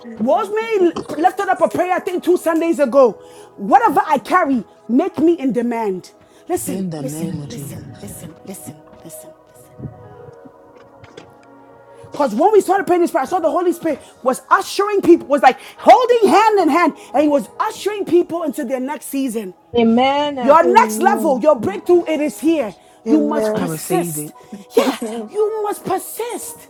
[SPEAKER 3] thank
[SPEAKER 1] Was
[SPEAKER 3] God for
[SPEAKER 1] me
[SPEAKER 3] goodness and
[SPEAKER 1] lifted up a
[SPEAKER 3] mercy.
[SPEAKER 1] prayer, I think two Sundays ago. Whatever I carry, make me in demand. Listen,
[SPEAKER 4] In the
[SPEAKER 1] listen,
[SPEAKER 4] name of
[SPEAKER 1] listen,
[SPEAKER 4] Jesus.
[SPEAKER 1] listen, listen, listen, listen. Because when we started praying this prayer, I saw the Holy Spirit was ushering people, was like holding hand in hand, and he was ushering people into their next season.
[SPEAKER 8] Amen.
[SPEAKER 1] Your next level,
[SPEAKER 3] Amen.
[SPEAKER 1] your breakthrough, it is here. You must
[SPEAKER 4] I
[SPEAKER 3] Amen.
[SPEAKER 4] receive
[SPEAKER 1] persist.
[SPEAKER 4] it.
[SPEAKER 1] Yeah,
[SPEAKER 3] Amen.
[SPEAKER 1] you must persist.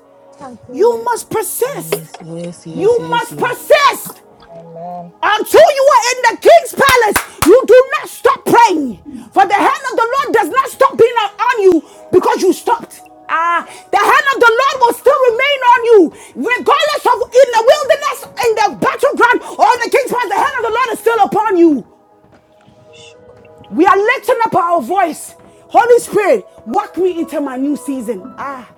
[SPEAKER 1] You must persist.
[SPEAKER 4] Yes, yes, yes,
[SPEAKER 1] You
[SPEAKER 4] yes,
[SPEAKER 1] must
[SPEAKER 4] yes.
[SPEAKER 1] persist.
[SPEAKER 2] Amen.
[SPEAKER 1] Until you are in the king's palace, you do not stop praying. For the hand of the Lord does not stop being on on you because you stopped. Ah, the hand of the Lord will still remain on you, regardless of in the wilderness, in the battleground, or in the king's palace. The hand of the Lord is still upon you. We are lifting up our voice. Holy Spirit, walk me into my new season. Ah,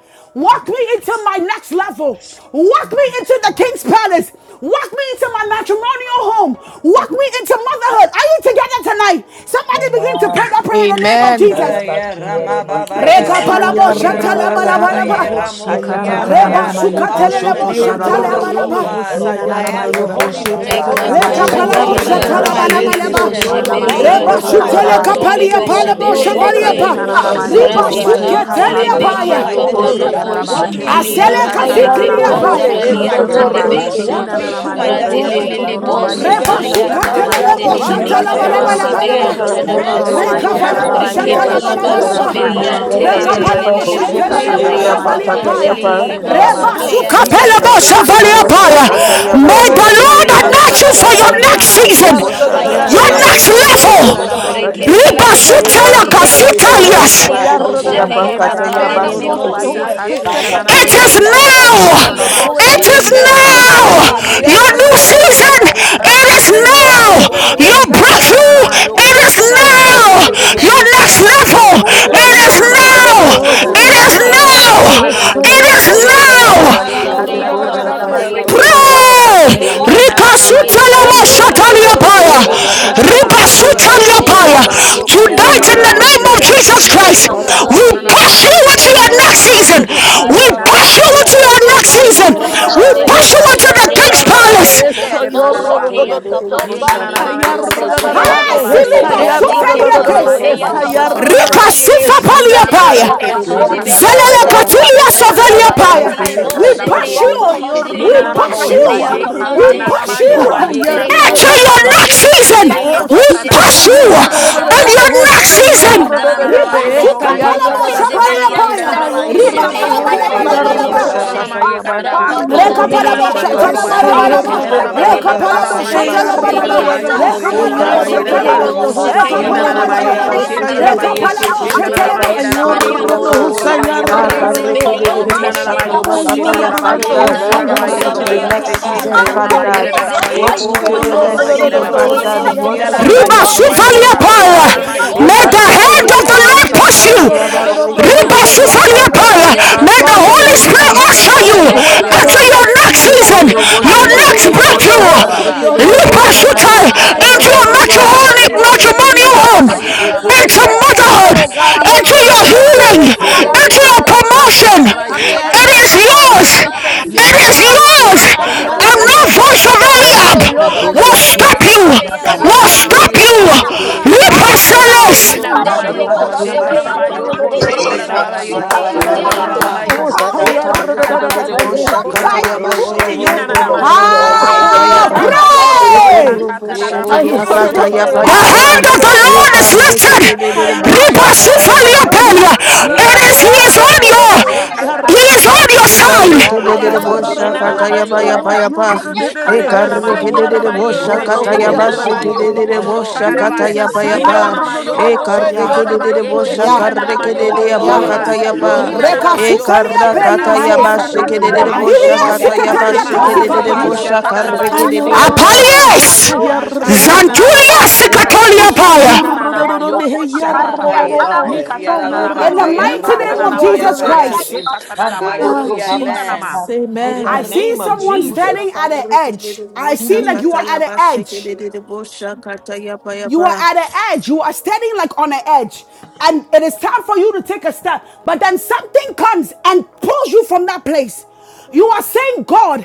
[SPEAKER 4] You
[SPEAKER 1] walk
[SPEAKER 4] do
[SPEAKER 1] me
[SPEAKER 4] not
[SPEAKER 1] into
[SPEAKER 4] accept.
[SPEAKER 1] my next level. Walk me into the king's palace. Walk me into my matrimonial home. Walk me into motherhood. Are you together tonight? Somebody begin to
[SPEAKER 2] Amen.
[SPEAKER 1] pray that prayer in the name of Jesus.
[SPEAKER 5] Mande
[SPEAKER 7] Kaya
[SPEAKER 2] Mantayabakiere
[SPEAKER 7] Rama
[SPEAKER 5] bende
[SPEAKER 7] Babaya
[SPEAKER 2] Masata
[SPEAKER 1] Reka
[SPEAKER 5] bende
[SPEAKER 9] Sayar
[SPEAKER 1] palabo
[SPEAKER 5] katoli
[SPEAKER 7] Ramoshia
[SPEAKER 1] shatala
[SPEAKER 5] yando
[SPEAKER 7] Labaka
[SPEAKER 1] balaba
[SPEAKER 7] Paya
[SPEAKER 1] laba.
[SPEAKER 5] kataya
[SPEAKER 2] Rabadantayabakiere
[SPEAKER 7] Ramoshia
[SPEAKER 1] Reba
[SPEAKER 7] Paya.
[SPEAKER 5] makatoli
[SPEAKER 1] suka
[SPEAKER 4] Shikatatananamayoko
[SPEAKER 7] Father, in
[SPEAKER 1] telele
[SPEAKER 7] the
[SPEAKER 2] Masantayamalebre
[SPEAKER 1] bo
[SPEAKER 5] yakashandi
[SPEAKER 7] name of
[SPEAKER 4] shototararaba.
[SPEAKER 1] shatala
[SPEAKER 5] bende
[SPEAKER 7] Jesus, oh
[SPEAKER 1] balaba.
[SPEAKER 5] bende
[SPEAKER 7] God,
[SPEAKER 2] Rokotonkorobosh
[SPEAKER 7] I ask
[SPEAKER 5] bende
[SPEAKER 7] the
[SPEAKER 4] Hinananamayoko
[SPEAKER 7] Holy Spirit,
[SPEAKER 5] baba
[SPEAKER 6] Make
[SPEAKER 7] Holy
[SPEAKER 6] up
[SPEAKER 2] Andayamalabrasta
[SPEAKER 1] Leka
[SPEAKER 5] mandi
[SPEAKER 7] Spirit,
[SPEAKER 4] shetatararabayoko
[SPEAKER 1] palabo
[SPEAKER 7] walk me
[SPEAKER 6] Azubilian
[SPEAKER 7] into
[SPEAKER 1] shatala
[SPEAKER 7] my
[SPEAKER 2] Payebekendayama
[SPEAKER 5] yakashanda
[SPEAKER 7] next
[SPEAKER 4] tetararabayese
[SPEAKER 5] baba
[SPEAKER 1] balabalaba.
[SPEAKER 6] Telelebo
[SPEAKER 7] season.
[SPEAKER 5] bakatoli
[SPEAKER 7] Walk
[SPEAKER 6] Shibelia
[SPEAKER 7] me
[SPEAKER 4] shetananamayoko
[SPEAKER 2] Malaprokon
[SPEAKER 1] Reba
[SPEAKER 7] into
[SPEAKER 5] bende
[SPEAKER 7] my
[SPEAKER 2] Toyobo
[SPEAKER 1] shutele
[SPEAKER 4] totoraraba.
[SPEAKER 5] bende
[SPEAKER 6] Capalando
[SPEAKER 2] Korobosh
[SPEAKER 1] kapalia
[SPEAKER 7] matrimonial
[SPEAKER 6] Lebe
[SPEAKER 5] mando
[SPEAKER 7] home.
[SPEAKER 1] palabo
[SPEAKER 7] Walk
[SPEAKER 1] shavalia
[SPEAKER 7] me
[SPEAKER 6] Shibelebe
[SPEAKER 1] pa.
[SPEAKER 7] into
[SPEAKER 5] Holy
[SPEAKER 7] my
[SPEAKER 2] Ondoyomodebreskepe
[SPEAKER 7] season
[SPEAKER 5] Spirit,
[SPEAKER 7] of
[SPEAKER 1] Riba
[SPEAKER 7] motherhood.
[SPEAKER 1] suke
[SPEAKER 4] Hinananamayorobaye
[SPEAKER 6] Rakipando
[SPEAKER 7] Walk
[SPEAKER 1] telia
[SPEAKER 7] me into
[SPEAKER 6] Leberia
[SPEAKER 1] paya.
[SPEAKER 7] my
[SPEAKER 4] katananamayoko
[SPEAKER 7] ministry.
[SPEAKER 6] Capalabo
[SPEAKER 4] shetararaba.
[SPEAKER 7] Walk
[SPEAKER 2] Rapatampantayamalebreskepenteri
[SPEAKER 7] me into
[SPEAKER 1] Asele
[SPEAKER 6] Sapalian de
[SPEAKER 7] dominion.
[SPEAKER 1] kasitilia
[SPEAKER 6] Lekepa
[SPEAKER 7] Walk me
[SPEAKER 1] paya.
[SPEAKER 4] Yikatananamayoko
[SPEAKER 2] Antayamalaprokon
[SPEAKER 9] Ayarrame,
[SPEAKER 7] to my
[SPEAKER 9] eso
[SPEAKER 6] Zabalian
[SPEAKER 2] Toyobo
[SPEAKER 7] purpose.
[SPEAKER 4] shotoraraba.
[SPEAKER 10] Karabatos
[SPEAKER 2] korobos.
[SPEAKER 9] yorme.
[SPEAKER 6] Telebesa
[SPEAKER 7] Walk me
[SPEAKER 10] Fadabrati
[SPEAKER 7] to my
[SPEAKER 9] Lord,
[SPEAKER 4] Hinananamayoko
[SPEAKER 9] walking
[SPEAKER 2] Rabadandaya
[SPEAKER 7] destiny.
[SPEAKER 3] Amen.
[SPEAKER 9] into
[SPEAKER 6] Radililebo
[SPEAKER 9] my
[SPEAKER 4] shotoraraba.
[SPEAKER 7] Walk
[SPEAKER 2] Basiana
[SPEAKER 7] me
[SPEAKER 9] next
[SPEAKER 7] there,
[SPEAKER 1] Reba
[SPEAKER 7] there,
[SPEAKER 6] Sapalia
[SPEAKER 2] Masika
[SPEAKER 7] Holy
[SPEAKER 1] suka
[SPEAKER 9] season,
[SPEAKER 7] Spirit.
[SPEAKER 6] Capande
[SPEAKER 1] telelebo
[SPEAKER 4] Yetatananamayoko
[SPEAKER 2] Tankuriente,
[SPEAKER 7] Run
[SPEAKER 6] Ninini
[SPEAKER 7] me
[SPEAKER 1] shatala
[SPEAKER 9] ayarrame,
[SPEAKER 10] Manda
[SPEAKER 7] there,
[SPEAKER 6] Cabro
[SPEAKER 1] balabala
[SPEAKER 7] Holy
[SPEAKER 9] also
[SPEAKER 10] Kappa
[SPEAKER 4] shetatararaba.
[SPEAKER 1] balaba
[SPEAKER 2] Ratakin
[SPEAKER 1] laba
[SPEAKER 6] Sibean
[SPEAKER 7] Spirit.
[SPEAKER 9] yorme.
[SPEAKER 2] Hoyobo
[SPEAKER 4] Yo no
[SPEAKER 1] laba.
[SPEAKER 4] no no
[SPEAKER 7] Transport
[SPEAKER 4] ma
[SPEAKER 2] Korobo,
[SPEAKER 6] Tadabaso
[SPEAKER 7] me
[SPEAKER 1] Reka
[SPEAKER 4] ye da
[SPEAKER 7] there,
[SPEAKER 9] Come
[SPEAKER 4] da
[SPEAKER 9] may
[SPEAKER 4] da
[SPEAKER 1] falabo
[SPEAKER 9] I
[SPEAKER 7] Holy
[SPEAKER 4] ba
[SPEAKER 9] be
[SPEAKER 6] Rike
[SPEAKER 4] ye
[SPEAKER 2] Rantaya
[SPEAKER 4] ke
[SPEAKER 1] shatala
[SPEAKER 7] Spirit.
[SPEAKER 9] always
[SPEAKER 4] she
[SPEAKER 9] under
[SPEAKER 4] te
[SPEAKER 1] balaba
[SPEAKER 9] your
[SPEAKER 4] da da
[SPEAKER 6] Palabaso
[SPEAKER 2] Basiere
[SPEAKER 4] da
[SPEAKER 7] Teleport
[SPEAKER 1] laba.
[SPEAKER 7] me
[SPEAKER 9] covering
[SPEAKER 4] ba
[SPEAKER 9] as
[SPEAKER 7] there,
[SPEAKER 9] I
[SPEAKER 6] Belian
[SPEAKER 7] Holy
[SPEAKER 4] ye
[SPEAKER 9] go
[SPEAKER 10] Muramas
[SPEAKER 4] na
[SPEAKER 2] Mastantaya
[SPEAKER 9] in
[SPEAKER 1] Reka
[SPEAKER 4] na na ma
[SPEAKER 2] Male
[SPEAKER 7] Spirit.
[SPEAKER 4] yo
[SPEAKER 1] palabo
[SPEAKER 4] ko
[SPEAKER 6] Lili
[SPEAKER 2] Preske
[SPEAKER 4] she
[SPEAKER 7] Shift
[SPEAKER 4] ka
[SPEAKER 7] me
[SPEAKER 4] ta
[SPEAKER 6] boşa
[SPEAKER 4] ta
[SPEAKER 1] shatelelebo
[SPEAKER 7] there,
[SPEAKER 4] na
[SPEAKER 5] I
[SPEAKER 4] na
[SPEAKER 6] breya
[SPEAKER 2] Petendaya
[SPEAKER 4] ma
[SPEAKER 7] Holy
[SPEAKER 5] cry
[SPEAKER 4] ye
[SPEAKER 1] savalia
[SPEAKER 4] ke
[SPEAKER 5] on
[SPEAKER 6] kapan
[SPEAKER 7] Spirit.
[SPEAKER 5] to
[SPEAKER 4] she
[SPEAKER 1] paya.
[SPEAKER 5] you,
[SPEAKER 4] te
[SPEAKER 2] Malabrosta,
[SPEAKER 4] te
[SPEAKER 5] O
[SPEAKER 4] da
[SPEAKER 6] delili
[SPEAKER 7] Whatever
[SPEAKER 4] da
[SPEAKER 7] you
[SPEAKER 5] Lord.
[SPEAKER 4] ba
[SPEAKER 7] have to
[SPEAKER 4] ba
[SPEAKER 6] basu
[SPEAKER 1] Reba
[SPEAKER 5] I
[SPEAKER 7] do
[SPEAKER 1] suka
[SPEAKER 5] pray,
[SPEAKER 4] ye
[SPEAKER 7] for
[SPEAKER 5] O
[SPEAKER 4] ka
[SPEAKER 6] bleyante
[SPEAKER 7] me
[SPEAKER 4] ta
[SPEAKER 7] to
[SPEAKER 9] this.
[SPEAKER 1] pelebo
[SPEAKER 4] ta
[SPEAKER 2] Rabadadadada,
[SPEAKER 5] God,
[SPEAKER 4] na
[SPEAKER 7] get
[SPEAKER 3] Ekadre
[SPEAKER 4] na
[SPEAKER 5] that
[SPEAKER 4] na
[SPEAKER 5] you
[SPEAKER 4] ma
[SPEAKER 5] will
[SPEAKER 1] savalia
[SPEAKER 4] yo
[SPEAKER 7] there.
[SPEAKER 4] ko
[SPEAKER 5] walk me
[SPEAKER 4] she
[SPEAKER 2] Malabroto
[SPEAKER 5] to
[SPEAKER 7] Oh,
[SPEAKER 6] mazebeleya
[SPEAKER 4] ka
[SPEAKER 5] my
[SPEAKER 1] paya.
[SPEAKER 4] ta na
[SPEAKER 7] Holy
[SPEAKER 5] next
[SPEAKER 4] na
[SPEAKER 6] kapa
[SPEAKER 9] Segundo,
[SPEAKER 1] May
[SPEAKER 4] ma
[SPEAKER 1] the
[SPEAKER 2] Tankorobo,
[SPEAKER 4] yo
[SPEAKER 7] Spirit,
[SPEAKER 5] level.
[SPEAKER 4] do
[SPEAKER 9] ocha
[SPEAKER 4] ro
[SPEAKER 1] Lord
[SPEAKER 5] You
[SPEAKER 4] ba
[SPEAKER 6] pazibeya
[SPEAKER 5] will
[SPEAKER 7] help
[SPEAKER 4] ye
[SPEAKER 2] Andaya
[SPEAKER 7] me
[SPEAKER 9] yarda
[SPEAKER 1] anoint
[SPEAKER 4] ka
[SPEAKER 5] usher
[SPEAKER 9] da
[SPEAKER 1] you
[SPEAKER 7] get
[SPEAKER 4] she
[SPEAKER 9] da
[SPEAKER 1] for
[SPEAKER 5] me
[SPEAKER 4] ta
[SPEAKER 6] kapayan
[SPEAKER 9] de,
[SPEAKER 7] there in
[SPEAKER 4] ta
[SPEAKER 1] your
[SPEAKER 7] the
[SPEAKER 4] da
[SPEAKER 2] Basiere
[SPEAKER 4] da
[SPEAKER 5] into
[SPEAKER 1] next
[SPEAKER 2] Ma,
[SPEAKER 7] mighty
[SPEAKER 5] my
[SPEAKER 9] ocha
[SPEAKER 4] ba
[SPEAKER 6] dilili
[SPEAKER 7] name
[SPEAKER 5] next
[SPEAKER 1] season,
[SPEAKER 7] of
[SPEAKER 6] boşa
[SPEAKER 9] yarda da
[SPEAKER 5] level,
[SPEAKER 9] da,
[SPEAKER 7] Jesus,
[SPEAKER 4] ne
[SPEAKER 9] da
[SPEAKER 5] O
[SPEAKER 4] na
[SPEAKER 7] oh
[SPEAKER 6] payan
[SPEAKER 4] na
[SPEAKER 2] Malabroto
[SPEAKER 1] your
[SPEAKER 4] ma
[SPEAKER 9] de,
[SPEAKER 5] God,
[SPEAKER 7] God.
[SPEAKER 2] Yobo
[SPEAKER 6] dinini
[SPEAKER 4] yo
[SPEAKER 1] next
[SPEAKER 9] eso
[SPEAKER 4] ko
[SPEAKER 5] into
[SPEAKER 4] te
[SPEAKER 7] Yeah,
[SPEAKER 5] my
[SPEAKER 2] Korobo,
[SPEAKER 6] mansa
[SPEAKER 4] ta
[SPEAKER 9] yordo
[SPEAKER 1] level.
[SPEAKER 4] da
[SPEAKER 9] da
[SPEAKER 5] next
[SPEAKER 4] da
[SPEAKER 9] da
[SPEAKER 4] ba
[SPEAKER 7] ramababam.
[SPEAKER 4] ye
[SPEAKER 9] donde.
[SPEAKER 5] season,
[SPEAKER 2] Yobo
[SPEAKER 4] ke
[SPEAKER 7] So that
[SPEAKER 4] she
[SPEAKER 7] I
[SPEAKER 10] Mare
[SPEAKER 1] Reba
[SPEAKER 5] into
[SPEAKER 2] Korobo,
[SPEAKER 4] te
[SPEAKER 7] will
[SPEAKER 4] na
[SPEAKER 5] my
[SPEAKER 7] not
[SPEAKER 6] rekepelelele
[SPEAKER 4] na
[SPEAKER 9] Hey,
[SPEAKER 4] na
[SPEAKER 5] marriage
[SPEAKER 4] ma
[SPEAKER 7] remain
[SPEAKER 1] sutela
[SPEAKER 2] Andaya
[SPEAKER 6] boşi
[SPEAKER 4] yo
[SPEAKER 9] yordo da,
[SPEAKER 4] ko
[SPEAKER 6] beya
[SPEAKER 9] da
[SPEAKER 7] stagnant,
[SPEAKER 4] she
[SPEAKER 9] do,
[SPEAKER 3] kedidere
[SPEAKER 4] ta
[SPEAKER 5] my
[SPEAKER 2] Malabrasta,
[SPEAKER 6] kapan
[SPEAKER 4] ta da
[SPEAKER 7] so
[SPEAKER 9] ocha
[SPEAKER 4] da
[SPEAKER 1] kasitalias.
[SPEAKER 3] boşta
[SPEAKER 7] that
[SPEAKER 4] ba
[SPEAKER 5] marriage,
[SPEAKER 7] I
[SPEAKER 6] dilia
[SPEAKER 5] my
[SPEAKER 2] Ayababa
[SPEAKER 9] yarda
[SPEAKER 7] will
[SPEAKER 9] da
[SPEAKER 6] doşe
[SPEAKER 3] kedidiye
[SPEAKER 9] da
[SPEAKER 2] Baba.
[SPEAKER 5] home,
[SPEAKER 9] da,
[SPEAKER 7] not
[SPEAKER 9] Hey,
[SPEAKER 7] go
[SPEAKER 6] peya
[SPEAKER 4] ye na
[SPEAKER 5] Father,
[SPEAKER 3] bakata
[SPEAKER 4] na
[SPEAKER 5] in
[SPEAKER 4] na
[SPEAKER 9] May
[SPEAKER 6] kapan
[SPEAKER 7] backwards
[SPEAKER 9] I
[SPEAKER 4] ma
[SPEAKER 2] Father,
[SPEAKER 7] in the
[SPEAKER 5] my
[SPEAKER 9] not
[SPEAKER 4] yo
[SPEAKER 2] in
[SPEAKER 6] dinini
[SPEAKER 3] yabası
[SPEAKER 4] do
[SPEAKER 2] the
[SPEAKER 7] name
[SPEAKER 9] walk
[SPEAKER 4] ro
[SPEAKER 9] in
[SPEAKER 7] of
[SPEAKER 4] ba
[SPEAKER 9] no
[SPEAKER 3] kedidi.
[SPEAKER 5] business,
[SPEAKER 2] mighty
[SPEAKER 4] ye
[SPEAKER 6] mosa
[SPEAKER 7] Jesus.
[SPEAKER 9] one's
[SPEAKER 4] ka
[SPEAKER 2] name
[SPEAKER 7] Yeah,
[SPEAKER 2] of
[SPEAKER 4] she
[SPEAKER 9] footstep,
[SPEAKER 4] ta
[SPEAKER 7] kaya
[SPEAKER 4] na
[SPEAKER 9] but
[SPEAKER 5] Father,
[SPEAKER 4] na
[SPEAKER 9] may
[SPEAKER 5] oh
[SPEAKER 4] na
[SPEAKER 9] I
[SPEAKER 1] It
[SPEAKER 4] ma
[SPEAKER 2] Jesus.
[SPEAKER 1] is
[SPEAKER 5] Lord,
[SPEAKER 9] walk
[SPEAKER 7] ramosi
[SPEAKER 4] yo
[SPEAKER 9] in
[SPEAKER 4] ko
[SPEAKER 9] your
[SPEAKER 5] Father,
[SPEAKER 4] she
[SPEAKER 5] to
[SPEAKER 2] Walk
[SPEAKER 7] yalaba.
[SPEAKER 6] rekebaliyan
[SPEAKER 4] to
[SPEAKER 9] footstep
[SPEAKER 4] to
[SPEAKER 1] now!
[SPEAKER 5] mother
[SPEAKER 2] me,
[SPEAKER 4] da
[SPEAKER 9] as
[SPEAKER 4] da
[SPEAKER 2] O
[SPEAKER 5] my
[SPEAKER 9] I
[SPEAKER 10] Kappa
[SPEAKER 6] telele
[SPEAKER 4] ba
[SPEAKER 2] Lord
[SPEAKER 9] go
[SPEAKER 6] boşi
[SPEAKER 1] It
[SPEAKER 9] into
[SPEAKER 10] Kappa
[SPEAKER 2] God,
[SPEAKER 5] children
[SPEAKER 9] this
[SPEAKER 1] is
[SPEAKER 4] ye
[SPEAKER 5] in
[SPEAKER 4] na
[SPEAKER 7] Eko
[SPEAKER 6] peliya
[SPEAKER 4] na
[SPEAKER 9] next
[SPEAKER 2] into
[SPEAKER 4] na ma
[SPEAKER 2] my
[SPEAKER 5] Jesus'
[SPEAKER 7] romo
[SPEAKER 9] season,
[SPEAKER 4] yo
[SPEAKER 9] oh
[SPEAKER 6] kapan
[SPEAKER 2] next
[SPEAKER 5] mighty
[SPEAKER 1] now!
[SPEAKER 4] ko
[SPEAKER 7] boyo
[SPEAKER 9] God.
[SPEAKER 4] she
[SPEAKER 6] dilili
[SPEAKER 5] name,
[SPEAKER 2] season.
[SPEAKER 4] ta
[SPEAKER 7] romo
[SPEAKER 1] Your
[SPEAKER 4] ta da
[SPEAKER 1] new
[SPEAKER 9] Yarda
[SPEAKER 4] da
[SPEAKER 7] shia
[SPEAKER 9] da
[SPEAKER 6] boşe
[SPEAKER 4] ba
[SPEAKER 5] oh
[SPEAKER 7] la
[SPEAKER 5] God,
[SPEAKER 9] da
[SPEAKER 2] Walk
[SPEAKER 4] yo ko
[SPEAKER 2] me
[SPEAKER 1] season!
[SPEAKER 9] do.
[SPEAKER 7] makaya.
[SPEAKER 5] Father,
[SPEAKER 4] she
[SPEAKER 2] into
[SPEAKER 4] ta
[SPEAKER 2] the
[SPEAKER 4] na
[SPEAKER 5] into
[SPEAKER 1] It
[SPEAKER 4] na ma
[SPEAKER 5] my
[SPEAKER 1] is
[SPEAKER 4] ye
[SPEAKER 2] palace
[SPEAKER 9] Hey,
[SPEAKER 4] da
[SPEAKER 2] in
[SPEAKER 7] Eko
[SPEAKER 4] da
[SPEAKER 2] the
[SPEAKER 4] ba
[SPEAKER 7] yo
[SPEAKER 9] yordo
[SPEAKER 2] mighty
[SPEAKER 5] ministry,
[SPEAKER 9] da
[SPEAKER 7] robo
[SPEAKER 9] da,
[SPEAKER 5] oh
[SPEAKER 1] now!
[SPEAKER 2] name
[SPEAKER 9] da da
[SPEAKER 7] lobo
[SPEAKER 1] Your
[SPEAKER 5] Lord,
[SPEAKER 9] ocha
[SPEAKER 7] kia baye.
[SPEAKER 9] yarda da
[SPEAKER 4] Ikatananama
[SPEAKER 1] breakthrough!
[SPEAKER 9] da,
[SPEAKER 10] Manushi
[SPEAKER 1] It
[SPEAKER 4] yoko
[SPEAKER 9] de,
[SPEAKER 7] E
[SPEAKER 1] is
[SPEAKER 9] ocha
[SPEAKER 7] rebe
[SPEAKER 4] shetararaba
[SPEAKER 7] rebe
[SPEAKER 9] yarda
[SPEAKER 1] now!
[SPEAKER 9] da da
[SPEAKER 7] lebe
[SPEAKER 4] yeke
[SPEAKER 5] Katabadabakashandrosukerebe.
[SPEAKER 9] da
[SPEAKER 1] Your
[SPEAKER 7] kaya
[SPEAKER 3] yabas
[SPEAKER 10] Kazanaki
[SPEAKER 1] next
[SPEAKER 5] Holy
[SPEAKER 7] baya.
[SPEAKER 4] shetananama.
[SPEAKER 5] Spirit,
[SPEAKER 1] level!
[SPEAKER 5] usher
[SPEAKER 9] Oh,
[SPEAKER 1] It
[SPEAKER 5] me, oh
[SPEAKER 1] is
[SPEAKER 7] O
[SPEAKER 10] Rapata
[SPEAKER 4] Yenananama
[SPEAKER 7] robo
[SPEAKER 5] God,
[SPEAKER 7] bo
[SPEAKER 1] now!
[SPEAKER 4] yoko
[SPEAKER 7] bo bo bo
[SPEAKER 5] usher me,
[SPEAKER 7] bo
[SPEAKER 1] It
[SPEAKER 7] bo.
[SPEAKER 5] oh
[SPEAKER 1] is
[SPEAKER 4] shototororaba.
[SPEAKER 5] God,
[SPEAKER 6] Rakedosi
[SPEAKER 1] now!
[SPEAKER 5] usher
[SPEAKER 6] pea
[SPEAKER 4] Yinananama
[SPEAKER 5] me,
[SPEAKER 1] It
[SPEAKER 5] oh
[SPEAKER 4] yoko
[SPEAKER 1] is
[SPEAKER 5] God,
[SPEAKER 7] E
[SPEAKER 6] kapandele
[SPEAKER 5] usher
[SPEAKER 4] shetatararaba
[SPEAKER 7] karama
[SPEAKER 5] me,
[SPEAKER 1] now!
[SPEAKER 10] Mushia
[SPEAKER 7] la
[SPEAKER 6] lilibosa
[SPEAKER 7] ba la
[SPEAKER 5] Holy
[SPEAKER 7] ba
[SPEAKER 6] brea
[SPEAKER 7] la
[SPEAKER 5] Spirit
[SPEAKER 7] ba.
[SPEAKER 4] yekatatararaba
[SPEAKER 5] to
[SPEAKER 9] your
[SPEAKER 3] Thank
[SPEAKER 6] kapandele
[SPEAKER 5] my next
[SPEAKER 4] yororoba
[SPEAKER 7] Eko
[SPEAKER 6] besa.
[SPEAKER 7] yo
[SPEAKER 10] Rishan
[SPEAKER 5] level,
[SPEAKER 4] yesa.
[SPEAKER 7] romo
[SPEAKER 1] Pray!
[SPEAKER 5] into
[SPEAKER 7] lobo
[SPEAKER 5] my
[SPEAKER 6] Reke
[SPEAKER 7] kia
[SPEAKER 5] new
[SPEAKER 6] pade
[SPEAKER 7] baya.
[SPEAKER 4] Yenananama
[SPEAKER 5] season,
[SPEAKER 1] Rikasutelemo
[SPEAKER 5] mighty
[SPEAKER 6] belianti
[SPEAKER 7] O
[SPEAKER 5] Lord.
[SPEAKER 7] koyo
[SPEAKER 4] yekatatararaba
[SPEAKER 9] Eyorrododododod,
[SPEAKER 7] robo
[SPEAKER 6] lilibose
[SPEAKER 4] yoko
[SPEAKER 1] shataliapaya.
[SPEAKER 7] lobo
[SPEAKER 6] brea
[SPEAKER 7] kia
[SPEAKER 5] Katabadabadado,
[SPEAKER 7] baye.
[SPEAKER 4] shetatararaba.
[SPEAKER 6] kapandele
[SPEAKER 9] esayarrodododod,
[SPEAKER 7] Eko
[SPEAKER 6] lebose
[SPEAKER 1] Ribasutaliapaya.
[SPEAKER 5] sakirikisindido,
[SPEAKER 7] romo
[SPEAKER 4] Yenananama
[SPEAKER 6] adike
[SPEAKER 10] Rapatos
[SPEAKER 7] lobo
[SPEAKER 4] yoko
[SPEAKER 7] kia
[SPEAKER 6] paya
[SPEAKER 1] Tonight
[SPEAKER 7] baya
[SPEAKER 1] in the
[SPEAKER 9] ayorrododod,
[SPEAKER 4] tororaba
[SPEAKER 7] rabo
[SPEAKER 1] name of
[SPEAKER 4] yesa.
[SPEAKER 6] dalelebe.
[SPEAKER 1] Jesus
[SPEAKER 5] mantidikisindido,
[SPEAKER 4] Shetararaba
[SPEAKER 1] Christ,
[SPEAKER 6] Reka
[SPEAKER 4] yoko
[SPEAKER 5] katoyava,
[SPEAKER 6] pala
[SPEAKER 1] we
[SPEAKER 9] esayarrododod,
[SPEAKER 6] dele
[SPEAKER 1] push
[SPEAKER 4] totananama
[SPEAKER 1] you
[SPEAKER 6] bosi
[SPEAKER 4] yese
[SPEAKER 1] into your
[SPEAKER 6] pelea
[SPEAKER 1] next
[SPEAKER 4] shetararaba.
[SPEAKER 1] season.
[SPEAKER 5] makatidikisindido,
[SPEAKER 9] ayorrododod,
[SPEAKER 6] kapandele dia
[SPEAKER 1] We push
[SPEAKER 4] Yenananama
[SPEAKER 1] you
[SPEAKER 6] kapada
[SPEAKER 9] esayarrododod,
[SPEAKER 1] into
[SPEAKER 5] mandukuturiya,
[SPEAKER 4] yoko
[SPEAKER 1] your next
[SPEAKER 6] bayande.
[SPEAKER 1] season.
[SPEAKER 10] Rapatos
[SPEAKER 6] Repa
[SPEAKER 1] We
[SPEAKER 4] shototororaba
[SPEAKER 5] kashandababa,
[SPEAKER 9] ayorrododod,
[SPEAKER 6] dele
[SPEAKER 1] push you into
[SPEAKER 6] bosa
[SPEAKER 1] the
[SPEAKER 6] brea
[SPEAKER 1] king's
[SPEAKER 9] esayarrododod,
[SPEAKER 4] yekatatananama
[SPEAKER 1] palace.
[SPEAKER 5] makatalabalaba,
[SPEAKER 6] kapandele
[SPEAKER 4] yoko
[SPEAKER 6] libosa
[SPEAKER 10] Rapatos
[SPEAKER 4] shetararaba.
[SPEAKER 6] pea
[SPEAKER 5] mandikusindido,
[SPEAKER 9] esoyorrodododod,
[SPEAKER 4] Ye na
[SPEAKER 6] kapandele
[SPEAKER 4] na na ma
[SPEAKER 5] mandikusindido,
[SPEAKER 6] ninima
[SPEAKER 4] yo ko sho to ra
[SPEAKER 9] ayarrodododod,
[SPEAKER 1] Ah,
[SPEAKER 6] sapayande.
[SPEAKER 4] ba
[SPEAKER 1] silly
[SPEAKER 4] ye
[SPEAKER 5] kashandabakaturiya,
[SPEAKER 4] se she ka
[SPEAKER 6] Radike
[SPEAKER 4] na na
[SPEAKER 9] esayarrododod,
[SPEAKER 4] ma
[SPEAKER 1] basuteliates.
[SPEAKER 4] yo
[SPEAKER 6] pazopeya
[SPEAKER 4] ko sho
[SPEAKER 3] you.
[SPEAKER 4] ta ta
[SPEAKER 6] kapalian
[SPEAKER 9] esayarrododod,
[SPEAKER 1] Rika
[SPEAKER 4] ba.
[SPEAKER 1] sufa
[SPEAKER 4] Ye
[SPEAKER 6] dililibo
[SPEAKER 4] na
[SPEAKER 1] palia
[SPEAKER 4] na na ma
[SPEAKER 9] esayarrododod,
[SPEAKER 1] paya.
[SPEAKER 4] yo
[SPEAKER 6] sepria
[SPEAKER 4] ko she
[SPEAKER 3] Ekelele
[SPEAKER 6] kapazi
[SPEAKER 4] ka na
[SPEAKER 3] boşa
[SPEAKER 4] na ma
[SPEAKER 1] Zelele
[SPEAKER 3] kata
[SPEAKER 4] yo
[SPEAKER 6] berianta.
[SPEAKER 9] ayorrododod,
[SPEAKER 4] ko
[SPEAKER 3] yaba
[SPEAKER 4] she
[SPEAKER 1] katilia
[SPEAKER 4] ta ta ra
[SPEAKER 3] şekelele
[SPEAKER 4] ra
[SPEAKER 1] sovelia
[SPEAKER 4] ba ba
[SPEAKER 3] yaba
[SPEAKER 6] Rakepaya
[SPEAKER 4] ye
[SPEAKER 1] paya.
[SPEAKER 4] ka
[SPEAKER 3] kata
[SPEAKER 4] she
[SPEAKER 9] esayarrododod,
[SPEAKER 4] ta
[SPEAKER 6] dilibo
[SPEAKER 1] We
[SPEAKER 3] yaba
[SPEAKER 4] ta ra ba.
[SPEAKER 1] push
[SPEAKER 6] sebria
[SPEAKER 3] şekelele.
[SPEAKER 1] you.
[SPEAKER 6] kapan
[SPEAKER 4] Ye
[SPEAKER 1] We
[SPEAKER 4] na na ma
[SPEAKER 6] dililibo
[SPEAKER 4] mo
[SPEAKER 1] push
[SPEAKER 4] wo
[SPEAKER 6] sebria
[SPEAKER 1] you.
[SPEAKER 4] she ka
[SPEAKER 1] We
[SPEAKER 9] ayorrododod,
[SPEAKER 6] kapande.
[SPEAKER 4] na na ma
[SPEAKER 1] push
[SPEAKER 4] yo
[SPEAKER 1] you.
[SPEAKER 4] ba ye ka sha ta
[SPEAKER 1] Enter
[SPEAKER 9] esayarrododod.
[SPEAKER 6] Rekapa
[SPEAKER 4] da da
[SPEAKER 6] la
[SPEAKER 1] your
[SPEAKER 4] da ba
[SPEAKER 1] next
[SPEAKER 4] ye se
[SPEAKER 6] zibelian
[SPEAKER 1] season.
[SPEAKER 4] she
[SPEAKER 9] Oh,
[SPEAKER 4] ta ta
[SPEAKER 1] We
[SPEAKER 6] dililibo
[SPEAKER 4] ta da
[SPEAKER 9] Jesus,
[SPEAKER 4] da
[SPEAKER 1] push
[SPEAKER 4] ba
[SPEAKER 6] sepeya
[SPEAKER 4] ba
[SPEAKER 1] you.
[SPEAKER 9] ayer,
[SPEAKER 4] ye
[SPEAKER 6] kapa
[SPEAKER 4] ka na
[SPEAKER 6] dia
[SPEAKER 1] In
[SPEAKER 4] ma.
[SPEAKER 1] your
[SPEAKER 6] dado
[SPEAKER 9] no
[SPEAKER 1] next
[SPEAKER 6] sibria
[SPEAKER 4] Ye
[SPEAKER 1] season.
[SPEAKER 9] señor,
[SPEAKER 4] na na
[SPEAKER 6] kanda
[SPEAKER 4] na na na
[SPEAKER 1] Riba
[SPEAKER 4] yo ro
[SPEAKER 9] es
[SPEAKER 4] ro
[SPEAKER 1] suka
[SPEAKER 4] ba
[SPEAKER 6] rakapa
[SPEAKER 4] ye
[SPEAKER 9] ayer,
[SPEAKER 4] ka
[SPEAKER 1] palamo
[SPEAKER 4] sha ta na na
[SPEAKER 1] shavalia
[SPEAKER 4] ma ye
[SPEAKER 6] bazebelian
[SPEAKER 4] ra ra
[SPEAKER 1] paya.
[SPEAKER 4] ra ba
[SPEAKER 6] tolobo
[SPEAKER 4] ye se
[SPEAKER 1] Riba
[SPEAKER 7] E
[SPEAKER 9] ayor,
[SPEAKER 4] she
[SPEAKER 1] bala
[SPEAKER 6] sepeya
[SPEAKER 9] no
[SPEAKER 4] ke
[SPEAKER 7] rama
[SPEAKER 4] re
[SPEAKER 7] ba
[SPEAKER 4] re
[SPEAKER 1] bala
[SPEAKER 4] re
[SPEAKER 3] Father
[SPEAKER 7] ba
[SPEAKER 6] kapa
[SPEAKER 1] bala
[SPEAKER 7] ba
[SPEAKER 4] yo
[SPEAKER 3] God,
[SPEAKER 7] ba
[SPEAKER 4] ko
[SPEAKER 1] bala
[SPEAKER 3] walk
[SPEAKER 9] ayer,
[SPEAKER 7] ba
[SPEAKER 4] to
[SPEAKER 1] bala.
[SPEAKER 4] to na na
[SPEAKER 7] ba.
[SPEAKER 6] se
[SPEAKER 4] ma
[SPEAKER 3] me
[SPEAKER 4] ye ka ra ra
[SPEAKER 5] Mande
[SPEAKER 4] ba.
[SPEAKER 6] rakapa la
[SPEAKER 4] Ye na
[SPEAKER 1] Rekapala
[SPEAKER 4] na na
[SPEAKER 9] ayer,
[SPEAKER 4] ma yo ro
[SPEAKER 6] dililibo
[SPEAKER 9] es
[SPEAKER 4] ro
[SPEAKER 1] boshatala
[SPEAKER 4] ba ye se
[SPEAKER 6] sabria
[SPEAKER 9] señor,
[SPEAKER 4] she
[SPEAKER 1] balabalaba,
[SPEAKER 7] Karama
[SPEAKER 4] te
[SPEAKER 5] Oh,
[SPEAKER 4] ra
[SPEAKER 7] la
[SPEAKER 6] kapan
[SPEAKER 4] ra ba
[SPEAKER 7] ba la
[SPEAKER 4] ye
[SPEAKER 9] ayer,
[SPEAKER 4] ka
[SPEAKER 7] ba
[SPEAKER 4] ta
[SPEAKER 7] la
[SPEAKER 4] na
[SPEAKER 6] dililibo
[SPEAKER 1] rekapala
[SPEAKER 4] na
[SPEAKER 1] Rekapalabo
[SPEAKER 4] ma
[SPEAKER 7] ba.
[SPEAKER 4] ma ye
[SPEAKER 6] sepeya
[SPEAKER 4] ka she ta ra ra
[SPEAKER 9] ayer,
[SPEAKER 4] ba yo ko
[SPEAKER 6] kadirianda
[SPEAKER 9] es
[SPEAKER 4] to
[SPEAKER 7] Ekoyo
[SPEAKER 4] to ra ra
[SPEAKER 9] ayer,
[SPEAKER 4] ba
[SPEAKER 7] robo
[SPEAKER 4] ye ra ra
[SPEAKER 7] lobo
[SPEAKER 1] shatalabalabalaba.
[SPEAKER 4] ba.
[SPEAKER 6] razebelebo
[SPEAKER 9] no
[SPEAKER 7] romo
[SPEAKER 4] Ye
[SPEAKER 6] sepeya
[SPEAKER 4] na
[SPEAKER 7] shiala
[SPEAKER 4] na na
[SPEAKER 6] baba
[SPEAKER 4] ma
[SPEAKER 9] señor,
[SPEAKER 4] yo
[SPEAKER 1] Rekapalabo
[SPEAKER 4] ko
[SPEAKER 7] makaya.
[SPEAKER 1] ba,
[SPEAKER 4] she
[SPEAKER 9] es
[SPEAKER 6] kaparian
[SPEAKER 4] ta
[SPEAKER 1] rekapala shatalaba. Rekapalabalabalaba.
[SPEAKER 4] ra ra
[SPEAKER 9] ayer,
[SPEAKER 4] ba ye
[SPEAKER 6] delebeya
[SPEAKER 4] ke
[SPEAKER 1] Rekapalabo
[SPEAKER 4] she
[SPEAKER 6] kapan
[SPEAKER 4] ta na na ma
[SPEAKER 1] shatalaba.
[SPEAKER 4] ye ra ra ba yo
[SPEAKER 6] sabria
[SPEAKER 9] ayor,
[SPEAKER 4] ko
[SPEAKER 9] no
[SPEAKER 4] sho to
[SPEAKER 7] O
[SPEAKER 4] ra ra
[SPEAKER 6] kodosa
[SPEAKER 4] ba ye
[SPEAKER 7] robo
[SPEAKER 4] ra ra ba.
[SPEAKER 7] lobo robo
[SPEAKER 9] ayer.
[SPEAKER 6] Rezebelian
[SPEAKER 7] lobo.
[SPEAKER 6] telelebo
[SPEAKER 4] Hinananamayoko
[SPEAKER 9] Lord,
[SPEAKER 6] sibia
[SPEAKER 4] shetararabaye
[SPEAKER 6] kapanda
[SPEAKER 7] Eka
[SPEAKER 6] labo
[SPEAKER 7] ramala
[SPEAKER 3] into the
[SPEAKER 7] bala
[SPEAKER 6] sabria
[SPEAKER 4] kataranamayerorobaye
[SPEAKER 7] bala
[SPEAKER 4] se
[SPEAKER 3] next
[SPEAKER 4] she
[SPEAKER 7] ba.
[SPEAKER 3] season,
[SPEAKER 6] kapanda
[SPEAKER 3] Father
[SPEAKER 5] Father
[SPEAKER 3] God.
[SPEAKER 5] Lord, I
[SPEAKER 3] Walk
[SPEAKER 6] Rezebeya
[SPEAKER 4] kataranamayererobayoko
[SPEAKER 3] me
[SPEAKER 5] pray
[SPEAKER 3] to
[SPEAKER 6] kapa
[SPEAKER 7] Ekoyo
[SPEAKER 3] the
[SPEAKER 6] bazo
[SPEAKER 7] robo
[SPEAKER 3] next
[SPEAKER 7] lobo
[SPEAKER 3] season,
[SPEAKER 6] biliyan
[SPEAKER 4] toranamamamayeroraba.
[SPEAKER 3] Father
[SPEAKER 7] lobo
[SPEAKER 3] God.
[SPEAKER 7] lobo
[SPEAKER 6] tililili
[SPEAKER 3] Walk
[SPEAKER 6] bo
[SPEAKER 7] kia
[SPEAKER 3] me to
[SPEAKER 6] şey.
[SPEAKER 3] the
[SPEAKER 1] Riba
[SPEAKER 7] baye.
[SPEAKER 3] next
[SPEAKER 4] Hinananamayororobaye
[SPEAKER 5] come
[SPEAKER 6] Reke
[SPEAKER 3] season,
[SPEAKER 1] sufalia
[SPEAKER 3] Father
[SPEAKER 6] paya
[SPEAKER 1] power.
[SPEAKER 3] God.
[SPEAKER 5] out
[SPEAKER 6] delili
[SPEAKER 4] katatananamaye
[SPEAKER 6] bo
[SPEAKER 5] to my
[SPEAKER 1] May
[SPEAKER 6] si
[SPEAKER 1] the
[SPEAKER 6] ke
[SPEAKER 5] next
[SPEAKER 1] hand
[SPEAKER 5] prayer
[SPEAKER 1] of
[SPEAKER 4] katararabayoko
[SPEAKER 3] Ekarekedede
[SPEAKER 1] the
[SPEAKER 6] paliyan
[SPEAKER 4] she
[SPEAKER 1] Lord
[SPEAKER 5] life, O
[SPEAKER 3] bosa
[SPEAKER 1] push
[SPEAKER 6] dililili
[SPEAKER 5] God.
[SPEAKER 6] bo
[SPEAKER 1] you.
[SPEAKER 3] kata yaba
[SPEAKER 4] kataranamamayererebe
[SPEAKER 6] saya
[SPEAKER 5] Father, may
[SPEAKER 4] yoko
[SPEAKER 5] I
[SPEAKER 6] papa.
[SPEAKER 1] Riba
[SPEAKER 3] sekedede
[SPEAKER 5] not-
[SPEAKER 1] sufalia
[SPEAKER 3] bosa
[SPEAKER 5] may
[SPEAKER 3] kata
[SPEAKER 5] I
[SPEAKER 4] toranarabayeroraba.
[SPEAKER 1] power.
[SPEAKER 6] Razeke
[SPEAKER 3] yaba
[SPEAKER 5] speak
[SPEAKER 1] May the
[SPEAKER 5] in
[SPEAKER 9] may
[SPEAKER 1] Holy
[SPEAKER 9] you
[SPEAKER 6] palea
[SPEAKER 5] different
[SPEAKER 9] be
[SPEAKER 3] sekedede
[SPEAKER 9] my
[SPEAKER 1] Spirit
[SPEAKER 6] delele
[SPEAKER 9] head
[SPEAKER 5] tongues,
[SPEAKER 3] bosa
[SPEAKER 5] oh
[SPEAKER 9] when
[SPEAKER 1] usher
[SPEAKER 9] as
[SPEAKER 4] Hinananamayoko
[SPEAKER 6] boshi
[SPEAKER 3] kata
[SPEAKER 9] I
[SPEAKER 1] you
[SPEAKER 9] go
[SPEAKER 3] yapa
[SPEAKER 5] God.
[SPEAKER 9] into
[SPEAKER 6] belean
[SPEAKER 5] Father,
[SPEAKER 4] shetararaba.
[SPEAKER 1] into
[SPEAKER 9] this
[SPEAKER 3] yapa.
[SPEAKER 5] may
[SPEAKER 1] your
[SPEAKER 5] you
[SPEAKER 9] next
[SPEAKER 6] telele
[SPEAKER 1] next
[SPEAKER 5] cause me
[SPEAKER 9] season.
[SPEAKER 1] season,
[SPEAKER 5] to
[SPEAKER 6] boshe
[SPEAKER 3] Lekoro
[SPEAKER 9] May
[SPEAKER 5] speak
[SPEAKER 4] Yenanama
[SPEAKER 1] your
[SPEAKER 3] bosa
[SPEAKER 5] in
[SPEAKER 1] next
[SPEAKER 5] different
[SPEAKER 4] yoko
[SPEAKER 3] kedede
[SPEAKER 6] rekapa
[SPEAKER 5] tongues,
[SPEAKER 4] sheta
[SPEAKER 6] baba
[SPEAKER 5] oh
[SPEAKER 3] bosa
[SPEAKER 1] breakthrough.
[SPEAKER 6] so
[SPEAKER 5] God.
[SPEAKER 4] tararaba.
[SPEAKER 6] belean
[SPEAKER 3] karekedede
[SPEAKER 5] Father,
[SPEAKER 1] Riba
[SPEAKER 6] telele
[SPEAKER 3] bosa
[SPEAKER 4] Yenanama
[SPEAKER 5] different
[SPEAKER 1] sutai
[SPEAKER 6] bosha
[SPEAKER 5] tongues.
[SPEAKER 4] yoroba
[SPEAKER 3] karakata
[SPEAKER 9] I
[SPEAKER 1] into
[SPEAKER 3] yapa
[SPEAKER 1] your
[SPEAKER 4] yoko
[SPEAKER 9] hold
[SPEAKER 5] Mande
[SPEAKER 9] on
[SPEAKER 6] yakapa
[SPEAKER 9] to
[SPEAKER 3] yapa.
[SPEAKER 4] sheta
[SPEAKER 9] the hem
[SPEAKER 5] keshin
[SPEAKER 4] tararaba.
[SPEAKER 9] of the
[SPEAKER 5] de
[SPEAKER 4] Yeke
[SPEAKER 5] bede
[SPEAKER 9] garment of
[SPEAKER 4] sheta
[SPEAKER 6] radelele
[SPEAKER 1] matrimonial
[SPEAKER 5] kesim.
[SPEAKER 9] Jesus as
[SPEAKER 1] home.
[SPEAKER 9] I
[SPEAKER 4] nananama
[SPEAKER 6] boshi
[SPEAKER 9] go
[SPEAKER 5] Mando
[SPEAKER 9] into
[SPEAKER 4] yoraraba
[SPEAKER 6] beria
[SPEAKER 9] this
[SPEAKER 1] into
[SPEAKER 4] yeka
[SPEAKER 6] kada
[SPEAKER 5] kuturia
[SPEAKER 4] shata
[SPEAKER 9] next
[SPEAKER 6] de de
[SPEAKER 9] season,
[SPEAKER 1] motherhood,
[SPEAKER 9] oh
[SPEAKER 4] tararaba.
[SPEAKER 5] kashanda
[SPEAKER 6] boshi
[SPEAKER 9] God.
[SPEAKER 5] baba ba.
[SPEAKER 1] into
[SPEAKER 6] brian
[SPEAKER 1] your
[SPEAKER 4] Yenanama
[SPEAKER 5] Mande
[SPEAKER 6] telebe
[SPEAKER 1] healing,
[SPEAKER 4] yoko
[SPEAKER 5] kete de
[SPEAKER 4] sho
[SPEAKER 5] de
[SPEAKER 6] rake
[SPEAKER 5] de
[SPEAKER 1] into
[SPEAKER 4] to
[SPEAKER 5] de.
[SPEAKER 1] your
[SPEAKER 4] to to
[SPEAKER 6] palaba
[SPEAKER 4] to to
[SPEAKER 5] Mando
[SPEAKER 1] promotion.
[SPEAKER 4] bababa
[SPEAKER 6] zebelian
[SPEAKER 9] And may
[SPEAKER 5] katuria
[SPEAKER 9] I
[SPEAKER 4] yeka
[SPEAKER 1] It
[SPEAKER 6] telele
[SPEAKER 9] hear
[SPEAKER 1] is
[SPEAKER 6] be
[SPEAKER 11] reference
[SPEAKER 4] shata
[SPEAKER 9] your
[SPEAKER 11] to
[SPEAKER 5] Baba,
[SPEAKER 9] voice
[SPEAKER 11] our
[SPEAKER 1] yours.
[SPEAKER 9] in
[SPEAKER 6] kapaya
[SPEAKER 4] tararaba.
[SPEAKER 9] this
[SPEAKER 11] new
[SPEAKER 6] ba
[SPEAKER 9] next
[SPEAKER 11] our new
[SPEAKER 1] It
[SPEAKER 11] season,
[SPEAKER 9] season,
[SPEAKER 1] is
[SPEAKER 5] Bakatalian,
[SPEAKER 4] Yenanama
[SPEAKER 9] Lord?
[SPEAKER 6] razepe
[SPEAKER 4] yoko
[SPEAKER 1] yours.
[SPEAKER 4] sheta
[SPEAKER 6] yakapa
[SPEAKER 9] Ayur
[SPEAKER 1] And
[SPEAKER 4] tararaba
[SPEAKER 11] our
[SPEAKER 1] no
[SPEAKER 4] ye
[SPEAKER 5] Bishop,
[SPEAKER 6] doshi
[SPEAKER 9] da da
[SPEAKER 6] bria
[SPEAKER 9] da
[SPEAKER 1] voice
[SPEAKER 9] da
[SPEAKER 1] of
[SPEAKER 11] new
[SPEAKER 4] woraraba
[SPEAKER 6] kapala
[SPEAKER 4] ma
[SPEAKER 6] la
[SPEAKER 9] da,
[SPEAKER 6] la
[SPEAKER 1] Eliab
[SPEAKER 5] Mandi
[SPEAKER 6] la
[SPEAKER 4] yoko
[SPEAKER 6] da
[SPEAKER 11] life,
[SPEAKER 9] ayur da
[SPEAKER 11] our
[SPEAKER 9] da
[SPEAKER 5] katoli
[SPEAKER 4] sheka
[SPEAKER 9] da
[SPEAKER 1] will
[SPEAKER 6] boshi
[SPEAKER 9] da
[SPEAKER 11] new
[SPEAKER 5] andi
[SPEAKER 9] da.
[SPEAKER 1] stop
[SPEAKER 6] brian
[SPEAKER 1] you.
[SPEAKER 4] tararaba.
[SPEAKER 6] telebe
[SPEAKER 5] kashada
[SPEAKER 11] taking
[SPEAKER 9] Still the
[SPEAKER 5] bada
[SPEAKER 11] the
[SPEAKER 6] yakapa
[SPEAKER 1] Will
[SPEAKER 6] yan
[SPEAKER 9] voices
[SPEAKER 4] Yenanama
[SPEAKER 11] wheel of
[SPEAKER 1] stop
[SPEAKER 5] katos
[SPEAKER 9] of the
[SPEAKER 1] you.
[SPEAKER 6] delebe
[SPEAKER 4] yoko
[SPEAKER 11] Jesus.
[SPEAKER 6] ya
[SPEAKER 9] past, O
[SPEAKER 4] shoko to
[SPEAKER 9] God, and
[SPEAKER 5] kanterere
[SPEAKER 9] let me
[SPEAKER 11] What
[SPEAKER 4] tararaba.
[SPEAKER 3] Ekar
[SPEAKER 11] is
[SPEAKER 9] join
[SPEAKER 6] Razebeya
[SPEAKER 9] with
[SPEAKER 5] keshende
[SPEAKER 9] them.
[SPEAKER 11] what
[SPEAKER 5] be
[SPEAKER 1] Lipaseles.
[SPEAKER 6] kapala
[SPEAKER 11] is
[SPEAKER 4] Yenanama
[SPEAKER 11] to our
[SPEAKER 9] Ayur da
[SPEAKER 5] mando
[SPEAKER 6] delili bo
[SPEAKER 9] da
[SPEAKER 4] yoko
[SPEAKER 9] da
[SPEAKER 11] new
[SPEAKER 9] da,
[SPEAKER 5] katoli
[SPEAKER 4] sheta
[SPEAKER 11] season
[SPEAKER 6] sepeya
[SPEAKER 4] tararaba
[SPEAKER 9] ayur
[SPEAKER 11] as
[SPEAKER 9] da
[SPEAKER 6] kapa
[SPEAKER 11] we
[SPEAKER 5] akasandi
[SPEAKER 4] yoko
[SPEAKER 9] da da da
[SPEAKER 11] pray.
[SPEAKER 4] sheta
[SPEAKER 9] da.
[SPEAKER 6] delili bo
[SPEAKER 7] Eka
[SPEAKER 5] keterebe
[SPEAKER 4] tararaba
[SPEAKER 11] We
[SPEAKER 7] ramala
[SPEAKER 4] yoko
[SPEAKER 7] bala
[SPEAKER 4] shoto
[SPEAKER 7] bala
[SPEAKER 5] makatali
[SPEAKER 11] pray
[SPEAKER 6] sepeyande.
[SPEAKER 4] mama
[SPEAKER 7] bala
[SPEAKER 11] for
[SPEAKER 5] andi
[SPEAKER 4] mama
[SPEAKER 7] ba.
[SPEAKER 11] healing,
[SPEAKER 4] yoko
[SPEAKER 11] we
[SPEAKER 5] kashada ba
[SPEAKER 9] Ayur
[SPEAKER 11] pray
[SPEAKER 4] sheta
[SPEAKER 9] da da da da
[SPEAKER 4] tararaba
[SPEAKER 11] for
[SPEAKER 9] da,
[SPEAKER 11] success,
[SPEAKER 5] makatali
[SPEAKER 4] yoko
[SPEAKER 5] andi
[SPEAKER 4] to
[SPEAKER 7] Eko
[SPEAKER 4] nanama.
[SPEAKER 11] we pray
[SPEAKER 5] keshede
[SPEAKER 7] robo
[SPEAKER 5] bere
[SPEAKER 7] lobo
[SPEAKER 9] ayur
[SPEAKER 7] lobo
[SPEAKER 5] katoli
[SPEAKER 4] Yinanama
[SPEAKER 11] for
[SPEAKER 7] lobo
[SPEAKER 9] da
[SPEAKER 5] andi
[SPEAKER 7] lobo
[SPEAKER 11] jobs,
[SPEAKER 4] yororoba.
[SPEAKER 7] lobo.
[SPEAKER 5] keterebe
[SPEAKER 1] Ah,
[SPEAKER 4] Nanama
[SPEAKER 9] da da da
[SPEAKER 4] yoko
[SPEAKER 9] da.
[SPEAKER 5] makatoli
[SPEAKER 1] pray!
[SPEAKER 5] andi
[SPEAKER 4] shekata
[SPEAKER 7] Eko
[SPEAKER 4] tadarama
[SPEAKER 5] kashada ba
[SPEAKER 9] Ayur
[SPEAKER 7] robo
[SPEAKER 4] yoko
[SPEAKER 11] for
[SPEAKER 7] lobo
[SPEAKER 5] mandi
[SPEAKER 11] jobs,
[SPEAKER 7] lobo
[SPEAKER 1] The
[SPEAKER 4] shotororoba.
[SPEAKER 7] lobo
[SPEAKER 11] workers,
[SPEAKER 7] lobo
[SPEAKER 1] hand of
[SPEAKER 9] da
[SPEAKER 5] keterebe
[SPEAKER 7] lobo
[SPEAKER 1] the
[SPEAKER 11] What
[SPEAKER 5] de
[SPEAKER 9] da da da da, ayur da da da da da. Ayur da da da da da, ayur
[SPEAKER 4] Yedarama
[SPEAKER 7] lobo.
[SPEAKER 1] Lord is
[SPEAKER 11] work, What
[SPEAKER 4] yororoba.
[SPEAKER 5] kashanda ba
[SPEAKER 1] lifted.
[SPEAKER 5] ba ba ba ba
[SPEAKER 4] Yekatananama
[SPEAKER 5] katala ba
[SPEAKER 4] yetadarama.
[SPEAKER 5] manda da
[SPEAKER 1] Ribasufaliapelia.
[SPEAKER 5] da da da
[SPEAKER 7] Ya
[SPEAKER 11] work,
[SPEAKER 1] It is
[SPEAKER 7] rama
[SPEAKER 1] He
[SPEAKER 5] kashada
[SPEAKER 7] ba
[SPEAKER 1] is
[SPEAKER 5] ba
[SPEAKER 7] ba
[SPEAKER 11] work,
[SPEAKER 4] Yitatananama
[SPEAKER 5] da
[SPEAKER 1] on
[SPEAKER 7] ba ba
[SPEAKER 1] your
[SPEAKER 4] yoko
[SPEAKER 7] ba
[SPEAKER 5] katoli
[SPEAKER 7] ba.
[SPEAKER 11] work,
[SPEAKER 9] da
[SPEAKER 1] He
[SPEAKER 5] akashandi
[SPEAKER 9] da
[SPEAKER 4] shetatananama
[SPEAKER 1] is
[SPEAKER 9] da da
[SPEAKER 1] on
[SPEAKER 9] da.
[SPEAKER 4] yoko
[SPEAKER 1] your
[SPEAKER 5] keterebe
[SPEAKER 11] come
[SPEAKER 1] side.
[SPEAKER 7] Ya
[SPEAKER 11] and
[SPEAKER 3] Ekareke
[SPEAKER 5] mando
[SPEAKER 3] de de
[SPEAKER 7] raba
[SPEAKER 4] shototoraba.
[SPEAKER 3] de
[SPEAKER 11] see the
[SPEAKER 7] ba
[SPEAKER 5] kotoko
[SPEAKER 11] new
[SPEAKER 7] ba ba
[SPEAKER 3] bosha
[SPEAKER 5] shodo
[SPEAKER 7] ba.
[SPEAKER 3] kata
[SPEAKER 11] season,
[SPEAKER 4] Enananama
[SPEAKER 3] ya ba ya
[SPEAKER 5] katoya
[SPEAKER 11] what
[SPEAKER 3] pa
[SPEAKER 4] yororaba.
[SPEAKER 5] da
[SPEAKER 3] ya pa.
[SPEAKER 5] Holy Spirit, I show
[SPEAKER 11] Blessed and
[SPEAKER 4] Yekatananama
[SPEAKER 5] me,
[SPEAKER 3] Ekareke
[SPEAKER 5] oh
[SPEAKER 3] de de de
[SPEAKER 5] God.
[SPEAKER 4] ororaba
[SPEAKER 3] bosha
[SPEAKER 7] Ko
[SPEAKER 4] yese
[SPEAKER 5] Holy
[SPEAKER 3] kata
[SPEAKER 7] robo
[SPEAKER 3] ya
[SPEAKER 5] Spirit, I
[SPEAKER 3] ba
[SPEAKER 7] lobo
[SPEAKER 5] show
[SPEAKER 7] lobo
[SPEAKER 4] shetedananama
[SPEAKER 5] me,
[SPEAKER 3] sheke
[SPEAKER 5] oh
[SPEAKER 7] lobo
[SPEAKER 3] de de
[SPEAKER 4] yoko
[SPEAKER 3] de
[SPEAKER 7] lobo
[SPEAKER 5] God.
[SPEAKER 7] lobo.
[SPEAKER 3] bosha
[SPEAKER 5] Into my
[SPEAKER 3] kata
[SPEAKER 4] totananama.
[SPEAKER 5] marriage,
[SPEAKER 3] ya pa ya
[SPEAKER 11] welcome
[SPEAKER 5] marital
[SPEAKER 3] pa.
[SPEAKER 5] home,
[SPEAKER 4] Inananama
[SPEAKER 5] oh
[SPEAKER 11] to our
[SPEAKER 4] yoko
[SPEAKER 5] God.
[SPEAKER 11] new
[SPEAKER 1] Yeah,
[SPEAKER 3] Ekareke
[SPEAKER 5] Father,
[SPEAKER 3] de
[SPEAKER 4] shotoranama
[SPEAKER 3] de de
[SPEAKER 5] into
[SPEAKER 11] We
[SPEAKER 5] my
[SPEAKER 3] bosha
[SPEAKER 5] next
[SPEAKER 11] pray,
[SPEAKER 1] yeah,
[SPEAKER 11] we
[SPEAKER 5] level,
[SPEAKER 4] yeketenananama
[SPEAKER 3] kareke
[SPEAKER 5] oh
[SPEAKER 3] de de
[SPEAKER 5] God.
[SPEAKER 3] ya
[SPEAKER 7] Bolo
[SPEAKER 3] pa
[SPEAKER 1] yeah.
[SPEAKER 11] pray,
[SPEAKER 7] bolo
[SPEAKER 4] yotodororaba.
[SPEAKER 3] kata
[SPEAKER 5] Father,
[SPEAKER 3] ya
[SPEAKER 7] bolo
[SPEAKER 5] into
[SPEAKER 7] bolo
[SPEAKER 11] for
[SPEAKER 5] my
[SPEAKER 3] pa.
[SPEAKER 11] higher
[SPEAKER 7] bolo
[SPEAKER 1] Reka
[SPEAKER 7] bo.
[SPEAKER 4] Inananama
[SPEAKER 5] business,
[SPEAKER 11] heights,
[SPEAKER 5] oh
[SPEAKER 4] yoko
[SPEAKER 11] more
[SPEAKER 1] sufelia
[SPEAKER 3] Ekara
[SPEAKER 11] touch,
[SPEAKER 5] God.
[SPEAKER 1] pelia
[SPEAKER 3] kata
[SPEAKER 4] shenanama
[SPEAKER 3] ya
[SPEAKER 1] sof,
[SPEAKER 3] ba
[SPEAKER 5] Father, in
[SPEAKER 11] the
[SPEAKER 5] the
[SPEAKER 3] sheke de de de
[SPEAKER 11] mighty
[SPEAKER 4] yekatatananama
[SPEAKER 5] level, oh
[SPEAKER 3] bosha
[SPEAKER 4] yoko
[SPEAKER 11] name of
[SPEAKER 1] Avilia
[SPEAKER 5] God, that
[SPEAKER 3] kata
[SPEAKER 5] I
[SPEAKER 3] ya
[SPEAKER 5] have
[SPEAKER 3] ba
[SPEAKER 5] been
[SPEAKER 11] Jesus
[SPEAKER 1] suketelia
[SPEAKER 4] shetananama.
[SPEAKER 11] as
[SPEAKER 3] sheke
[SPEAKER 5] stuck
[SPEAKER 3] de
[SPEAKER 11] we
[SPEAKER 3] de
[SPEAKER 5] on.
[SPEAKER 3] de
[SPEAKER 7] Karama
[SPEAKER 11] pray.
[SPEAKER 7] la
[SPEAKER 1] tosifapaya.
[SPEAKER 3] bosha
[SPEAKER 7] ba
[SPEAKER 5] Holy
[SPEAKER 7] la ba la
[SPEAKER 5] Spirit,
[SPEAKER 4] Yishatananama
[SPEAKER 7] ba
[SPEAKER 3] kareke
[SPEAKER 5] move
[SPEAKER 7] la
[SPEAKER 5] me
[SPEAKER 3] de
[SPEAKER 7] ba
[SPEAKER 3] de
[SPEAKER 5] to
[SPEAKER 4] yoko
[SPEAKER 7] la
[SPEAKER 3] ya
[SPEAKER 11] Help
[SPEAKER 5] the
[SPEAKER 11] us
[SPEAKER 7] ba.
[SPEAKER 3] pa.
[SPEAKER 5] next
[SPEAKER 11] into our
[SPEAKER 5] level.
[SPEAKER 4] totananama
[SPEAKER 11] new
[SPEAKER 1] Apalies!
[SPEAKER 5] Move me to the next
[SPEAKER 7] Koro
[SPEAKER 4] yekashatananama
[SPEAKER 5] level
[SPEAKER 7] bolo
[SPEAKER 11] season.
[SPEAKER 1] Zantulia
[SPEAKER 7] bolo
[SPEAKER 5] in
[SPEAKER 11] We
[SPEAKER 7] bolo
[SPEAKER 5] my
[SPEAKER 4] yadanaba.
[SPEAKER 7] bolo
[SPEAKER 1] Sikatolia
[SPEAKER 5] prayer
[SPEAKER 7] bolo
[SPEAKER 5] life,
[SPEAKER 1] Paya!
[SPEAKER 7] bo.
[SPEAKER 5] oh God.
[SPEAKER 4] Yinanama
[SPEAKER 5] Father,
[SPEAKER 4] yoko
[SPEAKER 5] in my
[SPEAKER 7] Ha
[SPEAKER 5] dreams,
[SPEAKER 4] shatataba.
[SPEAKER 5] oh
[SPEAKER 11] pray,
[SPEAKER 7] kaya
[SPEAKER 11] pray,
[SPEAKER 5] God.
[SPEAKER 11] pray,
[SPEAKER 7] ramoshia la
[SPEAKER 5] Mando
[SPEAKER 7] ba ka
[SPEAKER 5] ke
[SPEAKER 4] Yikatananama.
[SPEAKER 1] In the
[SPEAKER 5] tere
[SPEAKER 7] paya
[SPEAKER 5] tere
[SPEAKER 1] mighty
[SPEAKER 11] watch
[SPEAKER 1] name of
[SPEAKER 5] kashan,
[SPEAKER 4] Yikatananama
[SPEAKER 7] ramoshia
[SPEAKER 1] Jesus
[SPEAKER 4] yoko
[SPEAKER 11] and
[SPEAKER 5] tere
[SPEAKER 7] kaya.
[SPEAKER 1] Christ,
[SPEAKER 11] love.
[SPEAKER 5] tere. Mando
[SPEAKER 4] teshetatananama
[SPEAKER 5] koto
[SPEAKER 4] yoko
[SPEAKER 7] Hallelujah,
[SPEAKER 4] todanama.
[SPEAKER 7] amen.
[SPEAKER 5] kabakata,
[SPEAKER 4] In the
[SPEAKER 1] I
[SPEAKER 5] mandi
[SPEAKER 3] Ekareke
[SPEAKER 1] see
[SPEAKER 4] name
[SPEAKER 3] de
[SPEAKER 4] of
[SPEAKER 3] de de
[SPEAKER 1] someone
[SPEAKER 3] bosha
[SPEAKER 1] standing
[SPEAKER 4] Jesus.
[SPEAKER 11] Jesus.
[SPEAKER 1] at the
[SPEAKER 3] kareke de
[SPEAKER 1] edge.
[SPEAKER 3] de de
[SPEAKER 1] I see
[SPEAKER 3] bosha
[SPEAKER 1] like you
[SPEAKER 3] kata
[SPEAKER 1] are at
[SPEAKER 3] ya ba
[SPEAKER 1] the
[SPEAKER 3] sheke
[SPEAKER 1] edge.
[SPEAKER 3] de de de bosha kata ya pa ya
[SPEAKER 1] You are
[SPEAKER 3] pa.
[SPEAKER 1] at an edge. You are standing like on an edge. And it is time for you to take a step. But then something comes and pulls you from that place. You are saying, God,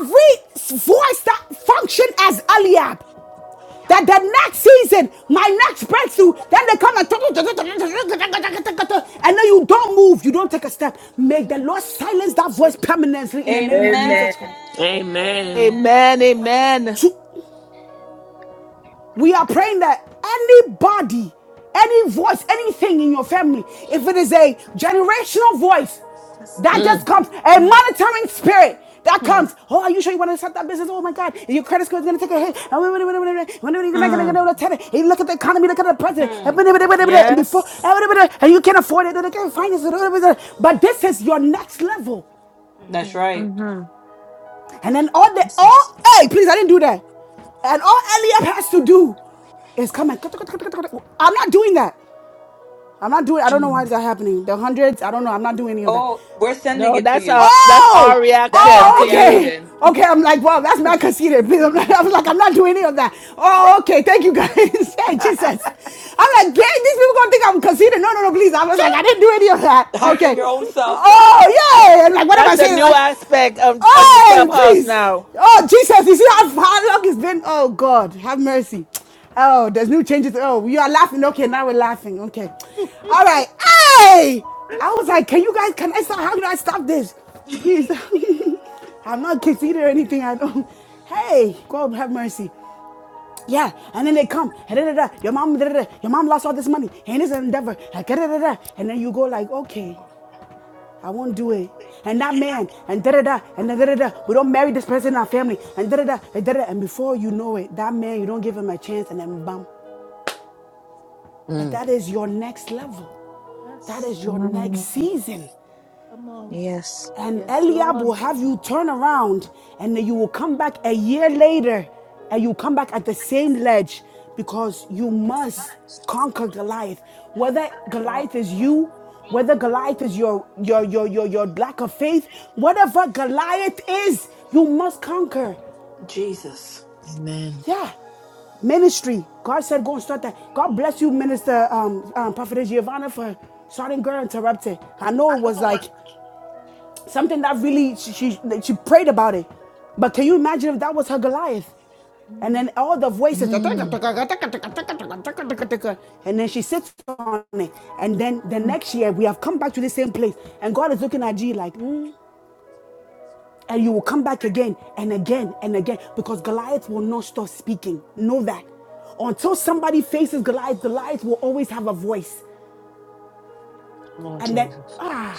[SPEAKER 1] every voice that functioned as Eliab, that the next season, my next breakthrough, then they come and and then you don't move, you don't take a step. Make the Lord silence that voice permanently in the name of
[SPEAKER 11] Amen.
[SPEAKER 1] Jesus Christ
[SPEAKER 11] Amen.
[SPEAKER 4] Amen.
[SPEAKER 9] Amen.
[SPEAKER 7] Amen.
[SPEAKER 9] Amen.
[SPEAKER 1] To We are praying that anybody, any voice, anything in your family, if it is a generational voice
[SPEAKER 9] Yes,
[SPEAKER 1] that
[SPEAKER 9] Lord.
[SPEAKER 1] just
[SPEAKER 4] Mm,
[SPEAKER 1] comes, a
[SPEAKER 9] Mm,
[SPEAKER 1] monitoring spirit that
[SPEAKER 9] mm.
[SPEAKER 1] comes, oh, are you sure you want to start that business? Oh my God, your credit score is going to take a hit. when wait, wait, wait, wait, wait, wait, wait, you're not going to get
[SPEAKER 3] Mm.
[SPEAKER 1] able to tell it. And you look at the economy, look at the president, and
[SPEAKER 7] Hmm,
[SPEAKER 1] blah, blah, blah, blah, blah, and before, and
[SPEAKER 9] Yes.
[SPEAKER 1] blah, blah, blah, and you can't afford it, and you can't finance it. blah, blah, blah, blah. But this is your next level.
[SPEAKER 7] that's
[SPEAKER 9] Mm.
[SPEAKER 7] right.
[SPEAKER 3] Mm-hmm.
[SPEAKER 1] And then all the
[SPEAKER 3] Yes, yes.
[SPEAKER 1] all hey, please, I didn't do that. And all Eliab has to do is come and I'm not doing that. I'm not doing I don't know
[SPEAKER 3] Mm.
[SPEAKER 1] why is that happening. The hundreds, I don't know. I'm not doing any of that.
[SPEAKER 7] Oh, we're sending
[SPEAKER 9] No,
[SPEAKER 7] it to
[SPEAKER 9] that's
[SPEAKER 7] you.
[SPEAKER 9] our that's
[SPEAKER 1] Oh!
[SPEAKER 9] our
[SPEAKER 7] That's
[SPEAKER 9] reaction
[SPEAKER 7] our
[SPEAKER 1] Oh,
[SPEAKER 9] to you.
[SPEAKER 1] okay.
[SPEAKER 7] reaction.
[SPEAKER 1] Okay, I'm like, wow, that's not conceited. <laughs> Please, I'm not, I was like, I'm not doing any of that. Oh, okay, thank you guys. <laughs> hey, Jesus. I'm like, "Gang, these people gonna think I'm conceited. No, no, no, please. I was like, I didn't do any of that.
[SPEAKER 7] Hype in
[SPEAKER 1] Okay.
[SPEAKER 7] your own self.
[SPEAKER 1] Oh, yeah. And like, what am
[SPEAKER 9] That's
[SPEAKER 1] I
[SPEAKER 9] the
[SPEAKER 1] saying?
[SPEAKER 9] new
[SPEAKER 1] Like,
[SPEAKER 9] aspect of of
[SPEAKER 1] Oh,
[SPEAKER 9] Clubhouse
[SPEAKER 1] please.
[SPEAKER 9] now.
[SPEAKER 1] Oh, Jesus. You see how, how long it's been? Oh, God. Have mercy. Oh, there's new changes. Oh, you are laughing. Okay, now we're laughing. Okay. All right. Hey! I was like, can you guys, can I stop? How can I stop this? Please. <laughs> I'm not conceited or anything. I don't. Hey, God have mercy. Yeah, and then they come. and da, da, da, Your mom, da, da, da, your mom lost all this money, and it's an endeavor. like, da, da, da, da. And then you go like, okay. I won't do it. And that man, and da da da, and da da da. We don't marry this person in our family, and da da da, and da da. And before you know it, that man, you don't give him a chance, and then bam. But
[SPEAKER 4] mm.
[SPEAKER 1] that is your next level. That
[SPEAKER 9] Yes.
[SPEAKER 1] is your next
[SPEAKER 3] Mm,
[SPEAKER 1] season.
[SPEAKER 9] Come on.
[SPEAKER 3] Yes.
[SPEAKER 1] And
[SPEAKER 9] Yes,
[SPEAKER 1] Eliab
[SPEAKER 9] Lord.
[SPEAKER 1] will have you turn around and then you will come back a year later and you come back at the same ledge because you must conquer Goliath. Whether Goliath is you, whether Goliath is your your your your, your lack of faith, whatever Goliath is, you must conquer.
[SPEAKER 7] Jesus.
[SPEAKER 4] Amen.
[SPEAKER 1] Yeah. Ministry. God said go and start that. God bless you, Minister um, um Prophetess Giovanna for starting Girl Interrupted. I know it was like Something that really she, she she prayed about it. But can you imagine if that was her Goliath? And then all the voices,
[SPEAKER 4] Mm,
[SPEAKER 1] and then she sits on it. And then the next year, we have come back to the same place. And God is looking at you like, "Mm." and you will come back again and again and again because Goliath will not stop speaking. Know that. Until somebody faces Goliath, Goliath will always have a voice.
[SPEAKER 4] Lord
[SPEAKER 1] And then,
[SPEAKER 4] Jesus.
[SPEAKER 1] ah.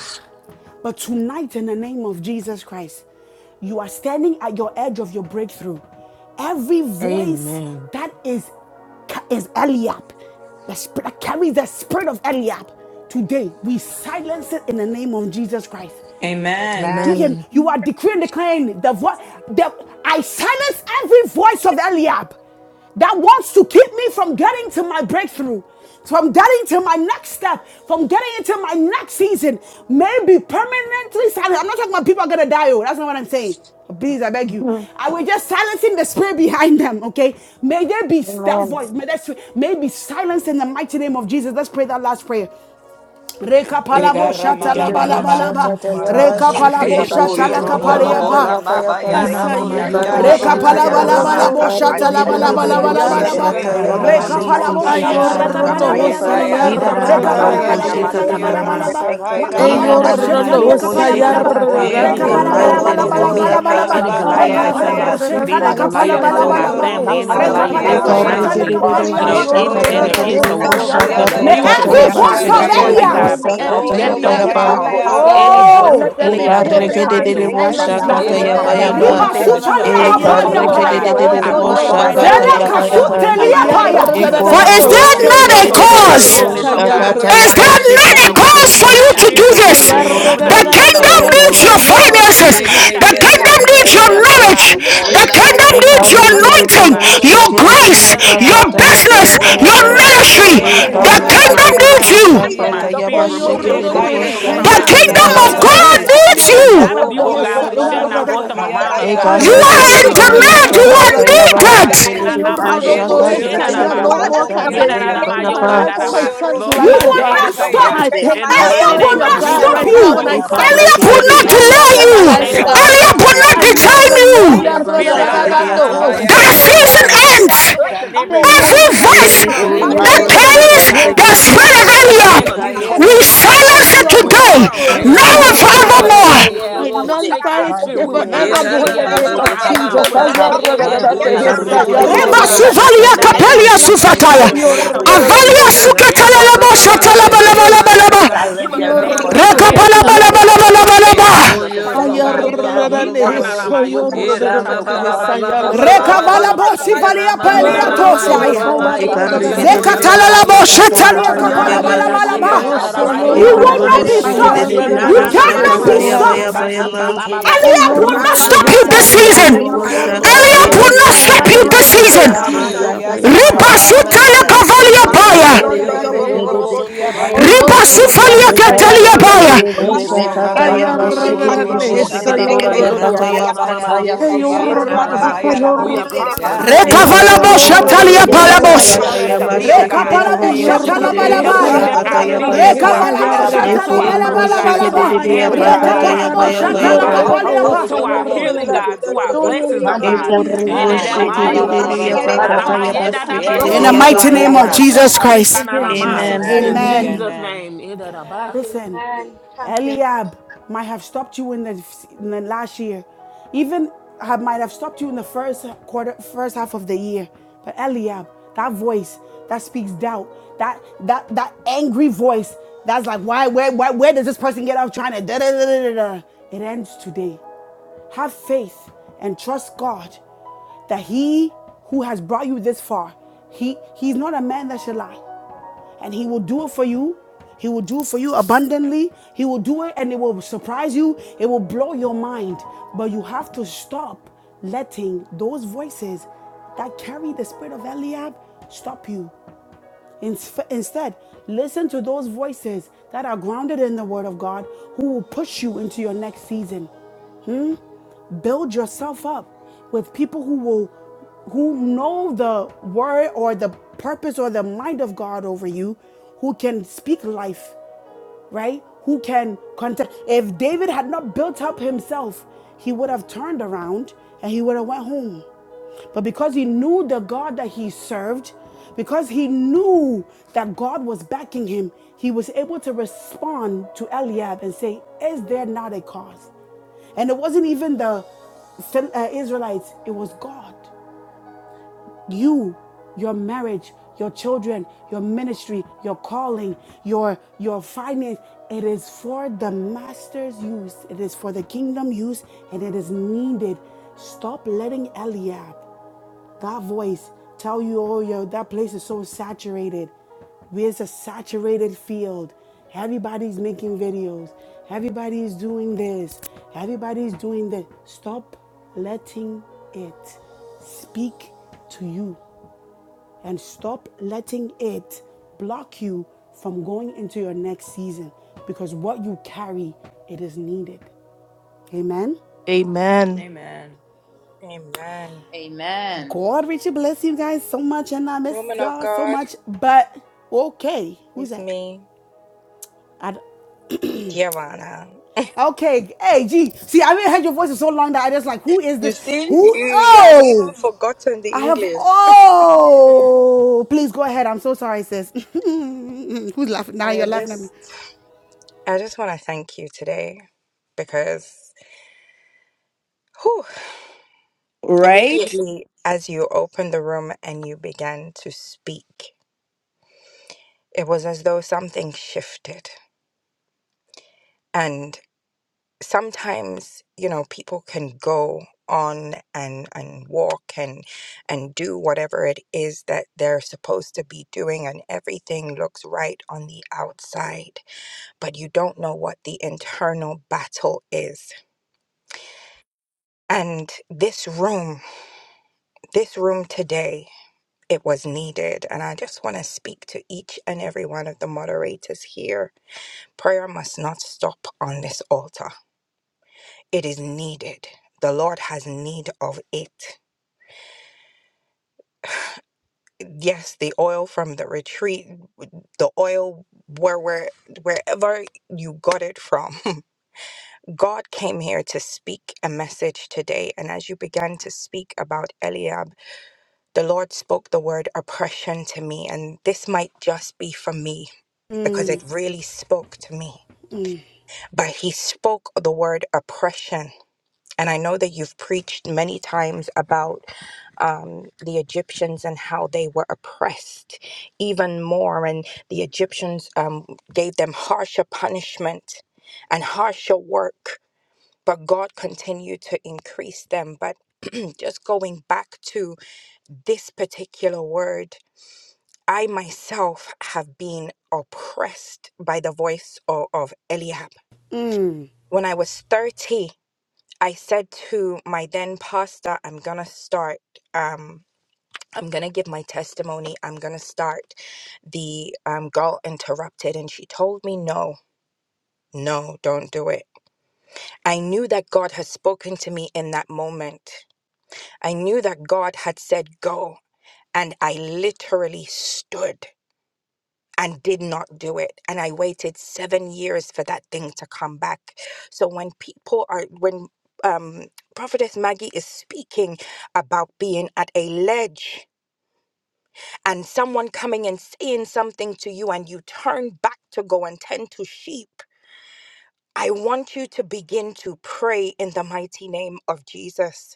[SPEAKER 1] But tonight, in the name of Jesus Christ, you are standing at your edge of your breakthrough. Every voice
[SPEAKER 4] Amen.
[SPEAKER 1] that is is Eliab, the spirit that carries the spirit of Eliab. Today, we silence it in the name of Jesus Christ.
[SPEAKER 7] Amen.
[SPEAKER 1] Do you hear me?
[SPEAKER 4] Amen.
[SPEAKER 1] You are decreeing, declaring the voice. I silence every voice of Eliab that wants to keep me from getting to my breakthrough, from getting to my next step, from getting into my next season. Maybe permanently silent. I'm not talking about people are gonna die. Oh, that's not what I'm saying. Please, I beg you.
[SPEAKER 3] Mm,
[SPEAKER 1] I will just silencing the spirit behind them. Okay. May there be that
[SPEAKER 3] Amen.
[SPEAKER 1] voice. May that spirit, may be silenced in the mighty name of Jesus. Let's pray that last prayer. Reka palabo shata la balaba
[SPEAKER 4] Yidananama
[SPEAKER 1] laba.
[SPEAKER 4] yoko
[SPEAKER 2] Malam
[SPEAKER 1] Reka
[SPEAKER 4] totadanaba
[SPEAKER 1] palabo
[SPEAKER 2] brontaya Malambrontaya
[SPEAKER 7] Eko
[SPEAKER 1] shata
[SPEAKER 7] yo
[SPEAKER 1] la
[SPEAKER 2] bakiende
[SPEAKER 9] <laughs>
[SPEAKER 2] ya
[SPEAKER 7] robo
[SPEAKER 4] yikashatadanama.
[SPEAKER 7] lobo
[SPEAKER 9] Bruno.
[SPEAKER 1] kapaleaba.
[SPEAKER 7] rama
[SPEAKER 2] braska paya
[SPEAKER 7] baya rabo
[SPEAKER 2] bekeri
[SPEAKER 4] Yinamama
[SPEAKER 9] Asaya,
[SPEAKER 7] siya
[SPEAKER 4] yoko
[SPEAKER 2] antaya.
[SPEAKER 7] raba
[SPEAKER 1] Reka
[SPEAKER 9] rararararando,
[SPEAKER 7] kaya
[SPEAKER 1] palaba
[SPEAKER 2] rapa
[SPEAKER 1] laba
[SPEAKER 9] oyo,
[SPEAKER 4] shetatananama.
[SPEAKER 7] raba.
[SPEAKER 1] labo shata la
[SPEAKER 9] ronono,
[SPEAKER 2] Rapapampantaya
[SPEAKER 1] balaba
[SPEAKER 4] Nenanama
[SPEAKER 1] laba
[SPEAKER 9] esaya,
[SPEAKER 4] yoko
[SPEAKER 1] laba
[SPEAKER 2] malebreske
[SPEAKER 7] Eko yo
[SPEAKER 2] penkeri
[SPEAKER 9] rarararara.
[SPEAKER 7] romo
[SPEAKER 4] shetatananama.
[SPEAKER 1] Reka
[SPEAKER 7] lobo
[SPEAKER 2] antaya
[SPEAKER 4] Yisi
[SPEAKER 1] palabo
[SPEAKER 2] mala
[SPEAKER 9] Ayo,
[SPEAKER 1] shata
[SPEAKER 7] kaya.
[SPEAKER 1] la
[SPEAKER 2] malabroska
[SPEAKER 4] shikatananama.
[SPEAKER 9] rono,
[SPEAKER 1] kapalaba
[SPEAKER 2] paya.
[SPEAKER 1] laba
[SPEAKER 9] osaya,
[SPEAKER 7] Ekaya
[SPEAKER 4] He da da
[SPEAKER 7] rama
[SPEAKER 4] da
[SPEAKER 1] Reka
[SPEAKER 4] ba
[SPEAKER 7] baba
[SPEAKER 4] yo
[SPEAKER 7] ya
[SPEAKER 1] palaba
[SPEAKER 4] ko
[SPEAKER 2] Rapatankaya
[SPEAKER 1] laba
[SPEAKER 4] she
[SPEAKER 9] rararararande.
[SPEAKER 7] ramo
[SPEAKER 4] ta
[SPEAKER 1] laba
[SPEAKER 4] ta
[SPEAKER 7] siya rama
[SPEAKER 2] malebreske
[SPEAKER 7] kabaya
[SPEAKER 2] penkeri
[SPEAKER 9] Eyo,
[SPEAKER 7] rabo.
[SPEAKER 1] Makapalabo
[SPEAKER 2] ampayi
[SPEAKER 4] Yinanama
[SPEAKER 1] shata
[SPEAKER 9] rono,
[SPEAKER 1] la
[SPEAKER 2] bukuro
[SPEAKER 4] yoko
[SPEAKER 1] kapalaba
[SPEAKER 9] osaya,
[SPEAKER 2] bosoto
[SPEAKER 1] laba.
[SPEAKER 4] shekatata.
[SPEAKER 2] kori
[SPEAKER 4] Any
[SPEAKER 5] Abba,
[SPEAKER 1] Reka
[SPEAKER 9] rarararande,
[SPEAKER 7] Eko
[SPEAKER 2] dedente
[SPEAKER 1] palaba
[SPEAKER 9] eyo,
[SPEAKER 2] ya
[SPEAKER 4] Goliath
[SPEAKER 7] romo
[SPEAKER 1] laba
[SPEAKER 5] Father,
[SPEAKER 4] that is
[SPEAKER 1] laba
[SPEAKER 5] Lord,
[SPEAKER 4] in
[SPEAKER 7] lobo
[SPEAKER 1] laba
[SPEAKER 9] rarararande.
[SPEAKER 4] me,
[SPEAKER 2] malebreske
[SPEAKER 1] laba
[SPEAKER 7] rama
[SPEAKER 2] peya
[SPEAKER 1] laba.
[SPEAKER 4] any
[SPEAKER 5] for
[SPEAKER 7] laba
[SPEAKER 5] you,
[SPEAKER 3] Yapa,
[SPEAKER 4] Goliath
[SPEAKER 5] O
[SPEAKER 1] Reka
[SPEAKER 7] kaya
[SPEAKER 9] Iyer
[SPEAKER 4] that's
[SPEAKER 5] God.
[SPEAKER 4] in my
[SPEAKER 2] bakarabasaya.
[SPEAKER 1] palabo
[SPEAKER 7] baya.
[SPEAKER 9] da da
[SPEAKER 4] spirit,
[SPEAKER 1] shata
[SPEAKER 4] any
[SPEAKER 1] la
[SPEAKER 5] Father,
[SPEAKER 9] da,
[SPEAKER 5] I
[SPEAKER 4] Goliath
[SPEAKER 2] Antaya
[SPEAKER 9] say
[SPEAKER 1] kapalaba
[SPEAKER 4] that's in
[SPEAKER 7] Eko
[SPEAKER 1] laba
[SPEAKER 9] yer
[SPEAKER 4] my
[SPEAKER 7] yo
[SPEAKER 5] silence with
[SPEAKER 2] malebroska
[SPEAKER 5] the
[SPEAKER 4] family,
[SPEAKER 7] romo
[SPEAKER 4] any
[SPEAKER 2] paya
[SPEAKER 5] power
[SPEAKER 7] lobo
[SPEAKER 1] Reka
[SPEAKER 5] you
[SPEAKER 4] Goliath
[SPEAKER 5] have
[SPEAKER 7] kia
[SPEAKER 4] that
[SPEAKER 2] bakara
[SPEAKER 1] palabo
[SPEAKER 9] da da
[SPEAKER 5] given
[SPEAKER 7] baya.
[SPEAKER 9] da.
[SPEAKER 5] me,
[SPEAKER 1] shata
[SPEAKER 4] surrounds
[SPEAKER 2] bakaraboson
[SPEAKER 3] Ekarike
[SPEAKER 1] la
[SPEAKER 5] O
[SPEAKER 3] de
[SPEAKER 4] me,
[SPEAKER 3] de
[SPEAKER 5] God
[SPEAKER 2] toya
[SPEAKER 3] de
[SPEAKER 4] that are
[SPEAKER 1] kapaleaba.
[SPEAKER 3] bosha
[SPEAKER 7] Eko
[SPEAKER 4] in
[SPEAKER 5] pray
[SPEAKER 2] malebreske
[SPEAKER 9] Iyer
[SPEAKER 4] that
[SPEAKER 9] da
[SPEAKER 7] yo
[SPEAKER 4] are
[SPEAKER 5] and
[SPEAKER 9] da
[SPEAKER 3] karike
[SPEAKER 5] I
[SPEAKER 3] de
[SPEAKER 4] in
[SPEAKER 9] da,
[SPEAKER 7] romo
[SPEAKER 3] de
[SPEAKER 4] the
[SPEAKER 2] penkeri
[SPEAKER 9] say
[SPEAKER 7] lobo
[SPEAKER 5] silence
[SPEAKER 3] bosha
[SPEAKER 9] yer
[SPEAKER 4] earth
[SPEAKER 2] mala
[SPEAKER 7] kia
[SPEAKER 9] da
[SPEAKER 4] in the
[SPEAKER 9] da
[SPEAKER 5] every
[SPEAKER 1] May
[SPEAKER 7] baya
[SPEAKER 9] da.
[SPEAKER 3] karika
[SPEAKER 2] malabroska
[SPEAKER 4] future,
[SPEAKER 5] voice
[SPEAKER 7] ramo
[SPEAKER 5] of
[SPEAKER 4] that
[SPEAKER 1] every
[SPEAKER 9] No
[SPEAKER 3] taya
[SPEAKER 2] paya.
[SPEAKER 4] is trying
[SPEAKER 7] siya
[SPEAKER 1] voice
[SPEAKER 4] to
[SPEAKER 3] basike
[SPEAKER 1] of
[SPEAKER 5] Eliab,
[SPEAKER 9] silence,
[SPEAKER 3] de
[SPEAKER 4] destroy
[SPEAKER 3] de
[SPEAKER 5] oh
[SPEAKER 7] kaya.
[SPEAKER 2] Father,
[SPEAKER 4] me,
[SPEAKER 9] every
[SPEAKER 2] in
[SPEAKER 1] Eliab.
[SPEAKER 5] God,
[SPEAKER 2] the
[SPEAKER 4] God,
[SPEAKER 3] bosha
[SPEAKER 2] name of
[SPEAKER 9] every
[SPEAKER 5] around
[SPEAKER 7] O
[SPEAKER 5] me.
[SPEAKER 3] kataya
[SPEAKER 4] let
[SPEAKER 9] early
[SPEAKER 7] lobo
[SPEAKER 4] them
[SPEAKER 2] Jesus,
[SPEAKER 9] in
[SPEAKER 7] kaya
[SPEAKER 2] ha,
[SPEAKER 9] my
[SPEAKER 3] bayaba.
[SPEAKER 5] Every
[SPEAKER 4] fall.
[SPEAKER 9] life,
[SPEAKER 7] baya
[SPEAKER 9] oh
[SPEAKER 2] ha,
[SPEAKER 5] voice of
[SPEAKER 2] ra,
[SPEAKER 7] rabo
[SPEAKER 9] God.
[SPEAKER 2] mo,
[SPEAKER 4] Any
[SPEAKER 7] siya.
[SPEAKER 5] Eliab,
[SPEAKER 4] voice
[SPEAKER 1] Oh,
[SPEAKER 2] tu,
[SPEAKER 4] of
[SPEAKER 9] Let
[SPEAKER 5] oh
[SPEAKER 9] them
[SPEAKER 2] ku,
[SPEAKER 9] be
[SPEAKER 2] ri,
[SPEAKER 5] God,
[SPEAKER 2] be,
[SPEAKER 4] Eliab
[SPEAKER 5] in
[SPEAKER 4] that
[SPEAKER 5] my
[SPEAKER 4] is
[SPEAKER 2] se,
[SPEAKER 3] Ekarike de
[SPEAKER 4] trying
[SPEAKER 9] permanently
[SPEAKER 3] de de
[SPEAKER 5] household,
[SPEAKER 4] to
[SPEAKER 2] ya,
[SPEAKER 1] Thank
[SPEAKER 5] from
[SPEAKER 3] bosha
[SPEAKER 1] you,
[SPEAKER 9] silenced,
[SPEAKER 5] my
[SPEAKER 9] Lord,
[SPEAKER 4] stop
[SPEAKER 1] Jesus.
[SPEAKER 9] in
[SPEAKER 4] me
[SPEAKER 9] the
[SPEAKER 5] mother's
[SPEAKER 3] kataya
[SPEAKER 7] Eka
[SPEAKER 4] from
[SPEAKER 9] name
[SPEAKER 5] house, from
[SPEAKER 4] being
[SPEAKER 9] of
[SPEAKER 7] rama
[SPEAKER 4] doing the
[SPEAKER 3] bayaba.
[SPEAKER 7] laba
[SPEAKER 5] my
[SPEAKER 4] thing
[SPEAKER 9] Jesus.
[SPEAKER 7] laba
[SPEAKER 5] father's
[SPEAKER 4] that you
[SPEAKER 5] house,
[SPEAKER 4] have
[SPEAKER 1] Ribasufalia
[SPEAKER 5] oh
[SPEAKER 7] laba.
[SPEAKER 4] called
[SPEAKER 5] God,
[SPEAKER 4] me
[SPEAKER 9] Iyer
[SPEAKER 4] to
[SPEAKER 1] kapalia
[SPEAKER 9] da
[SPEAKER 4] do, oh
[SPEAKER 5] at
[SPEAKER 3] Ekarike
[SPEAKER 9] da da,
[SPEAKER 3] de
[SPEAKER 5] my
[SPEAKER 1] paya.
[SPEAKER 4] God,
[SPEAKER 3] de de
[SPEAKER 9] no
[SPEAKER 3] de
[SPEAKER 4] I
[SPEAKER 9] say
[SPEAKER 5] workplace.
[SPEAKER 4] pray
[SPEAKER 9] yer
[SPEAKER 7] Karamala
[SPEAKER 3] bosha
[SPEAKER 4] right
[SPEAKER 9] da
[SPEAKER 7] bala
[SPEAKER 5] Father,
[SPEAKER 9] da
[SPEAKER 4] now
[SPEAKER 9] da.
[SPEAKER 5] in
[SPEAKER 7] bala
[SPEAKER 1] Zele
[SPEAKER 4] that
[SPEAKER 3] kataya
[SPEAKER 4] you
[SPEAKER 7] bala
[SPEAKER 4] remove
[SPEAKER 7] ba,
[SPEAKER 5] among
[SPEAKER 4] them
[SPEAKER 3] bayaba.
[SPEAKER 4] in the
[SPEAKER 5] my
[SPEAKER 1] kasutelia
[SPEAKER 4] mighty name
[SPEAKER 1] paya.
[SPEAKER 4] of
[SPEAKER 9] Iyer
[SPEAKER 5] friends,
[SPEAKER 9] da
[SPEAKER 5] oh
[SPEAKER 4] Jesus
[SPEAKER 9] da
[SPEAKER 1] For
[SPEAKER 9] da,
[SPEAKER 5] God.
[SPEAKER 3] Ekoro
[SPEAKER 4] Christ,
[SPEAKER 1] is
[SPEAKER 4] oh
[SPEAKER 9] no
[SPEAKER 1] that
[SPEAKER 4] God.
[SPEAKER 5] Father,
[SPEAKER 7] O
[SPEAKER 9] say
[SPEAKER 3] boshike
[SPEAKER 5] may
[SPEAKER 1] not
[SPEAKER 5] you
[SPEAKER 1] a
[SPEAKER 3] de
[SPEAKER 9] yer
[SPEAKER 4] But
[SPEAKER 3] de
[SPEAKER 9] da
[SPEAKER 7] romobo
[SPEAKER 9] da
[SPEAKER 4] we
[SPEAKER 3] de
[SPEAKER 4] are
[SPEAKER 3] de
[SPEAKER 7] yo
[SPEAKER 3] de
[SPEAKER 5] silence
[SPEAKER 7] romoboyo
[SPEAKER 1] cause?
[SPEAKER 9] da,
[SPEAKER 4] fearless,
[SPEAKER 5] them.
[SPEAKER 9] say
[SPEAKER 4] oh
[SPEAKER 3] bosha
[SPEAKER 9] yer
[SPEAKER 5] May
[SPEAKER 7] robolobo
[SPEAKER 4] God.
[SPEAKER 5] you
[SPEAKER 9] da
[SPEAKER 7] kia
[SPEAKER 3] kataya
[SPEAKER 9] da
[SPEAKER 1] Is
[SPEAKER 4] We are
[SPEAKER 1] that
[SPEAKER 7] baye
[SPEAKER 9] da.
[SPEAKER 5] silence them.
[SPEAKER 1] not
[SPEAKER 3] basike
[SPEAKER 4] fearless,
[SPEAKER 7] rebe
[SPEAKER 1] a
[SPEAKER 3] de
[SPEAKER 4] oh
[SPEAKER 3] de
[SPEAKER 7] ke
[SPEAKER 3] de
[SPEAKER 4] God.
[SPEAKER 5] May
[SPEAKER 1] cause
[SPEAKER 3] de
[SPEAKER 4] We
[SPEAKER 7] ye
[SPEAKER 1] for
[SPEAKER 4] will
[SPEAKER 5] you
[SPEAKER 1] you
[SPEAKER 4] not
[SPEAKER 1] to
[SPEAKER 7] baya.
[SPEAKER 3] boshike
[SPEAKER 4] fear
[SPEAKER 1] do
[SPEAKER 3] de
[SPEAKER 5] silence
[SPEAKER 4] those
[SPEAKER 3] de
[SPEAKER 5] them,
[SPEAKER 3] de
[SPEAKER 1] this?
[SPEAKER 5] oh
[SPEAKER 3] de
[SPEAKER 4] Goliaths.
[SPEAKER 7] O
[SPEAKER 4] We
[SPEAKER 5] God.
[SPEAKER 4] will
[SPEAKER 1] The
[SPEAKER 3] bosha
[SPEAKER 4] not
[SPEAKER 5] May
[SPEAKER 4] fear
[SPEAKER 5] you
[SPEAKER 4] those
[SPEAKER 1] kingdom
[SPEAKER 3] kataya
[SPEAKER 9] Ayarrarararano,
[SPEAKER 5] silence,
[SPEAKER 4] Eliabs.
[SPEAKER 1] needs
[SPEAKER 7] romolobolobolobo.
[SPEAKER 1] your
[SPEAKER 3] bayaba.
[SPEAKER 5] oh
[SPEAKER 4] God,
[SPEAKER 5] God.
[SPEAKER 4] could
[SPEAKER 1] finances.
[SPEAKER 7] Ye
[SPEAKER 5] May
[SPEAKER 9] soyorrone,
[SPEAKER 7] ke
[SPEAKER 4] protect
[SPEAKER 5] you
[SPEAKER 1] The
[SPEAKER 4] our
[SPEAKER 7] ye
[SPEAKER 4] ears
[SPEAKER 7] rebe
[SPEAKER 1] kingdom
[SPEAKER 4] from the
[SPEAKER 5] silence
[SPEAKER 1] needs
[SPEAKER 7] rebe
[SPEAKER 1] your
[SPEAKER 4] Eliabs,
[SPEAKER 5] every
[SPEAKER 7] rebe.
[SPEAKER 9] ayarrarararane,
[SPEAKER 4] oh
[SPEAKER 5] voice,
[SPEAKER 1] knowledge.
[SPEAKER 4] God.
[SPEAKER 5] oh
[SPEAKER 7] E
[SPEAKER 1] The
[SPEAKER 4] In the mighty
[SPEAKER 3] Ekar
[SPEAKER 1] kingdom
[SPEAKER 7] koyo
[SPEAKER 4] name of
[SPEAKER 1] needs your
[SPEAKER 9] ayarrarararano,
[SPEAKER 7] romolo
[SPEAKER 4] Jesus
[SPEAKER 7] bolo
[SPEAKER 4] Christ,
[SPEAKER 5] God.
[SPEAKER 4] oh
[SPEAKER 1] anointing,
[SPEAKER 9] yorrone.
[SPEAKER 7] bolo
[SPEAKER 4] God,
[SPEAKER 7] bolo bo,
[SPEAKER 1] your
[SPEAKER 4] remove the
[SPEAKER 1] grace,
[SPEAKER 4] Eliabs,
[SPEAKER 1] your
[SPEAKER 4] oh
[SPEAKER 9] Ah,
[SPEAKER 4] God.
[SPEAKER 1] business,
[SPEAKER 9] Jesus,
[SPEAKER 4] Remove
[SPEAKER 1] your
[SPEAKER 4] them in the mighty
[SPEAKER 7] Ke
[SPEAKER 1] ministry.
[SPEAKER 4] name of
[SPEAKER 7] ya
[SPEAKER 4] Jesus.
[SPEAKER 9] ayarrararane,
[SPEAKER 1] The
[SPEAKER 4] Remove them from our
[SPEAKER 1] kingdom
[SPEAKER 7] ramababaya
[SPEAKER 9] ayarrararane.
[SPEAKER 1] needs
[SPEAKER 4] mind.
[SPEAKER 1] you.
[SPEAKER 4] Remove them from our
[SPEAKER 7] labosia.
[SPEAKER 4] spirit. Remove them
[SPEAKER 7] E
[SPEAKER 4] from
[SPEAKER 9] Oyordono
[SPEAKER 7] kaye
[SPEAKER 4] physically from
[SPEAKER 1] The
[SPEAKER 7] rebe
[SPEAKER 4] our
[SPEAKER 7] rebe
[SPEAKER 1] kingdom
[SPEAKER 4] from
[SPEAKER 5] Mando
[SPEAKER 4] us,
[SPEAKER 1] of
[SPEAKER 9] esayardararara,
[SPEAKER 7] kia
[SPEAKER 4] oh
[SPEAKER 1] God
[SPEAKER 4] God.
[SPEAKER 7] paye.
[SPEAKER 5] katoya
[SPEAKER 1] needs
[SPEAKER 4] If they're
[SPEAKER 1] you.
[SPEAKER 5] kasanda
[SPEAKER 9] esayordono
[SPEAKER 4] not of
[SPEAKER 7] O
[SPEAKER 5] baba
[SPEAKER 4] you, oh
[SPEAKER 5] baka
[SPEAKER 4] God,
[SPEAKER 7] Okoyo
[SPEAKER 4] we shall
[SPEAKER 5] talaba
[SPEAKER 4] not want
[SPEAKER 9] esayardararara.
[SPEAKER 4] them
[SPEAKER 7] Romoloboki
[SPEAKER 5] manda
[SPEAKER 4] around
[SPEAKER 5] ya
[SPEAKER 4] us, God.
[SPEAKER 7] Apaya.
[SPEAKER 4] In
[SPEAKER 5] kasanda
[SPEAKER 1] You
[SPEAKER 4] the mighty
[SPEAKER 1] are
[SPEAKER 4] name
[SPEAKER 1] in
[SPEAKER 4] of
[SPEAKER 9] Ayordono
[SPEAKER 5] kekere
[SPEAKER 7] Ekoyo
[SPEAKER 1] demand.
[SPEAKER 4] Jesus.
[SPEAKER 1] You
[SPEAKER 5] kekere
[SPEAKER 1] are
[SPEAKER 9] esayardararara.
[SPEAKER 7] Romoloboki
[SPEAKER 5] kekere
[SPEAKER 1] needed.
[SPEAKER 5] kekere
[SPEAKER 7] Apaye.
[SPEAKER 4] Yikatatana nama
[SPEAKER 5] mando
[SPEAKER 4] yoko
[SPEAKER 9] Ayordono
[SPEAKER 5] koto
[SPEAKER 7] Ekoyo
[SPEAKER 9] esaya-
[SPEAKER 5] kasanda
[SPEAKER 4] shedadaba.
[SPEAKER 9] No
[SPEAKER 5] bada
[SPEAKER 9] more
[SPEAKER 7] Romoloboki
[SPEAKER 9] can
[SPEAKER 4] Yeah,
[SPEAKER 9] they
[SPEAKER 5] kateli
[SPEAKER 4] that I
[SPEAKER 9] speak
[SPEAKER 7] Apaya.
[SPEAKER 4] my
[SPEAKER 5] yanto
[SPEAKER 9] in
[SPEAKER 4] yo
[SPEAKER 9] my
[SPEAKER 4] God,
[SPEAKER 9] life
[SPEAKER 4] that
[SPEAKER 9] or
[SPEAKER 4] I
[SPEAKER 5] mandi
[SPEAKER 9] my
[SPEAKER 4] by.
[SPEAKER 7] Okoyo
[SPEAKER 9] son's
[SPEAKER 4] Lord,
[SPEAKER 1] You
[SPEAKER 4] we
[SPEAKER 9] life,
[SPEAKER 5] kekere
[SPEAKER 4] are
[SPEAKER 9] oh
[SPEAKER 1] will
[SPEAKER 7] Romoloboki
[SPEAKER 5] kekere
[SPEAKER 9] God.
[SPEAKER 1] not
[SPEAKER 4] Davis, oh
[SPEAKER 7] Apaye.
[SPEAKER 1] stop.
[SPEAKER 5] kekere
[SPEAKER 4] God.
[SPEAKER 9] I
[SPEAKER 5] kekere
[SPEAKER 9] take
[SPEAKER 4] In
[SPEAKER 9] the
[SPEAKER 4] the
[SPEAKER 5] mando
[SPEAKER 4] mighty
[SPEAKER 1] Eliab
[SPEAKER 7] Eko
[SPEAKER 4] name
[SPEAKER 1] will
[SPEAKER 9] authority
[SPEAKER 4] of
[SPEAKER 9] of
[SPEAKER 5] koto
[SPEAKER 1] not
[SPEAKER 9] God
[SPEAKER 5] ya
[SPEAKER 4] Jesus,
[SPEAKER 1] stop
[SPEAKER 4] oh
[SPEAKER 9] right
[SPEAKER 4] God,
[SPEAKER 9] now
[SPEAKER 1] you.
[SPEAKER 4] we
[SPEAKER 9] and I
[SPEAKER 7] Romolobolobo.
[SPEAKER 4] will
[SPEAKER 5] kasanda
[SPEAKER 4] conquer
[SPEAKER 5] bada
[SPEAKER 9] silence
[SPEAKER 1] Eliab
[SPEAKER 5] ba
[SPEAKER 4] every
[SPEAKER 1] will
[SPEAKER 9] every
[SPEAKER 1] not
[SPEAKER 4] defeat, oh
[SPEAKER 7] Ekoyo
[SPEAKER 9] enemy
[SPEAKER 5] manda
[SPEAKER 4] God.
[SPEAKER 1] delay
[SPEAKER 9] up
[SPEAKER 4] In the
[SPEAKER 9] in
[SPEAKER 1] you.
[SPEAKER 9] my
[SPEAKER 4] mighty
[SPEAKER 9] life,
[SPEAKER 5] kataya
[SPEAKER 4] name
[SPEAKER 9] oh
[SPEAKER 4] of
[SPEAKER 9] God.
[SPEAKER 7] Romoloboki
[SPEAKER 4] Jesus
[SPEAKER 1] Eliab
[SPEAKER 5] kasanda
[SPEAKER 1] will
[SPEAKER 5] ba
[SPEAKER 4] Christ,
[SPEAKER 1] not
[SPEAKER 7] Apaya.
[SPEAKER 4] God.
[SPEAKER 1] detain
[SPEAKER 5] mando
[SPEAKER 9] Ayarrale,
[SPEAKER 1] you.
[SPEAKER 4] Holy Spirit, oh
[SPEAKER 5] Yando
[SPEAKER 4] God.
[SPEAKER 9] yarrararararando,
[SPEAKER 5] kataya
[SPEAKER 4] Holy
[SPEAKER 7] Karamabaya
[SPEAKER 5] ba
[SPEAKER 1] That
[SPEAKER 7] la
[SPEAKER 4] Spirit, oh
[SPEAKER 1] season
[SPEAKER 4] God.
[SPEAKER 7] Rosia.
[SPEAKER 9] osoyordono.
[SPEAKER 5] makataya
[SPEAKER 1] ends.
[SPEAKER 4] Follow us in
[SPEAKER 5] kashandi
[SPEAKER 4] every
[SPEAKER 9] Every
[SPEAKER 5] kete
[SPEAKER 4] battle,
[SPEAKER 1] Every
[SPEAKER 4] oh
[SPEAKER 5] de de
[SPEAKER 4] God. Let
[SPEAKER 5] de
[SPEAKER 1] voice
[SPEAKER 4] us know
[SPEAKER 5] de
[SPEAKER 4] that
[SPEAKER 7] Ekoyo
[SPEAKER 4] everything
[SPEAKER 1] that
[SPEAKER 4] is
[SPEAKER 5] mande
[SPEAKER 4] okay,
[SPEAKER 5] kete
[SPEAKER 1] carries
[SPEAKER 4] oh God
[SPEAKER 5] de
[SPEAKER 1] the
[SPEAKER 5] de
[SPEAKER 7] Romolobolobo.
[SPEAKER 5] de
[SPEAKER 1] spirit of
[SPEAKER 5] de de
[SPEAKER 4] in the
[SPEAKER 5] de
[SPEAKER 1] Eliab,
[SPEAKER 4] name of
[SPEAKER 5] de
[SPEAKER 4] Jesus,
[SPEAKER 5] de
[SPEAKER 7] Ekaye
[SPEAKER 4] for
[SPEAKER 5] de
[SPEAKER 1] we
[SPEAKER 4] we are
[SPEAKER 5] mando
[SPEAKER 7] Remekeye
[SPEAKER 1] silence
[SPEAKER 4] fine.
[SPEAKER 1] it
[SPEAKER 5] koto
[SPEAKER 7] Baya.
[SPEAKER 4] We
[SPEAKER 5] ya
[SPEAKER 1] today,
[SPEAKER 4] are okay.
[SPEAKER 3] Baya
[SPEAKER 5] kashanda
[SPEAKER 1] now
[SPEAKER 7] Oyo
[SPEAKER 3] baya
[SPEAKER 4] We
[SPEAKER 1] and
[SPEAKER 4] will
[SPEAKER 5] katali
[SPEAKER 3] baya
[SPEAKER 4] not
[SPEAKER 3] ba.
[SPEAKER 5] yandi
[SPEAKER 4] let an
[SPEAKER 1] forevermore.
[SPEAKER 5] kete
[SPEAKER 4] Eliab
[SPEAKER 9] I
[SPEAKER 5] de
[SPEAKER 7] Romolobolobo.
[SPEAKER 5] de
[SPEAKER 4] take
[SPEAKER 9] nullify
[SPEAKER 4] our
[SPEAKER 9] it
[SPEAKER 5] mandi
[SPEAKER 4] spirit. We
[SPEAKER 5] de
[SPEAKER 4] will
[SPEAKER 5] de
[SPEAKER 4] not let an
[SPEAKER 9] forevermore
[SPEAKER 5] kete
[SPEAKER 9] in the
[SPEAKER 4] Eliab
[SPEAKER 5] de
[SPEAKER 7] Ekarama
[SPEAKER 5] de
[SPEAKER 9] name
[SPEAKER 4] destroy
[SPEAKER 5] de
[SPEAKER 7] baba
[SPEAKER 9] of
[SPEAKER 4] our
[SPEAKER 7] baba
[SPEAKER 4] mind.
[SPEAKER 5] katus
[SPEAKER 4] We
[SPEAKER 9] Jesus.
[SPEAKER 4] will
[SPEAKER 7] baba.
[SPEAKER 4] not
[SPEAKER 5] kata
[SPEAKER 4] let an Eliab
[SPEAKER 5] Mandi
[SPEAKER 7] Ekoyo
[SPEAKER 4] turn us
[SPEAKER 5] katoya
[SPEAKER 3] Ekarreke
[SPEAKER 4] from
[SPEAKER 3] de de
[SPEAKER 4] you,
[SPEAKER 3] de
[SPEAKER 7] romolobo
[SPEAKER 4] oh
[SPEAKER 3] de
[SPEAKER 1] Reba
[SPEAKER 5] kashanda
[SPEAKER 3] bo
[SPEAKER 4] God.
[SPEAKER 1] suvalia
[SPEAKER 4] In
[SPEAKER 5] kanteli
[SPEAKER 7] kiyabaye.
[SPEAKER 3] shakata
[SPEAKER 4] the
[SPEAKER 3] ya
[SPEAKER 4] name
[SPEAKER 5] yandi
[SPEAKER 3] baya
[SPEAKER 4] of
[SPEAKER 1] kapelia
[SPEAKER 3] baya
[SPEAKER 4] Jesus, give
[SPEAKER 3] baya
[SPEAKER 5] kati
[SPEAKER 4] us
[SPEAKER 1] sufataya.
[SPEAKER 4] your
[SPEAKER 3] baya baya
[SPEAKER 4] strength, oh
[SPEAKER 5] keshende
[SPEAKER 3] baya
[SPEAKER 5] be
[SPEAKER 3] ba.
[SPEAKER 4] God.
[SPEAKER 5] be be
[SPEAKER 1] Avalia
[SPEAKER 5] be
[SPEAKER 7] Keya
[SPEAKER 4] Not the
[SPEAKER 5] be
[SPEAKER 7] rama
[SPEAKER 1] suketala
[SPEAKER 4] Eliab
[SPEAKER 5] bebe
[SPEAKER 7] baba
[SPEAKER 1] lebo
[SPEAKER 4] strength,
[SPEAKER 7] baba
[SPEAKER 4] God,
[SPEAKER 1] shatala
[SPEAKER 4] but
[SPEAKER 5] keshende
[SPEAKER 4] the
[SPEAKER 1] lebo
[SPEAKER 5] be.
[SPEAKER 7] baba
[SPEAKER 1] lebo
[SPEAKER 4] David
[SPEAKER 7] baba
[SPEAKER 1] lebo
[SPEAKER 5] Oh,
[SPEAKER 4] strength,
[SPEAKER 7] ya
[SPEAKER 5] we
[SPEAKER 1] lebo.
[SPEAKER 4] oh
[SPEAKER 7] ramo
[SPEAKER 4] God. Give
[SPEAKER 5] silence
[SPEAKER 4] us the
[SPEAKER 7] shiyala
[SPEAKER 5] every
[SPEAKER 4] David
[SPEAKER 5] voice
[SPEAKER 7] baka
[SPEAKER 4] heart, the
[SPEAKER 5] of
[SPEAKER 7] paya
[SPEAKER 4] David
[SPEAKER 1] Rekapala lebo
[SPEAKER 5] Eliab,
[SPEAKER 4] spirit,
[SPEAKER 7] rabo.
[SPEAKER 4] oh
[SPEAKER 5] oh
[SPEAKER 1] lebo
[SPEAKER 4] God, in
[SPEAKER 1] lebo
[SPEAKER 4] the
[SPEAKER 5] God,
[SPEAKER 1] lebo
[SPEAKER 4] mighty name
[SPEAKER 5] that
[SPEAKER 7] E
[SPEAKER 4] of
[SPEAKER 5] wants
[SPEAKER 4] Jesus
[SPEAKER 5] to
[SPEAKER 7] koyo
[SPEAKER 4] Christ, oh
[SPEAKER 7] romo
[SPEAKER 5] bring
[SPEAKER 4] God.
[SPEAKER 5] me
[SPEAKER 7] lobo
[SPEAKER 5] down,
[SPEAKER 7] lobo
[SPEAKER 4] Yee
[SPEAKER 7] lobo
[SPEAKER 5] that
[SPEAKER 4] ta na
[SPEAKER 7] lobo.
[SPEAKER 5] wants
[SPEAKER 4] na
[SPEAKER 5] to
[SPEAKER 4] ma yo
[SPEAKER 5] bring
[SPEAKER 4] ko
[SPEAKER 5] me
[SPEAKER 7] E
[SPEAKER 4] she ta
[SPEAKER 5] down,
[SPEAKER 7] rama
[SPEAKER 5] oh
[SPEAKER 4] ta
[SPEAKER 7] ba
[SPEAKER 4] da
[SPEAKER 7] ba
[SPEAKER 4] da
[SPEAKER 5] God.
[SPEAKER 4] ba
[SPEAKER 7] ba
[SPEAKER 4] yo
[SPEAKER 7] ba ba
[SPEAKER 4] ko
[SPEAKER 5] That
[SPEAKER 7] ba
[SPEAKER 4] sho
[SPEAKER 7] ba
[SPEAKER 4] to
[SPEAKER 7] ba.
[SPEAKER 5] Father
[SPEAKER 4] to da
[SPEAKER 1] Rekavala
[SPEAKER 4] da
[SPEAKER 5] is
[SPEAKER 4] ba.
[SPEAKER 1] bosi
[SPEAKER 7] E
[SPEAKER 5] stopping me
[SPEAKER 1] valia
[SPEAKER 5] from
[SPEAKER 7] rama
[SPEAKER 5] my
[SPEAKER 7] ba
[SPEAKER 1] palia
[SPEAKER 7] ba
[SPEAKER 9] Ayorro,
[SPEAKER 7] ba
[SPEAKER 5] breakthrough,
[SPEAKER 7] ba
[SPEAKER 4] Inanamayo
[SPEAKER 1] tosaya.
[SPEAKER 7] ba ba.
[SPEAKER 5] from
[SPEAKER 4] Roroba
[SPEAKER 5] stopping
[SPEAKER 2] ma,
[SPEAKER 4] yeka
[SPEAKER 5] me
[SPEAKER 7] E
[SPEAKER 3] Ekarreke
[SPEAKER 5] from
[SPEAKER 2] si,
[SPEAKER 3] de de de
[SPEAKER 7] koyo
[SPEAKER 2] anda,
[SPEAKER 3] de
[SPEAKER 5] taking
[SPEAKER 1] Zekatala
[SPEAKER 2] ya,
[SPEAKER 3] bo
[SPEAKER 7] romo
[SPEAKER 5] that
[SPEAKER 2] ba, ki,
[SPEAKER 5] step,
[SPEAKER 7] lobo.
[SPEAKER 3] shakata
[SPEAKER 5] oh
[SPEAKER 2] ba.
[SPEAKER 3] ya
[SPEAKER 9] Jesus.
[SPEAKER 1] boshetalia
[SPEAKER 5] God.
[SPEAKER 3] baya
[SPEAKER 7] Ha
[SPEAKER 3] baya
[SPEAKER 1] kapala
[SPEAKER 5] Father,
[SPEAKER 3] ba.
[SPEAKER 1] bala
[SPEAKER 7] rabo siya
[SPEAKER 5] silence
[SPEAKER 2] Malam
[SPEAKER 7] rama
[SPEAKER 5] that voice.
[SPEAKER 2] prondo
[SPEAKER 7] kapaya
[SPEAKER 2] ya
[SPEAKER 7] la
[SPEAKER 1] You
[SPEAKER 2] ba
[SPEAKER 1] will
[SPEAKER 2] ki,
[SPEAKER 3] Ekurro bo
[SPEAKER 4] Inanamayororobayekasatatananamayokotetatanamaekashetetararabayororoba.
[SPEAKER 1] not
[SPEAKER 5] Silence
[SPEAKER 1] be
[SPEAKER 7] musia
[SPEAKER 2] ma,
[SPEAKER 5] every
[SPEAKER 3] sheke de
[SPEAKER 7] kaya.
[SPEAKER 1] stopped.
[SPEAKER 3] de
[SPEAKER 2] santa
[SPEAKER 3] de de
[SPEAKER 5] monitoring
[SPEAKER 2] ya ba
[SPEAKER 1] You
[SPEAKER 3] bo
[SPEAKER 7] E
[SPEAKER 5] spirit, oh
[SPEAKER 1] cannot
[SPEAKER 2] ma.
[SPEAKER 1] be
[SPEAKER 3] shakata
[SPEAKER 7] koyo
[SPEAKER 3] ya
[SPEAKER 5] God.
[SPEAKER 3] baya
[SPEAKER 7] robo
[SPEAKER 1] stopped.
[SPEAKER 3] baya
[SPEAKER 5] Mande
[SPEAKER 7] lobo lobo
[SPEAKER 3] ba.
[SPEAKER 5] kete de
[SPEAKER 7] kia
[SPEAKER 4] Inananamayokoshetatatabababa.
[SPEAKER 5] de
[SPEAKER 1] Eliab
[SPEAKER 7] paya.
[SPEAKER 1] will not
[SPEAKER 5] kashando
[SPEAKER 1] stop
[SPEAKER 7] E
[SPEAKER 1] you
[SPEAKER 2] Rapatan
[SPEAKER 1] this
[SPEAKER 5] kata.
[SPEAKER 2] kuri
[SPEAKER 3] Eke
[SPEAKER 7] koyo
[SPEAKER 3] de
[SPEAKER 1] season.
[SPEAKER 3] de
[SPEAKER 2] empe
[SPEAKER 7] robo
[SPEAKER 2] ya
[SPEAKER 3] bo
[SPEAKER 7] lobo
[SPEAKER 2] malika
[SPEAKER 7] lobo.
[SPEAKER 3] shakata
[SPEAKER 2] rada
[SPEAKER 1] Eliab
[SPEAKER 5] Mandere
[SPEAKER 3] ya
[SPEAKER 5] de
[SPEAKER 4] Inananamayokoshokototororoba.
[SPEAKER 2] shi
[SPEAKER 3] ba
[SPEAKER 1] will
[SPEAKER 7] E
[SPEAKER 1] not
[SPEAKER 3] sheke
[SPEAKER 2] anta
[SPEAKER 1] stop
[SPEAKER 3] de
[SPEAKER 5] shende
[SPEAKER 1] you
[SPEAKER 2] ya
[SPEAKER 3] de
[SPEAKER 2] ba
[SPEAKER 7] karama
[SPEAKER 3] de
[SPEAKER 1] this
[SPEAKER 5] bebe
[SPEAKER 7] ba
[SPEAKER 2] ki,
[SPEAKER 3] bo
[SPEAKER 5] be
[SPEAKER 7] ba ya
[SPEAKER 1] season.
[SPEAKER 7] la
[SPEAKER 2] ma,
[SPEAKER 5] katori
[SPEAKER 3] shakata ya
[SPEAKER 2] santa
[SPEAKER 7] bosia
[SPEAKER 5] andis
[SPEAKER 2] ya
[SPEAKER 3] baya
[SPEAKER 2] ba
[SPEAKER 3] ba.
[SPEAKER 2] ba
[SPEAKER 7] kapaya
[SPEAKER 5] kataba
[SPEAKER 7] la
[SPEAKER 1] Ribasitalia
[SPEAKER 5] manti
[SPEAKER 7] bosia.
[SPEAKER 5] ke
[SPEAKER 1] kavalia
[SPEAKER 5] shende
[SPEAKER 7] E
[SPEAKER 2] Malam
[SPEAKER 1] paya.
[SPEAKER 5] bebe
[SPEAKER 2] prondo
[SPEAKER 5] be
[SPEAKER 7] koyo
[SPEAKER 2] ya
[SPEAKER 5] ke
[SPEAKER 4] Inananamayokototorobabayokoshetererebeyererebe
[SPEAKER 2] bo
[SPEAKER 7] robo lobo
[SPEAKER 5] telebe
[SPEAKER 2] korobo
[SPEAKER 7] kia
[SPEAKER 2] shanta
[SPEAKER 5] mando
[SPEAKER 7] paya.
[SPEAKER 2] ya.
[SPEAKER 5] kotori
[SPEAKER 1] Ribasifalia
[SPEAKER 4] yokoshotororomamamayokoto.
[SPEAKER 5] andis
[SPEAKER 1] katalia
[SPEAKER 3] Ekarreke
[SPEAKER 2] Malam
[SPEAKER 5] kashandi
[SPEAKER 3] de de
[SPEAKER 5] ke
[SPEAKER 3] de
[SPEAKER 1] paya.
[SPEAKER 2] prondo
[SPEAKER 3] bo
[SPEAKER 2] ya
[SPEAKER 4] Ye
[SPEAKER 2] ba
[SPEAKER 5] telebe
[SPEAKER 2] ki,
[SPEAKER 3] shakata
[SPEAKER 2] ere,
[SPEAKER 3] ya
[SPEAKER 4] Yishakatana
[SPEAKER 2] ma,
[SPEAKER 3] ba
[SPEAKER 5] mande
[SPEAKER 4] mama
[SPEAKER 5] de
[SPEAKER 2] si,
[SPEAKER 3] sheke
[SPEAKER 4] ye
[SPEAKER 5] de
[SPEAKER 3] de
[SPEAKER 5] ke
[SPEAKER 3] de
[SPEAKER 2] katan
[SPEAKER 3] bo
[SPEAKER 7] Korobolobolobolobo.
[SPEAKER 2] kuri
[SPEAKER 5] shende
[SPEAKER 4] keteta
[SPEAKER 3] sheke
[SPEAKER 4] da
[SPEAKER 5] be
[SPEAKER 3] de
[SPEAKER 4] tadada
[SPEAKER 3] de
[SPEAKER 5] ke
[SPEAKER 4] baba
[SPEAKER 3] ya
[SPEAKER 7] E
[SPEAKER 2] epenkeri
[SPEAKER 5] teli
[SPEAKER 7] rama
[SPEAKER 2] anta
[SPEAKER 3] ba
[SPEAKER 4] yekotono
[SPEAKER 5] andis
[SPEAKER 2] ya
[SPEAKER 4] na
[SPEAKER 7] baba ya
[SPEAKER 4] mama
[SPEAKER 2] ba.
[SPEAKER 7] la
[SPEAKER 5] kataya
[SPEAKER 4] yese
[SPEAKER 7] mosi
[SPEAKER 5] kava
[SPEAKER 7] ya
[SPEAKER 4] shetana
[SPEAKER 7] rama
[SPEAKER 4] da da
[SPEAKER 5] mandi
[SPEAKER 4] ba.
[SPEAKER 7] kapa
[SPEAKER 5] ke
[SPEAKER 2] Rapanda
[SPEAKER 7] ya la
[SPEAKER 4] We
[SPEAKER 5] shende
[SPEAKER 7] bo.
[SPEAKER 4] are
[SPEAKER 5] be
[SPEAKER 2] yabakiere
[SPEAKER 4] conquerors.
[SPEAKER 7] Ya
[SPEAKER 4] We are
[SPEAKER 7] rama
[SPEAKER 5] manti
[SPEAKER 2] masanda
[SPEAKER 7] la
[SPEAKER 5] ke
[SPEAKER 7] ba
[SPEAKER 4] warriors,
[SPEAKER 7] la
[SPEAKER 1] Rekavalabo
[SPEAKER 4] oh
[SPEAKER 7] ba
[SPEAKER 5] shende
[SPEAKER 7] la
[SPEAKER 2] yamaliko
[SPEAKER 4] God.
[SPEAKER 7] ba.
[SPEAKER 3] Ekarrekedede
[SPEAKER 5] bebe
[SPEAKER 1] shatalia
[SPEAKER 5] be
[SPEAKER 4] We are
[SPEAKER 7] E
[SPEAKER 2] robosondo
[SPEAKER 4] who
[SPEAKER 7] ka
[SPEAKER 4] you
[SPEAKER 5] kataya
[SPEAKER 1] palabos.
[SPEAKER 7] ye
[SPEAKER 4] call us to
[SPEAKER 7] rebele
[SPEAKER 5] kashandos
[SPEAKER 4] be, oh
[SPEAKER 7] be ki
[SPEAKER 4] God.
[SPEAKER 5] katori
[SPEAKER 7] ya
[SPEAKER 2] yorororororororororo.
[SPEAKER 7] pa
[SPEAKER 9] my
[SPEAKER 1] Rekapalabo
[SPEAKER 5] andis
[SPEAKER 4] Step
[SPEAKER 5] ke
[SPEAKER 4] foot
[SPEAKER 5] telebe
[SPEAKER 4] and
[SPEAKER 7] E
[SPEAKER 4] help
[SPEAKER 7] ko
[SPEAKER 4] us
[SPEAKER 7] yo
[SPEAKER 1] shatalabalabaya.
[SPEAKER 4] step
[SPEAKER 5] mandi
[SPEAKER 7] romo
[SPEAKER 4] our
[SPEAKER 5] de
[SPEAKER 4] feet
[SPEAKER 5] ke
[SPEAKER 7] lobo
[SPEAKER 2] Rapapampanda
[SPEAKER 7] ki
[SPEAKER 4] into
[SPEAKER 7] ya
[SPEAKER 5] shende
[SPEAKER 4] our
[SPEAKER 7] pa
[SPEAKER 5] be
[SPEAKER 1] Rekavalabo
[SPEAKER 4] calling,
[SPEAKER 7] ya.
[SPEAKER 2] yabakiere
[SPEAKER 4] God,
[SPEAKER 5] kaba
[SPEAKER 4] into our
[SPEAKER 7] E
[SPEAKER 2] masanta
[SPEAKER 7] ko
[SPEAKER 5] mando
[SPEAKER 4] purpose,
[SPEAKER 7] yo
[SPEAKER 4] God, into
[SPEAKER 7] romo
[SPEAKER 2] yabakiere
[SPEAKER 5] kashando
[SPEAKER 1] shatalabalabalaba.
[SPEAKER 4] our
[SPEAKER 7] lobo
[SPEAKER 5] kobo
[SPEAKER 7] ki
[SPEAKER 2] masanda
[SPEAKER 4] marriage,
[SPEAKER 7] ya pa
[SPEAKER 4] God,
[SPEAKER 5] kata
[SPEAKER 2] yaba.
[SPEAKER 4] to
[SPEAKER 7] ye.
[SPEAKER 4] our
[SPEAKER 1] Rekapalabo
[SPEAKER 5] manda
[SPEAKER 4] motherhood,
[SPEAKER 7] Yo
[SPEAKER 4] oh
[SPEAKER 7] ko
[SPEAKER 4] God,
[SPEAKER 5] kashanda
[SPEAKER 7] yo robo
[SPEAKER 1] shatalakapaliapa.
[SPEAKER 5] katali
[SPEAKER 4] to
[SPEAKER 7] lobo
[SPEAKER 2] Ropapapampando
[SPEAKER 4] our
[SPEAKER 7] robo.
[SPEAKER 4] healing, God, to our blessings, oh
[SPEAKER 2] yororororororororororo.
[SPEAKER 4] God.
[SPEAKER 5] Mandiria
[SPEAKER 7] Ka rama
[SPEAKER 2] Manta
[SPEAKER 7] la
[SPEAKER 4] Ededamayo
[SPEAKER 7] ba la ba
[SPEAKER 5] Kandiria.
[SPEAKER 7] la
[SPEAKER 9] life,
[SPEAKER 7] ba
[SPEAKER 4] koshetana
[SPEAKER 2] yabakiere
[SPEAKER 9] oh
[SPEAKER 4] na
[SPEAKER 2] ba.
[SPEAKER 5] Father,
[SPEAKER 7] ba
[SPEAKER 4] na
[SPEAKER 5] we
[SPEAKER 4] ma
[SPEAKER 9] God.
[SPEAKER 7] ba.
[SPEAKER 4] ye da
[SPEAKER 5] silence
[SPEAKER 9] As
[SPEAKER 4] da
[SPEAKER 9] I
[SPEAKER 4] ba
[SPEAKER 7] E
[SPEAKER 5] the
[SPEAKER 9] go
[SPEAKER 1] In
[SPEAKER 4] yo
[SPEAKER 1] the
[SPEAKER 9] into
[SPEAKER 4] do
[SPEAKER 5] voice
[SPEAKER 7] rama
[SPEAKER 9] my
[SPEAKER 4] do
[SPEAKER 1] mighty
[SPEAKER 4] ba
[SPEAKER 2] Rokotondo
[SPEAKER 5] of
[SPEAKER 7] baba
[SPEAKER 4] ye
[SPEAKER 1] name
[SPEAKER 7] ya
[SPEAKER 9] breakthrough,
[SPEAKER 1] of
[SPEAKER 5] God
[SPEAKER 9] I'm
[SPEAKER 4] yesa.
[SPEAKER 9] going to
[SPEAKER 1] Jesus
[SPEAKER 7] kapa.
[SPEAKER 2] yabakaraba.
[SPEAKER 9] the
[SPEAKER 5] that is
[SPEAKER 9] country.
[SPEAKER 1] Christ.
[SPEAKER 5] not
[SPEAKER 9] Amen,
[SPEAKER 4] Itanana
[SPEAKER 5] with
[SPEAKER 4] ma.
[SPEAKER 5] your
[SPEAKER 7] Amen.
[SPEAKER 3] Amen.
[SPEAKER 9] Jesus.
[SPEAKER 5] will.
[SPEAKER 4] In
[SPEAKER 2] Amen.
[SPEAKER 7] Hallelujah.
[SPEAKER 1] Amen.
[SPEAKER 9] Amen.
[SPEAKER 4] Jesus'
[SPEAKER 7] Amen.
[SPEAKER 4] name. eh, da da ba.
[SPEAKER 1] Listen, Eliab might have stopped you in the, in the last year, even have, might have stopped you in the first quarter, first half of the year. But Eliab, that voice that speaks doubt, that that that angry voice, that's like, why, where, where, where does this person get off trying to da da da da da? da? It ends today. Have faith and trust God that He who has brought you this far, He He's not a man that should lie and he will do it for you. He will do it for you abundantly. He will do it and it will surprise you. It will blow your mind. But you have to stop letting those voices that carry the spirit of Eliab stop you. Instead, listen to those voices that are grounded in the word of God who will push you into your next season build yourself up with people who will who know the word or the purpose or the mind of God over you who can speak life right who can contact if David had not built up himself he would have turned around and he would have went home but because he knew the God that he served, because he knew that God was backing him, he was able to respond to Eliab and say, Is there not a cause? And it wasn't even the uh, Israelites, it was God. You, your marriage, your children, your ministry, your calling, your your finance, it is for the master's use. It is for the kingdom use and it is needed. Stop letting Eliab that voice tell you, oh, yo, that place is so saturated. It's a saturated field. Everybody's making videos. Everybody's doing this. Everybody's doing that. Stop letting it speak to you and stop letting it block you from going into your next season because what you carry, it is needed. Amen.
[SPEAKER 9] Amen.
[SPEAKER 7] Amen.
[SPEAKER 2] Amen.
[SPEAKER 5] Amen.
[SPEAKER 1] God, Richard, bless you guys so much, and I miss
[SPEAKER 2] Woman of
[SPEAKER 1] y'all so
[SPEAKER 2] God,
[SPEAKER 1] much. But okay, who's
[SPEAKER 2] it's
[SPEAKER 1] that?
[SPEAKER 2] me,
[SPEAKER 1] I d-
[SPEAKER 2] Giovanna.
[SPEAKER 1] okay, hey G. See, I haven't heard your voice in so long that I just like, who is
[SPEAKER 2] You
[SPEAKER 1] this?
[SPEAKER 2] see, you,
[SPEAKER 1] Who?
[SPEAKER 2] you have even
[SPEAKER 1] Oh,
[SPEAKER 2] forgotten the
[SPEAKER 1] I have.
[SPEAKER 2] English.
[SPEAKER 1] Oh, please go ahead. I'm so sorry, sis. <laughs> who's laughing?
[SPEAKER 2] <laughs>
[SPEAKER 1] Now you're
[SPEAKER 2] I
[SPEAKER 1] laughing at me.
[SPEAKER 2] just I just want to thank you today because whew,
[SPEAKER 3] Right?
[SPEAKER 2] immediately as you opened the room and you began to speak, it was as though something shifted. And sometimes, you know, people can go on and and walk and and do whatever it is that they're supposed to be doing and everything looks right on the outside but you don't know what the internal battle is and this room this room today. it was needed. And I just want to speak to each and every one of the moderators here. Prayer must not stop on this altar, it is needed. The Lord has need of it. Yes, the oil from the retreat, the oil where, where wherever you got it from. <laughs> God came here to speak a message today, and as you began to speak about Eliab the Lord spoke the word oppression to me, and this might just be from me because
[SPEAKER 1] Mm,
[SPEAKER 2] it really spoke to me. But He spoke the word oppression. And I know that you've preached many times about um, the Egyptians and how they were oppressed even more, and the Egyptians um, gave them harsher punishment and harsher work. But God continued to increase them. But <clears throat> just going back to this particular word I myself have been oppressed by the voice of, of Eliab.
[SPEAKER 1] mm.
[SPEAKER 2] When I was 30, I said to my then pastor, I'm going to start, um, I'm going to give my testimony. I'm going to start the um, Girl Interrupted. And she told me, no, no, don't do it. I knew that God had spoken to me in that moment. I knew that God had said, go. And I literally stood. and did not do it and i waited 7 years for that thing to come back so when people are when um prophetess maggie is speaking about being at a ledge and someone coming and saying something to you and you turn back to go and tend to sheep i want you to begin to pray in the mighty name of jesus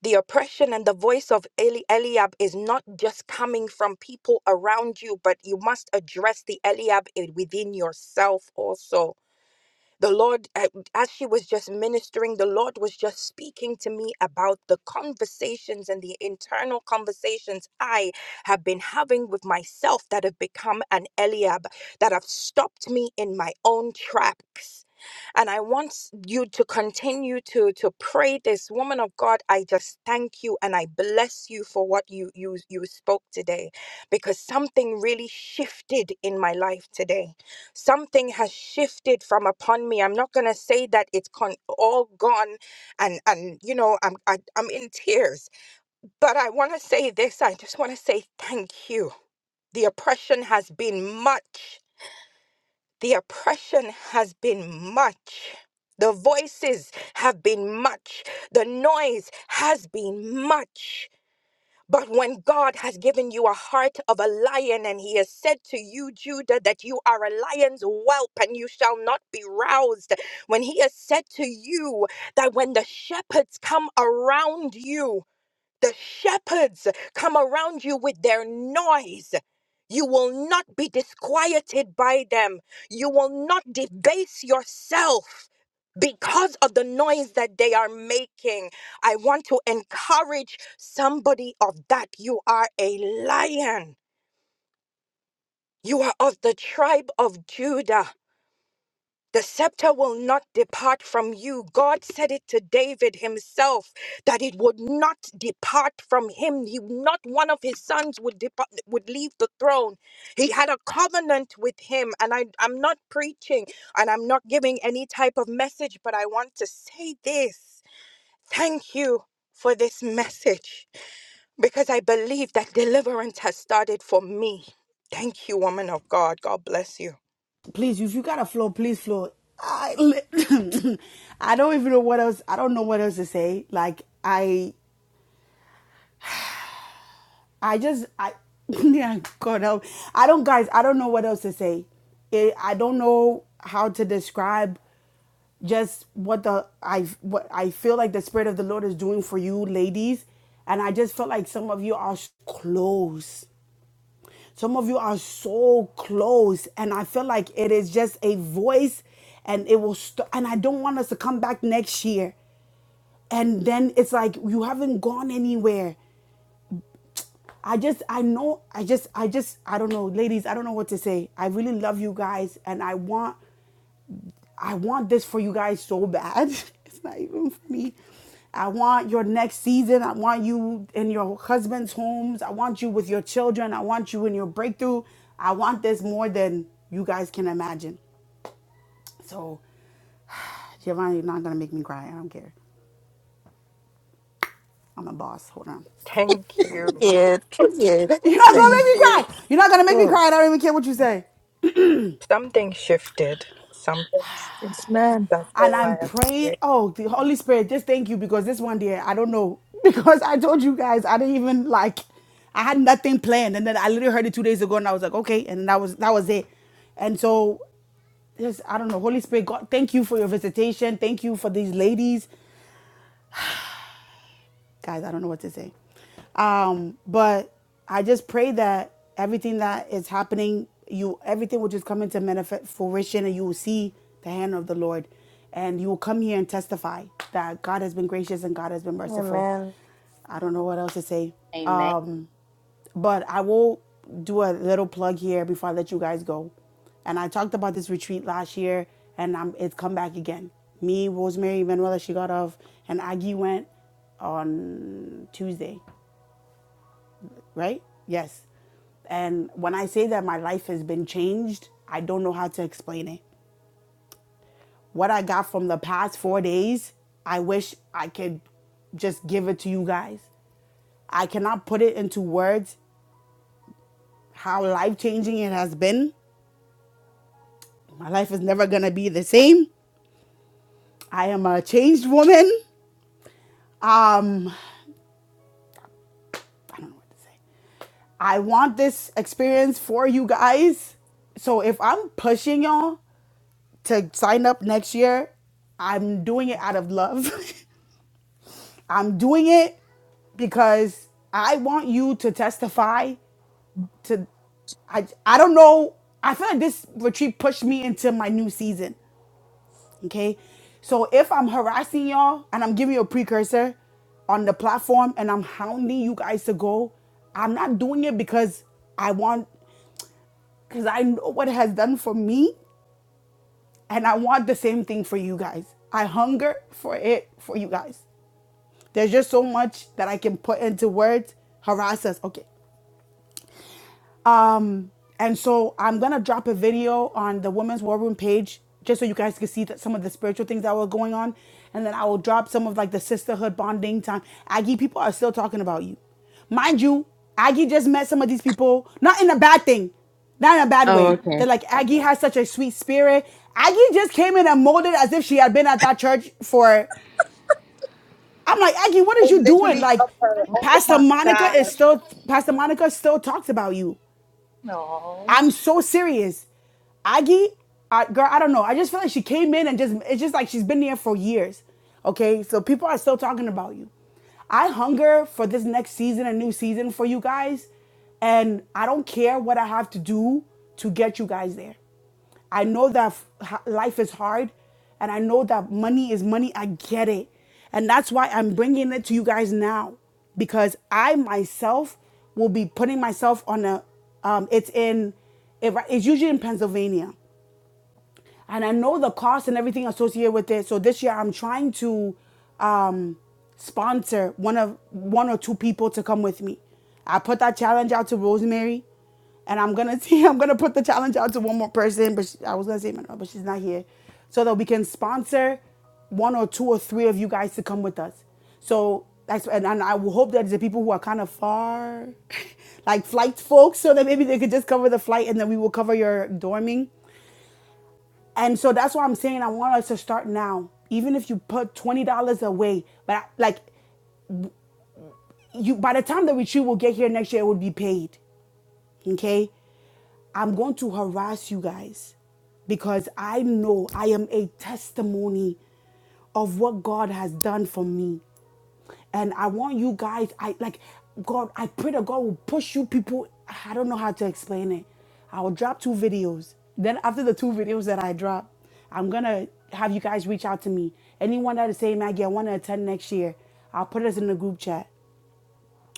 [SPEAKER 2] the oppression and the voice of Eli- Eliab is not just coming from people around you, but you must address the Eliab in- within yourself also the Lord, uh, as she was just ministering, the Lord was just speaking to me about the conversations and the internal conversations I have been having with myself that have become an Eliab, that have stopped me in my own tracks and I want s- you to continue to to pray this woman of God. I just thank you and I bless you for what you you you spoke today, because something really shifted in my life today something has shifted from upon me i'm not going to say that it's con- all gone and and you know i'm I, i'm in tears but i want to say this i just want to say thank you the oppression has been much the oppression has been much the voices have been much the noise has been much but when God has given you a heart of a lion and he has said to you, Judah, that you are a lion's whelp and you shall not be roused, when he has said to you that when the shepherds come around you, the shepherds come around you with their noise. You will not be disquieted by them. You will not debase yourself because of the noise that they are making. I want to encourage somebody of that. You are a lion. You are of the tribe of Judah. The scepter will not depart from you. God said it to David himself that it would not depart from him. He, not one of his sons would depart, would leave the throne. He had a covenant with him. And I, I'm not preaching and I'm not giving any type of message, but I want to say this. Thank you for this message because I believe that deliverance has started for me. Thank you, woman of God. God bless you.
[SPEAKER 1] Please, if you got a flow, please flow. I, <coughs> I don't even know what else. I don't know what else to say. Like I. I just I <laughs> yeah God help I don't guys I don't know what else to say. It, I don't know how to describe just what the I what I feel like the spirit of the Lord is doing for you ladies, and I just felt like some of you are s- close. Some of you are so close, and I feel like it is just a voice, and it will. St- and I don't want us to come back next year and then it's like you haven't gone anywhere I just, I know, I just, I just, I don't know, ladies, I don't know what to say. I really love you guys, and I want, I want this for you guys so bad. <laughs> it's not even for me. I want your next season. I want you in your husband's homes. I want you with your children. I want you in your breakthrough. I want this more than you guys can imagine. So, Giovanni, you're not gonna make me cry. I don't care. I'm a boss. Hold on.
[SPEAKER 2] Thank
[SPEAKER 1] You're not
[SPEAKER 2] you.
[SPEAKER 1] gonna make me cry.
[SPEAKER 3] Period. Period.
[SPEAKER 1] <laughs> You're not gonna
[SPEAKER 2] Thank
[SPEAKER 3] <laughs>
[SPEAKER 1] make me
[SPEAKER 2] you.
[SPEAKER 1] cry. You're not gonna make me
[SPEAKER 3] Mm.
[SPEAKER 1] cry. I don't even care what you say.
[SPEAKER 2] Something shifted. Something.
[SPEAKER 9] Yes, ma'am.
[SPEAKER 2] That's
[SPEAKER 1] and
[SPEAKER 2] all I
[SPEAKER 1] I'm
[SPEAKER 2] have to say.
[SPEAKER 1] praying. Oh, the Holy Spirit, just thank you because this one day, I don't know. <laughs> Because I told you guys, I didn't even like, I had nothing planned. And then I literally heard it two days ago and I was like, okay. And that was, that was it. And so, just, I don't know, Holy Spirit, God, thank you for your visitation. Thank you for these ladies guys, I don't know what to say. Um, but I just pray that everything that is happening, you everything will just come into manifest fruition, and you will see the hand of the Lord, and you will come here and testify that God has been gracious and God has been merciful.
[SPEAKER 3] Amen.
[SPEAKER 1] I don't know what else to say.
[SPEAKER 5] Amen.
[SPEAKER 1] Um, but I will do a little plug here before I let you guys go. And I talked about this retreat last year, and i it's come back again. Me, Rosemary, Manuela, she got off, and Aggie went on Tuesday, right? Yes. And when I say that my life has been changed, I don't know how to explain it. What I got from the past four days, I wish I could just give it to you guys. I cannot put it into words how life changing it has been My life is never gonna be the same. I am a changed woman. Um, I don't know what to say. I want this experience for you guys. So if I'm pushing y'all to sign up next year, I'm doing it out of love. <laughs> I'm doing it because I want you to testify to I I don't know. I feel like this retreat pushed me into my new season. Okay. So if I'm harassing y'all and I'm giving you a precursor on the platform and I'm hounding you guys to go, I'm not doing it because I want, because I know what it has done for me and I want the same thing for you guys. I hunger for it for you guys. There's just so much that I can put into words. Harass us. Okay. Um, and so I'm gonna drop a video on the women's war room page just so you guys can see that some of the spiritual things that were going on, and then I will drop some of like the sisterhood bonding time. Aggie people are still talking about you, mind you. Aggie just met some of these people, not in a bad thing, not in a bad
[SPEAKER 5] Oh,
[SPEAKER 1] way.
[SPEAKER 5] okay.
[SPEAKER 1] That like Aggie has such a sweet spirit. Aggie just came in and molded as if she had been at that church for. I'm like Aggie, what
[SPEAKER 12] I
[SPEAKER 1] is you doing?
[SPEAKER 12] literally
[SPEAKER 1] Like
[SPEAKER 12] love her. Oh
[SPEAKER 1] Pastor
[SPEAKER 12] my
[SPEAKER 1] Monica is
[SPEAKER 12] gosh.
[SPEAKER 1] still Pastor Monica still talks about you.
[SPEAKER 5] No.
[SPEAKER 1] I'm so serious. Aggie, I, girl, I don't know. I just feel like she came in and just, it's just like she's been there for years. Okay, so people are still talking about you. I hunger for this next season, a new season for you guys. And I don't care what I have to do to get you guys there. I know that f- h- life is hard and I know that money is money. I get it. And that's why I'm bringing it to you guys now because I myself will be putting myself on a, um, it's in, it- it's usually in Pennsylvania and I know the cost and everything associated with it. So this year I'm trying to um, sponsor one of one or two people to come with me. I put that challenge out to Rosemary, and I'm gonna <laughs> see. I'm gonna put the challenge out to one more person, but she, I was gonna say Manuel, but she's not here, so that we can sponsor one or two or three of you guys to come with us. So that's and, and I will hope that the people who are kind of far, <laughs> like flight folks, so that maybe they could just cover the flight, and then we will cover your dorming and so that's why I'm saying I want us to start now. Even if you put twenty dollars away, but I- like you, by the time the retreat will get here next year, it will be paid. Okay, I'm going to harass you guys because I know I am a testimony of what God has done for me. And I want you guys, I like God, I pray that God will push you people. I don't know how to explain it. I will drop two videos. Then after the two videos that I drop, I'm gonna have you guys reach out to me. Anyone that is saying, Maggie, I wanna attend next year, I'll put us in the group chat.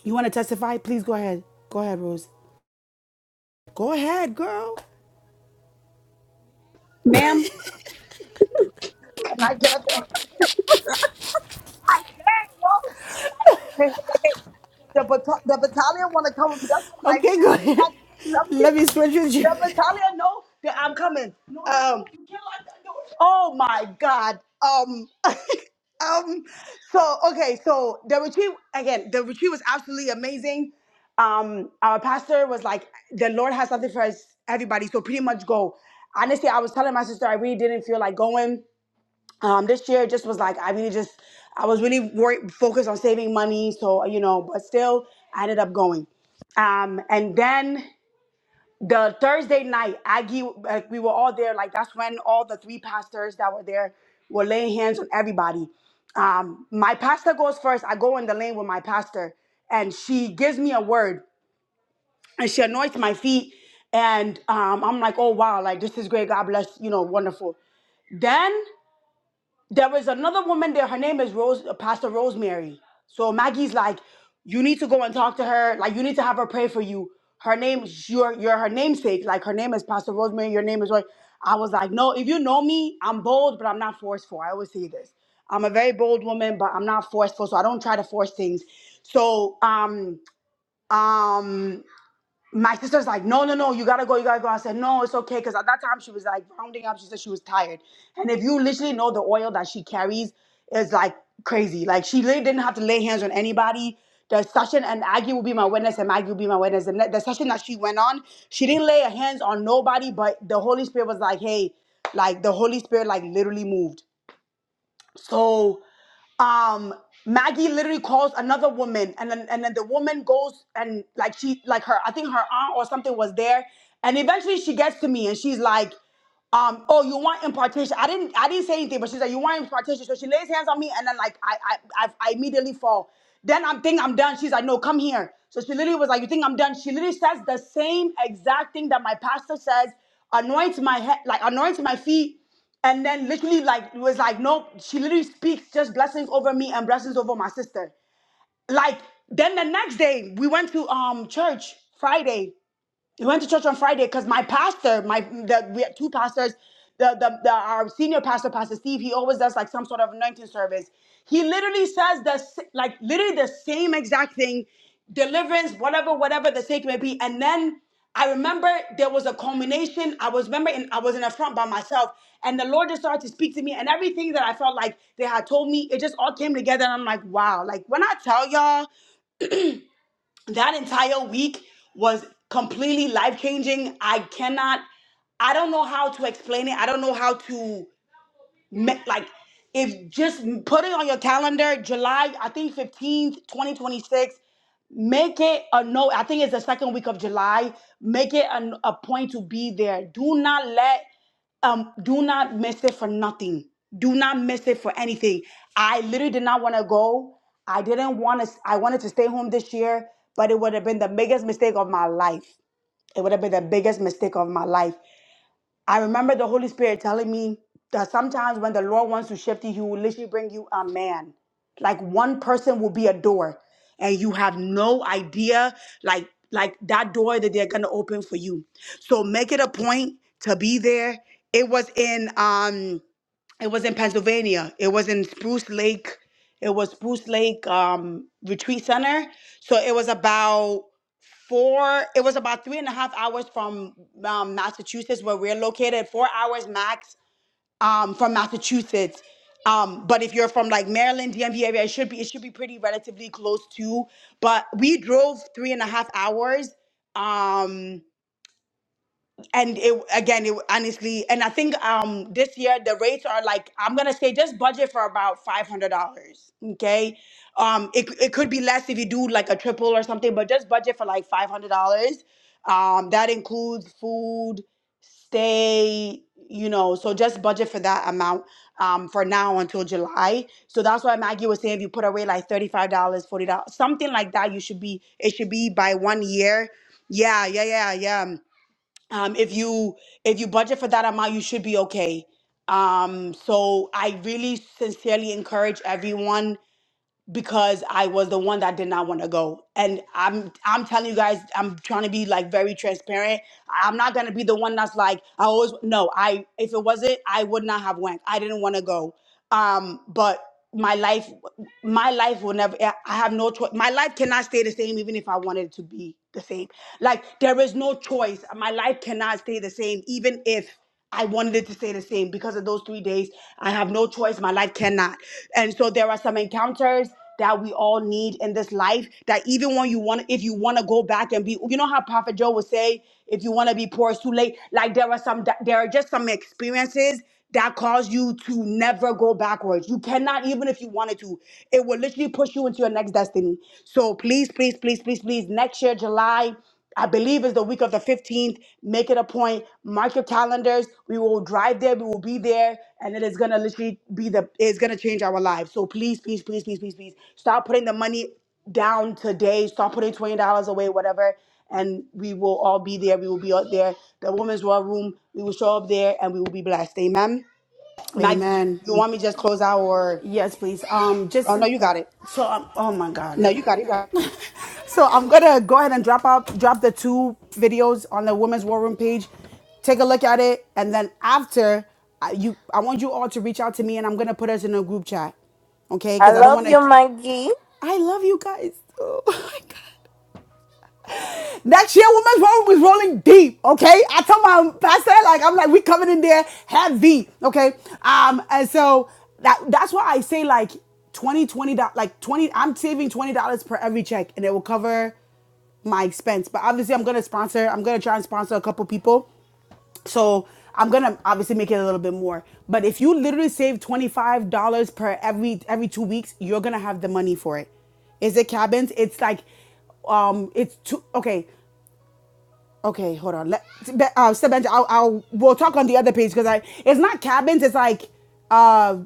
[SPEAKER 1] You wanna testify? Please go ahead. Go ahead, Rose. Go ahead, girl.
[SPEAKER 12] And I get up there. Like, dang, yo. Like, <laughs> the, bat- the battalion want to come with me. That's why I'm like,
[SPEAKER 1] Okay,
[SPEAKER 12] man,
[SPEAKER 1] go
[SPEAKER 12] let me,
[SPEAKER 1] ahead.
[SPEAKER 12] like,
[SPEAKER 1] <laughs>
[SPEAKER 12] let me.
[SPEAKER 1] Let me switch with you.
[SPEAKER 12] The battalion know that I'm coming. Um, Oh my God. Um, <laughs> um, so okay, so the retreat again, the retreat was absolutely amazing. Um, our pastor was like, the Lord has something for us, everybody. So pretty much go. Honestly, I was telling my sister I really didn't feel like going. Um, this year just was like I really just I was really worried focused on saving money. So, you know, but still I ended up going. Um, and then the Thursday night, Aggie, like we were all there. Like that's when all the three pastors that were there were laying hands on everybody. Um, my pastor goes first. I go in the lane with my pastor, and she gives me a word, and she anoints my feet, and um, I'm like, oh wow, like this is great. God bless, you know, wonderful. Then there was another woman there. Her name is Rose, uh, Pastor Rosemary. So Maggie's like, you need to go and talk to her. Like, you need to have her pray for you. Her name, you're, you're her namesake. Like, her name is Pastor Rosemary. Your name is Roy. I was like, no, if you know me, I'm bold, but I'm not forceful. I always say this. I'm a very bold woman, but I'm not forceful, so I don't try to force things. So, um, um, my sister's like, no, no, no, you gotta go, you gotta go. I said, no, it's okay, because at that time she was like rounding up. She said she was tired, and if you literally know the oil that she carries is like crazy. Like she literally didn't have to lay hands on anybody. The session and Aggie will be my witness, and Maggie will be my witness. And the session that she went on, she didn't lay her hands on nobody, but the Holy Spirit was like, hey, like the Holy Spirit like literally moved. So um Maggie literally calls another woman and then and then the woman goes and like she like her I think her aunt or something was there and eventually she gets to me and she's like um oh you want impartation I didn't I didn't say anything but she's like you want impartation so she lays hands on me and then like I I I, I immediately fall then I'm think I'm done she's like no come here so she literally was like you think I'm done she literally says the same exact thing that my pastor says anoints my head like anoints my feet and then literally like it was like no she literally speaks just blessings over me and blessings over my sister like then the next day we went to um church friday we went to church on Friday because my pastor, my the, we had two pastors, the, the the our senior pastor, Pastor Steve, he always does like some sort of anointing service. He literally says the s- like literally the same exact thing, deliverance, whatever, whatever the sake may be. And then I remember there was a culmination. I was remember in, I was in a front by myself, and the Lord just started to speak to me, and everything that I felt like they had told me, it just all came together. And I'm like, wow, like when I tell y'all that entire week was completely life changing. I cannot, I don't know how to explain it. I don't know how to Ma- like if just put it on your calendar july i think 15th 2026 make it a no i think it's the second week of july make it an, a point to be there do not let um do not miss it for nothing do not miss it for anything i literally did not want to go i didn't want to i wanted to stay home this year but it would have been the biggest mistake of my life it would have been the biggest mistake of my life I remember the Holy Spirit telling me that sometimes when the Lord wants to shift you, He will literally bring you a man. Like one person will be a door, and you have no idea, like like that door that they're gonna open for you. So make it a point to be there. It was in um it was in Pennsylvania. It was in Spruce Lake. It was Spruce Lake um, Retreat Center. So it was about four. It was about three and a half hours from um, Massachusetts, where we're located. Four hours max um, from Massachusetts. Um, but if you're from like Maryland, DMV area, it should be it should be pretty relatively close too. But we drove three and a half hours. Um, and it again it honestly and i think um this year the rates are like i'm gonna say just budget for about $500 okay um it, it could be less if you do like a triple or something but just budget for like $500 um that includes food stay you know so just budget for that amount um for now until july so that's why maggie was saying if you put away like $35 dollars, $40 something like that you should be it should be by one year yeah yeah yeah yeah um, if you if you budget for that amount you should be okay um, so i really sincerely encourage everyone because I was the one that did not want to go. And I'm I'm telling you guys, I'm trying to be like very transparent. I'm not gonna be the one that's like I always no. I if it wasn't, I would not have went. I didn't want to go. Um, but my life, my life will never. I have no choice. My life cannot stay the same, even if I wanted it to be the same. Like there is no choice. My life cannot stay the same, even if. I wanted it to stay the same because of those three days. I have no choice. My life cannot. And so there are some encounters that we all need in this life that even when you want, if you want to go back and be, you know how Prophet Joe would say, if you want to be poor, it's too late. Like there are some, there are just some experiences that cause you to never go backwards. You cannot, even if you wanted to, it will literally push you into your next destiny. So please, please, please, please, please, next year, July. I believe it's the week of the 15th. Make it a point. Mark your calendars. We will drive there. We will be there. And it is going to literally be the, it's going to change our lives. So please, please, please, please, please, please start putting the money down today. Start putting $20 away, whatever. And we will all be there. We will be out there. The women's war room, we will show up there and we will be blessed. Amen. Maggie, do you,
[SPEAKER 1] Amen.
[SPEAKER 12] you want me to just close out or?
[SPEAKER 1] Yes, please. Um,
[SPEAKER 12] Oh,
[SPEAKER 1] just Oh, no,
[SPEAKER 12] no,
[SPEAKER 1] you
[SPEAKER 12] you
[SPEAKER 1] got
[SPEAKER 12] got it.
[SPEAKER 1] it. so I'm. Oh my God. No,
[SPEAKER 12] No,
[SPEAKER 1] you
[SPEAKER 12] you
[SPEAKER 1] got
[SPEAKER 12] got
[SPEAKER 1] it.
[SPEAKER 12] it. You got
[SPEAKER 1] You got it. So I'm gonna go ahead and drop out, drop the two videos on the Women's War Room page. Take a look at it, and then after I, you, I want you all to reach out to me, and I'm gonna put us in a group chat, okay?
[SPEAKER 3] I
[SPEAKER 1] Because I don't
[SPEAKER 3] love
[SPEAKER 1] want
[SPEAKER 3] you,
[SPEAKER 1] to.
[SPEAKER 3] Maggie.
[SPEAKER 1] I love you guys. <laughs> Oh my God. That chairwoman's room was rolling deep, okay? I told my pastor, like, I'm like, we coming in there heavy, okay? Um, and so that that's why I say like twenty twenty 20, like 20, I'm saving $20 per every check and it will cover my expense. But obviously, I'm gonna sponsor. I'm gonna try and sponsor a couple people. So I'm gonna obviously make it a little bit more. But if you literally save twenty five dollars per every every two weeks, you're gonna have the money for it. Is it cabins? It's like, um, it's two. Okay, Okay, hold on. Let uh, step bench. I'll, I'll we'll talk on the other page because I it's not cabins. It's like uh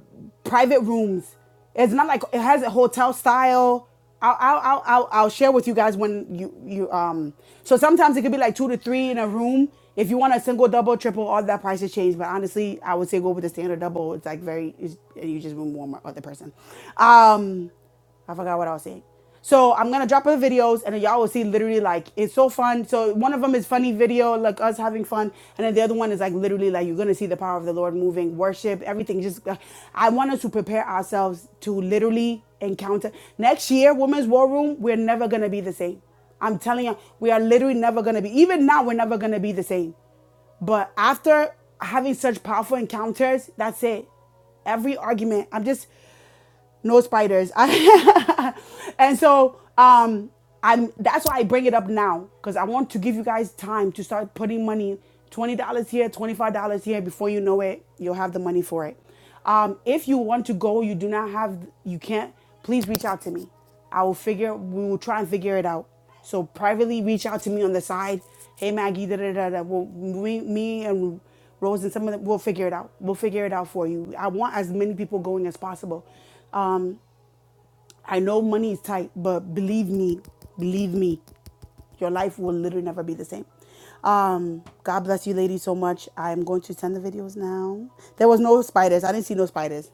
[SPEAKER 1] private rooms. It's not like it has a hotel style. I'll I'll I'll I'll, I'll share with you guys when you you um. So sometimes it could be like two to three in a room. If you want a single, double, triple, all that prices change. But honestly, I would say go with the standard double. It's like very it's, you just room warm up other person. Um. I forgot what I was saying. So I'm gonna drop her videos, and y'all will see literally like it's so fun. So one of them is funny video, like us having fun, and then the other one is like literally like you're gonna see the power of the Lord moving, worship, everything. Just uh, I want us to prepare ourselves to literally encounter next year, Women's War Room. We're never gonna be the same. I'm telling you, we are literally never gonna be. Even now, we're never gonna be the same. But after having such powerful encounters, that's it every argument. I'm just no spiders. <laughs> and so um, I'm. That's why I bring it up now because I want to give you guys time to start putting money, twenty dollars here, twenty five dollars here. Before you know it, you'll have the money for it. Um, if you want to go, you do not have, you can't. Please reach out to me. I will figure. We will try and figure it out. So privately, reach out to me on the side. Hey Maggie, da da da da. We'll, me, me and Rose and some of them, we'll figure it out. We'll figure it out for you. I want as many people going as possible. Um, I know money is tight, but believe me, believe me, your life will literally never be the same. Um, God bless you, ladies, so much. I'm going to send the videos now. There was no spiders. I didn't see no spiders.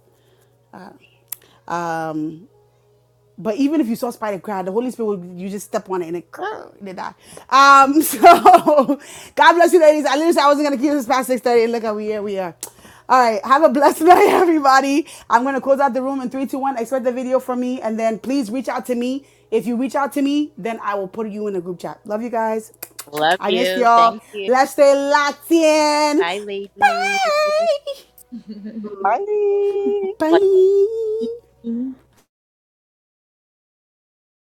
[SPEAKER 1] Um, But even if you saw spider crab, the Holy Spirit would you just step on it and it, <laughs> and it die. Um, so <laughs> God bless you, ladies. I literally said I wasn't gonna keep this past six thirty, and look how we here we are. All right, have a blessed <laughs> night, everybody. I'm gonna close out the room in three, two, one. Expect the video from me, and then please reach out to me. If you reach out to me, then I will put you in the group chat. Love you guys.
[SPEAKER 5] Love
[SPEAKER 1] I missed
[SPEAKER 5] you.
[SPEAKER 1] y'all.
[SPEAKER 5] Thank you.
[SPEAKER 1] Let's stay locked in.
[SPEAKER 5] Bye, ladies.
[SPEAKER 1] Bye.
[SPEAKER 12] it. Bye.
[SPEAKER 1] Bye.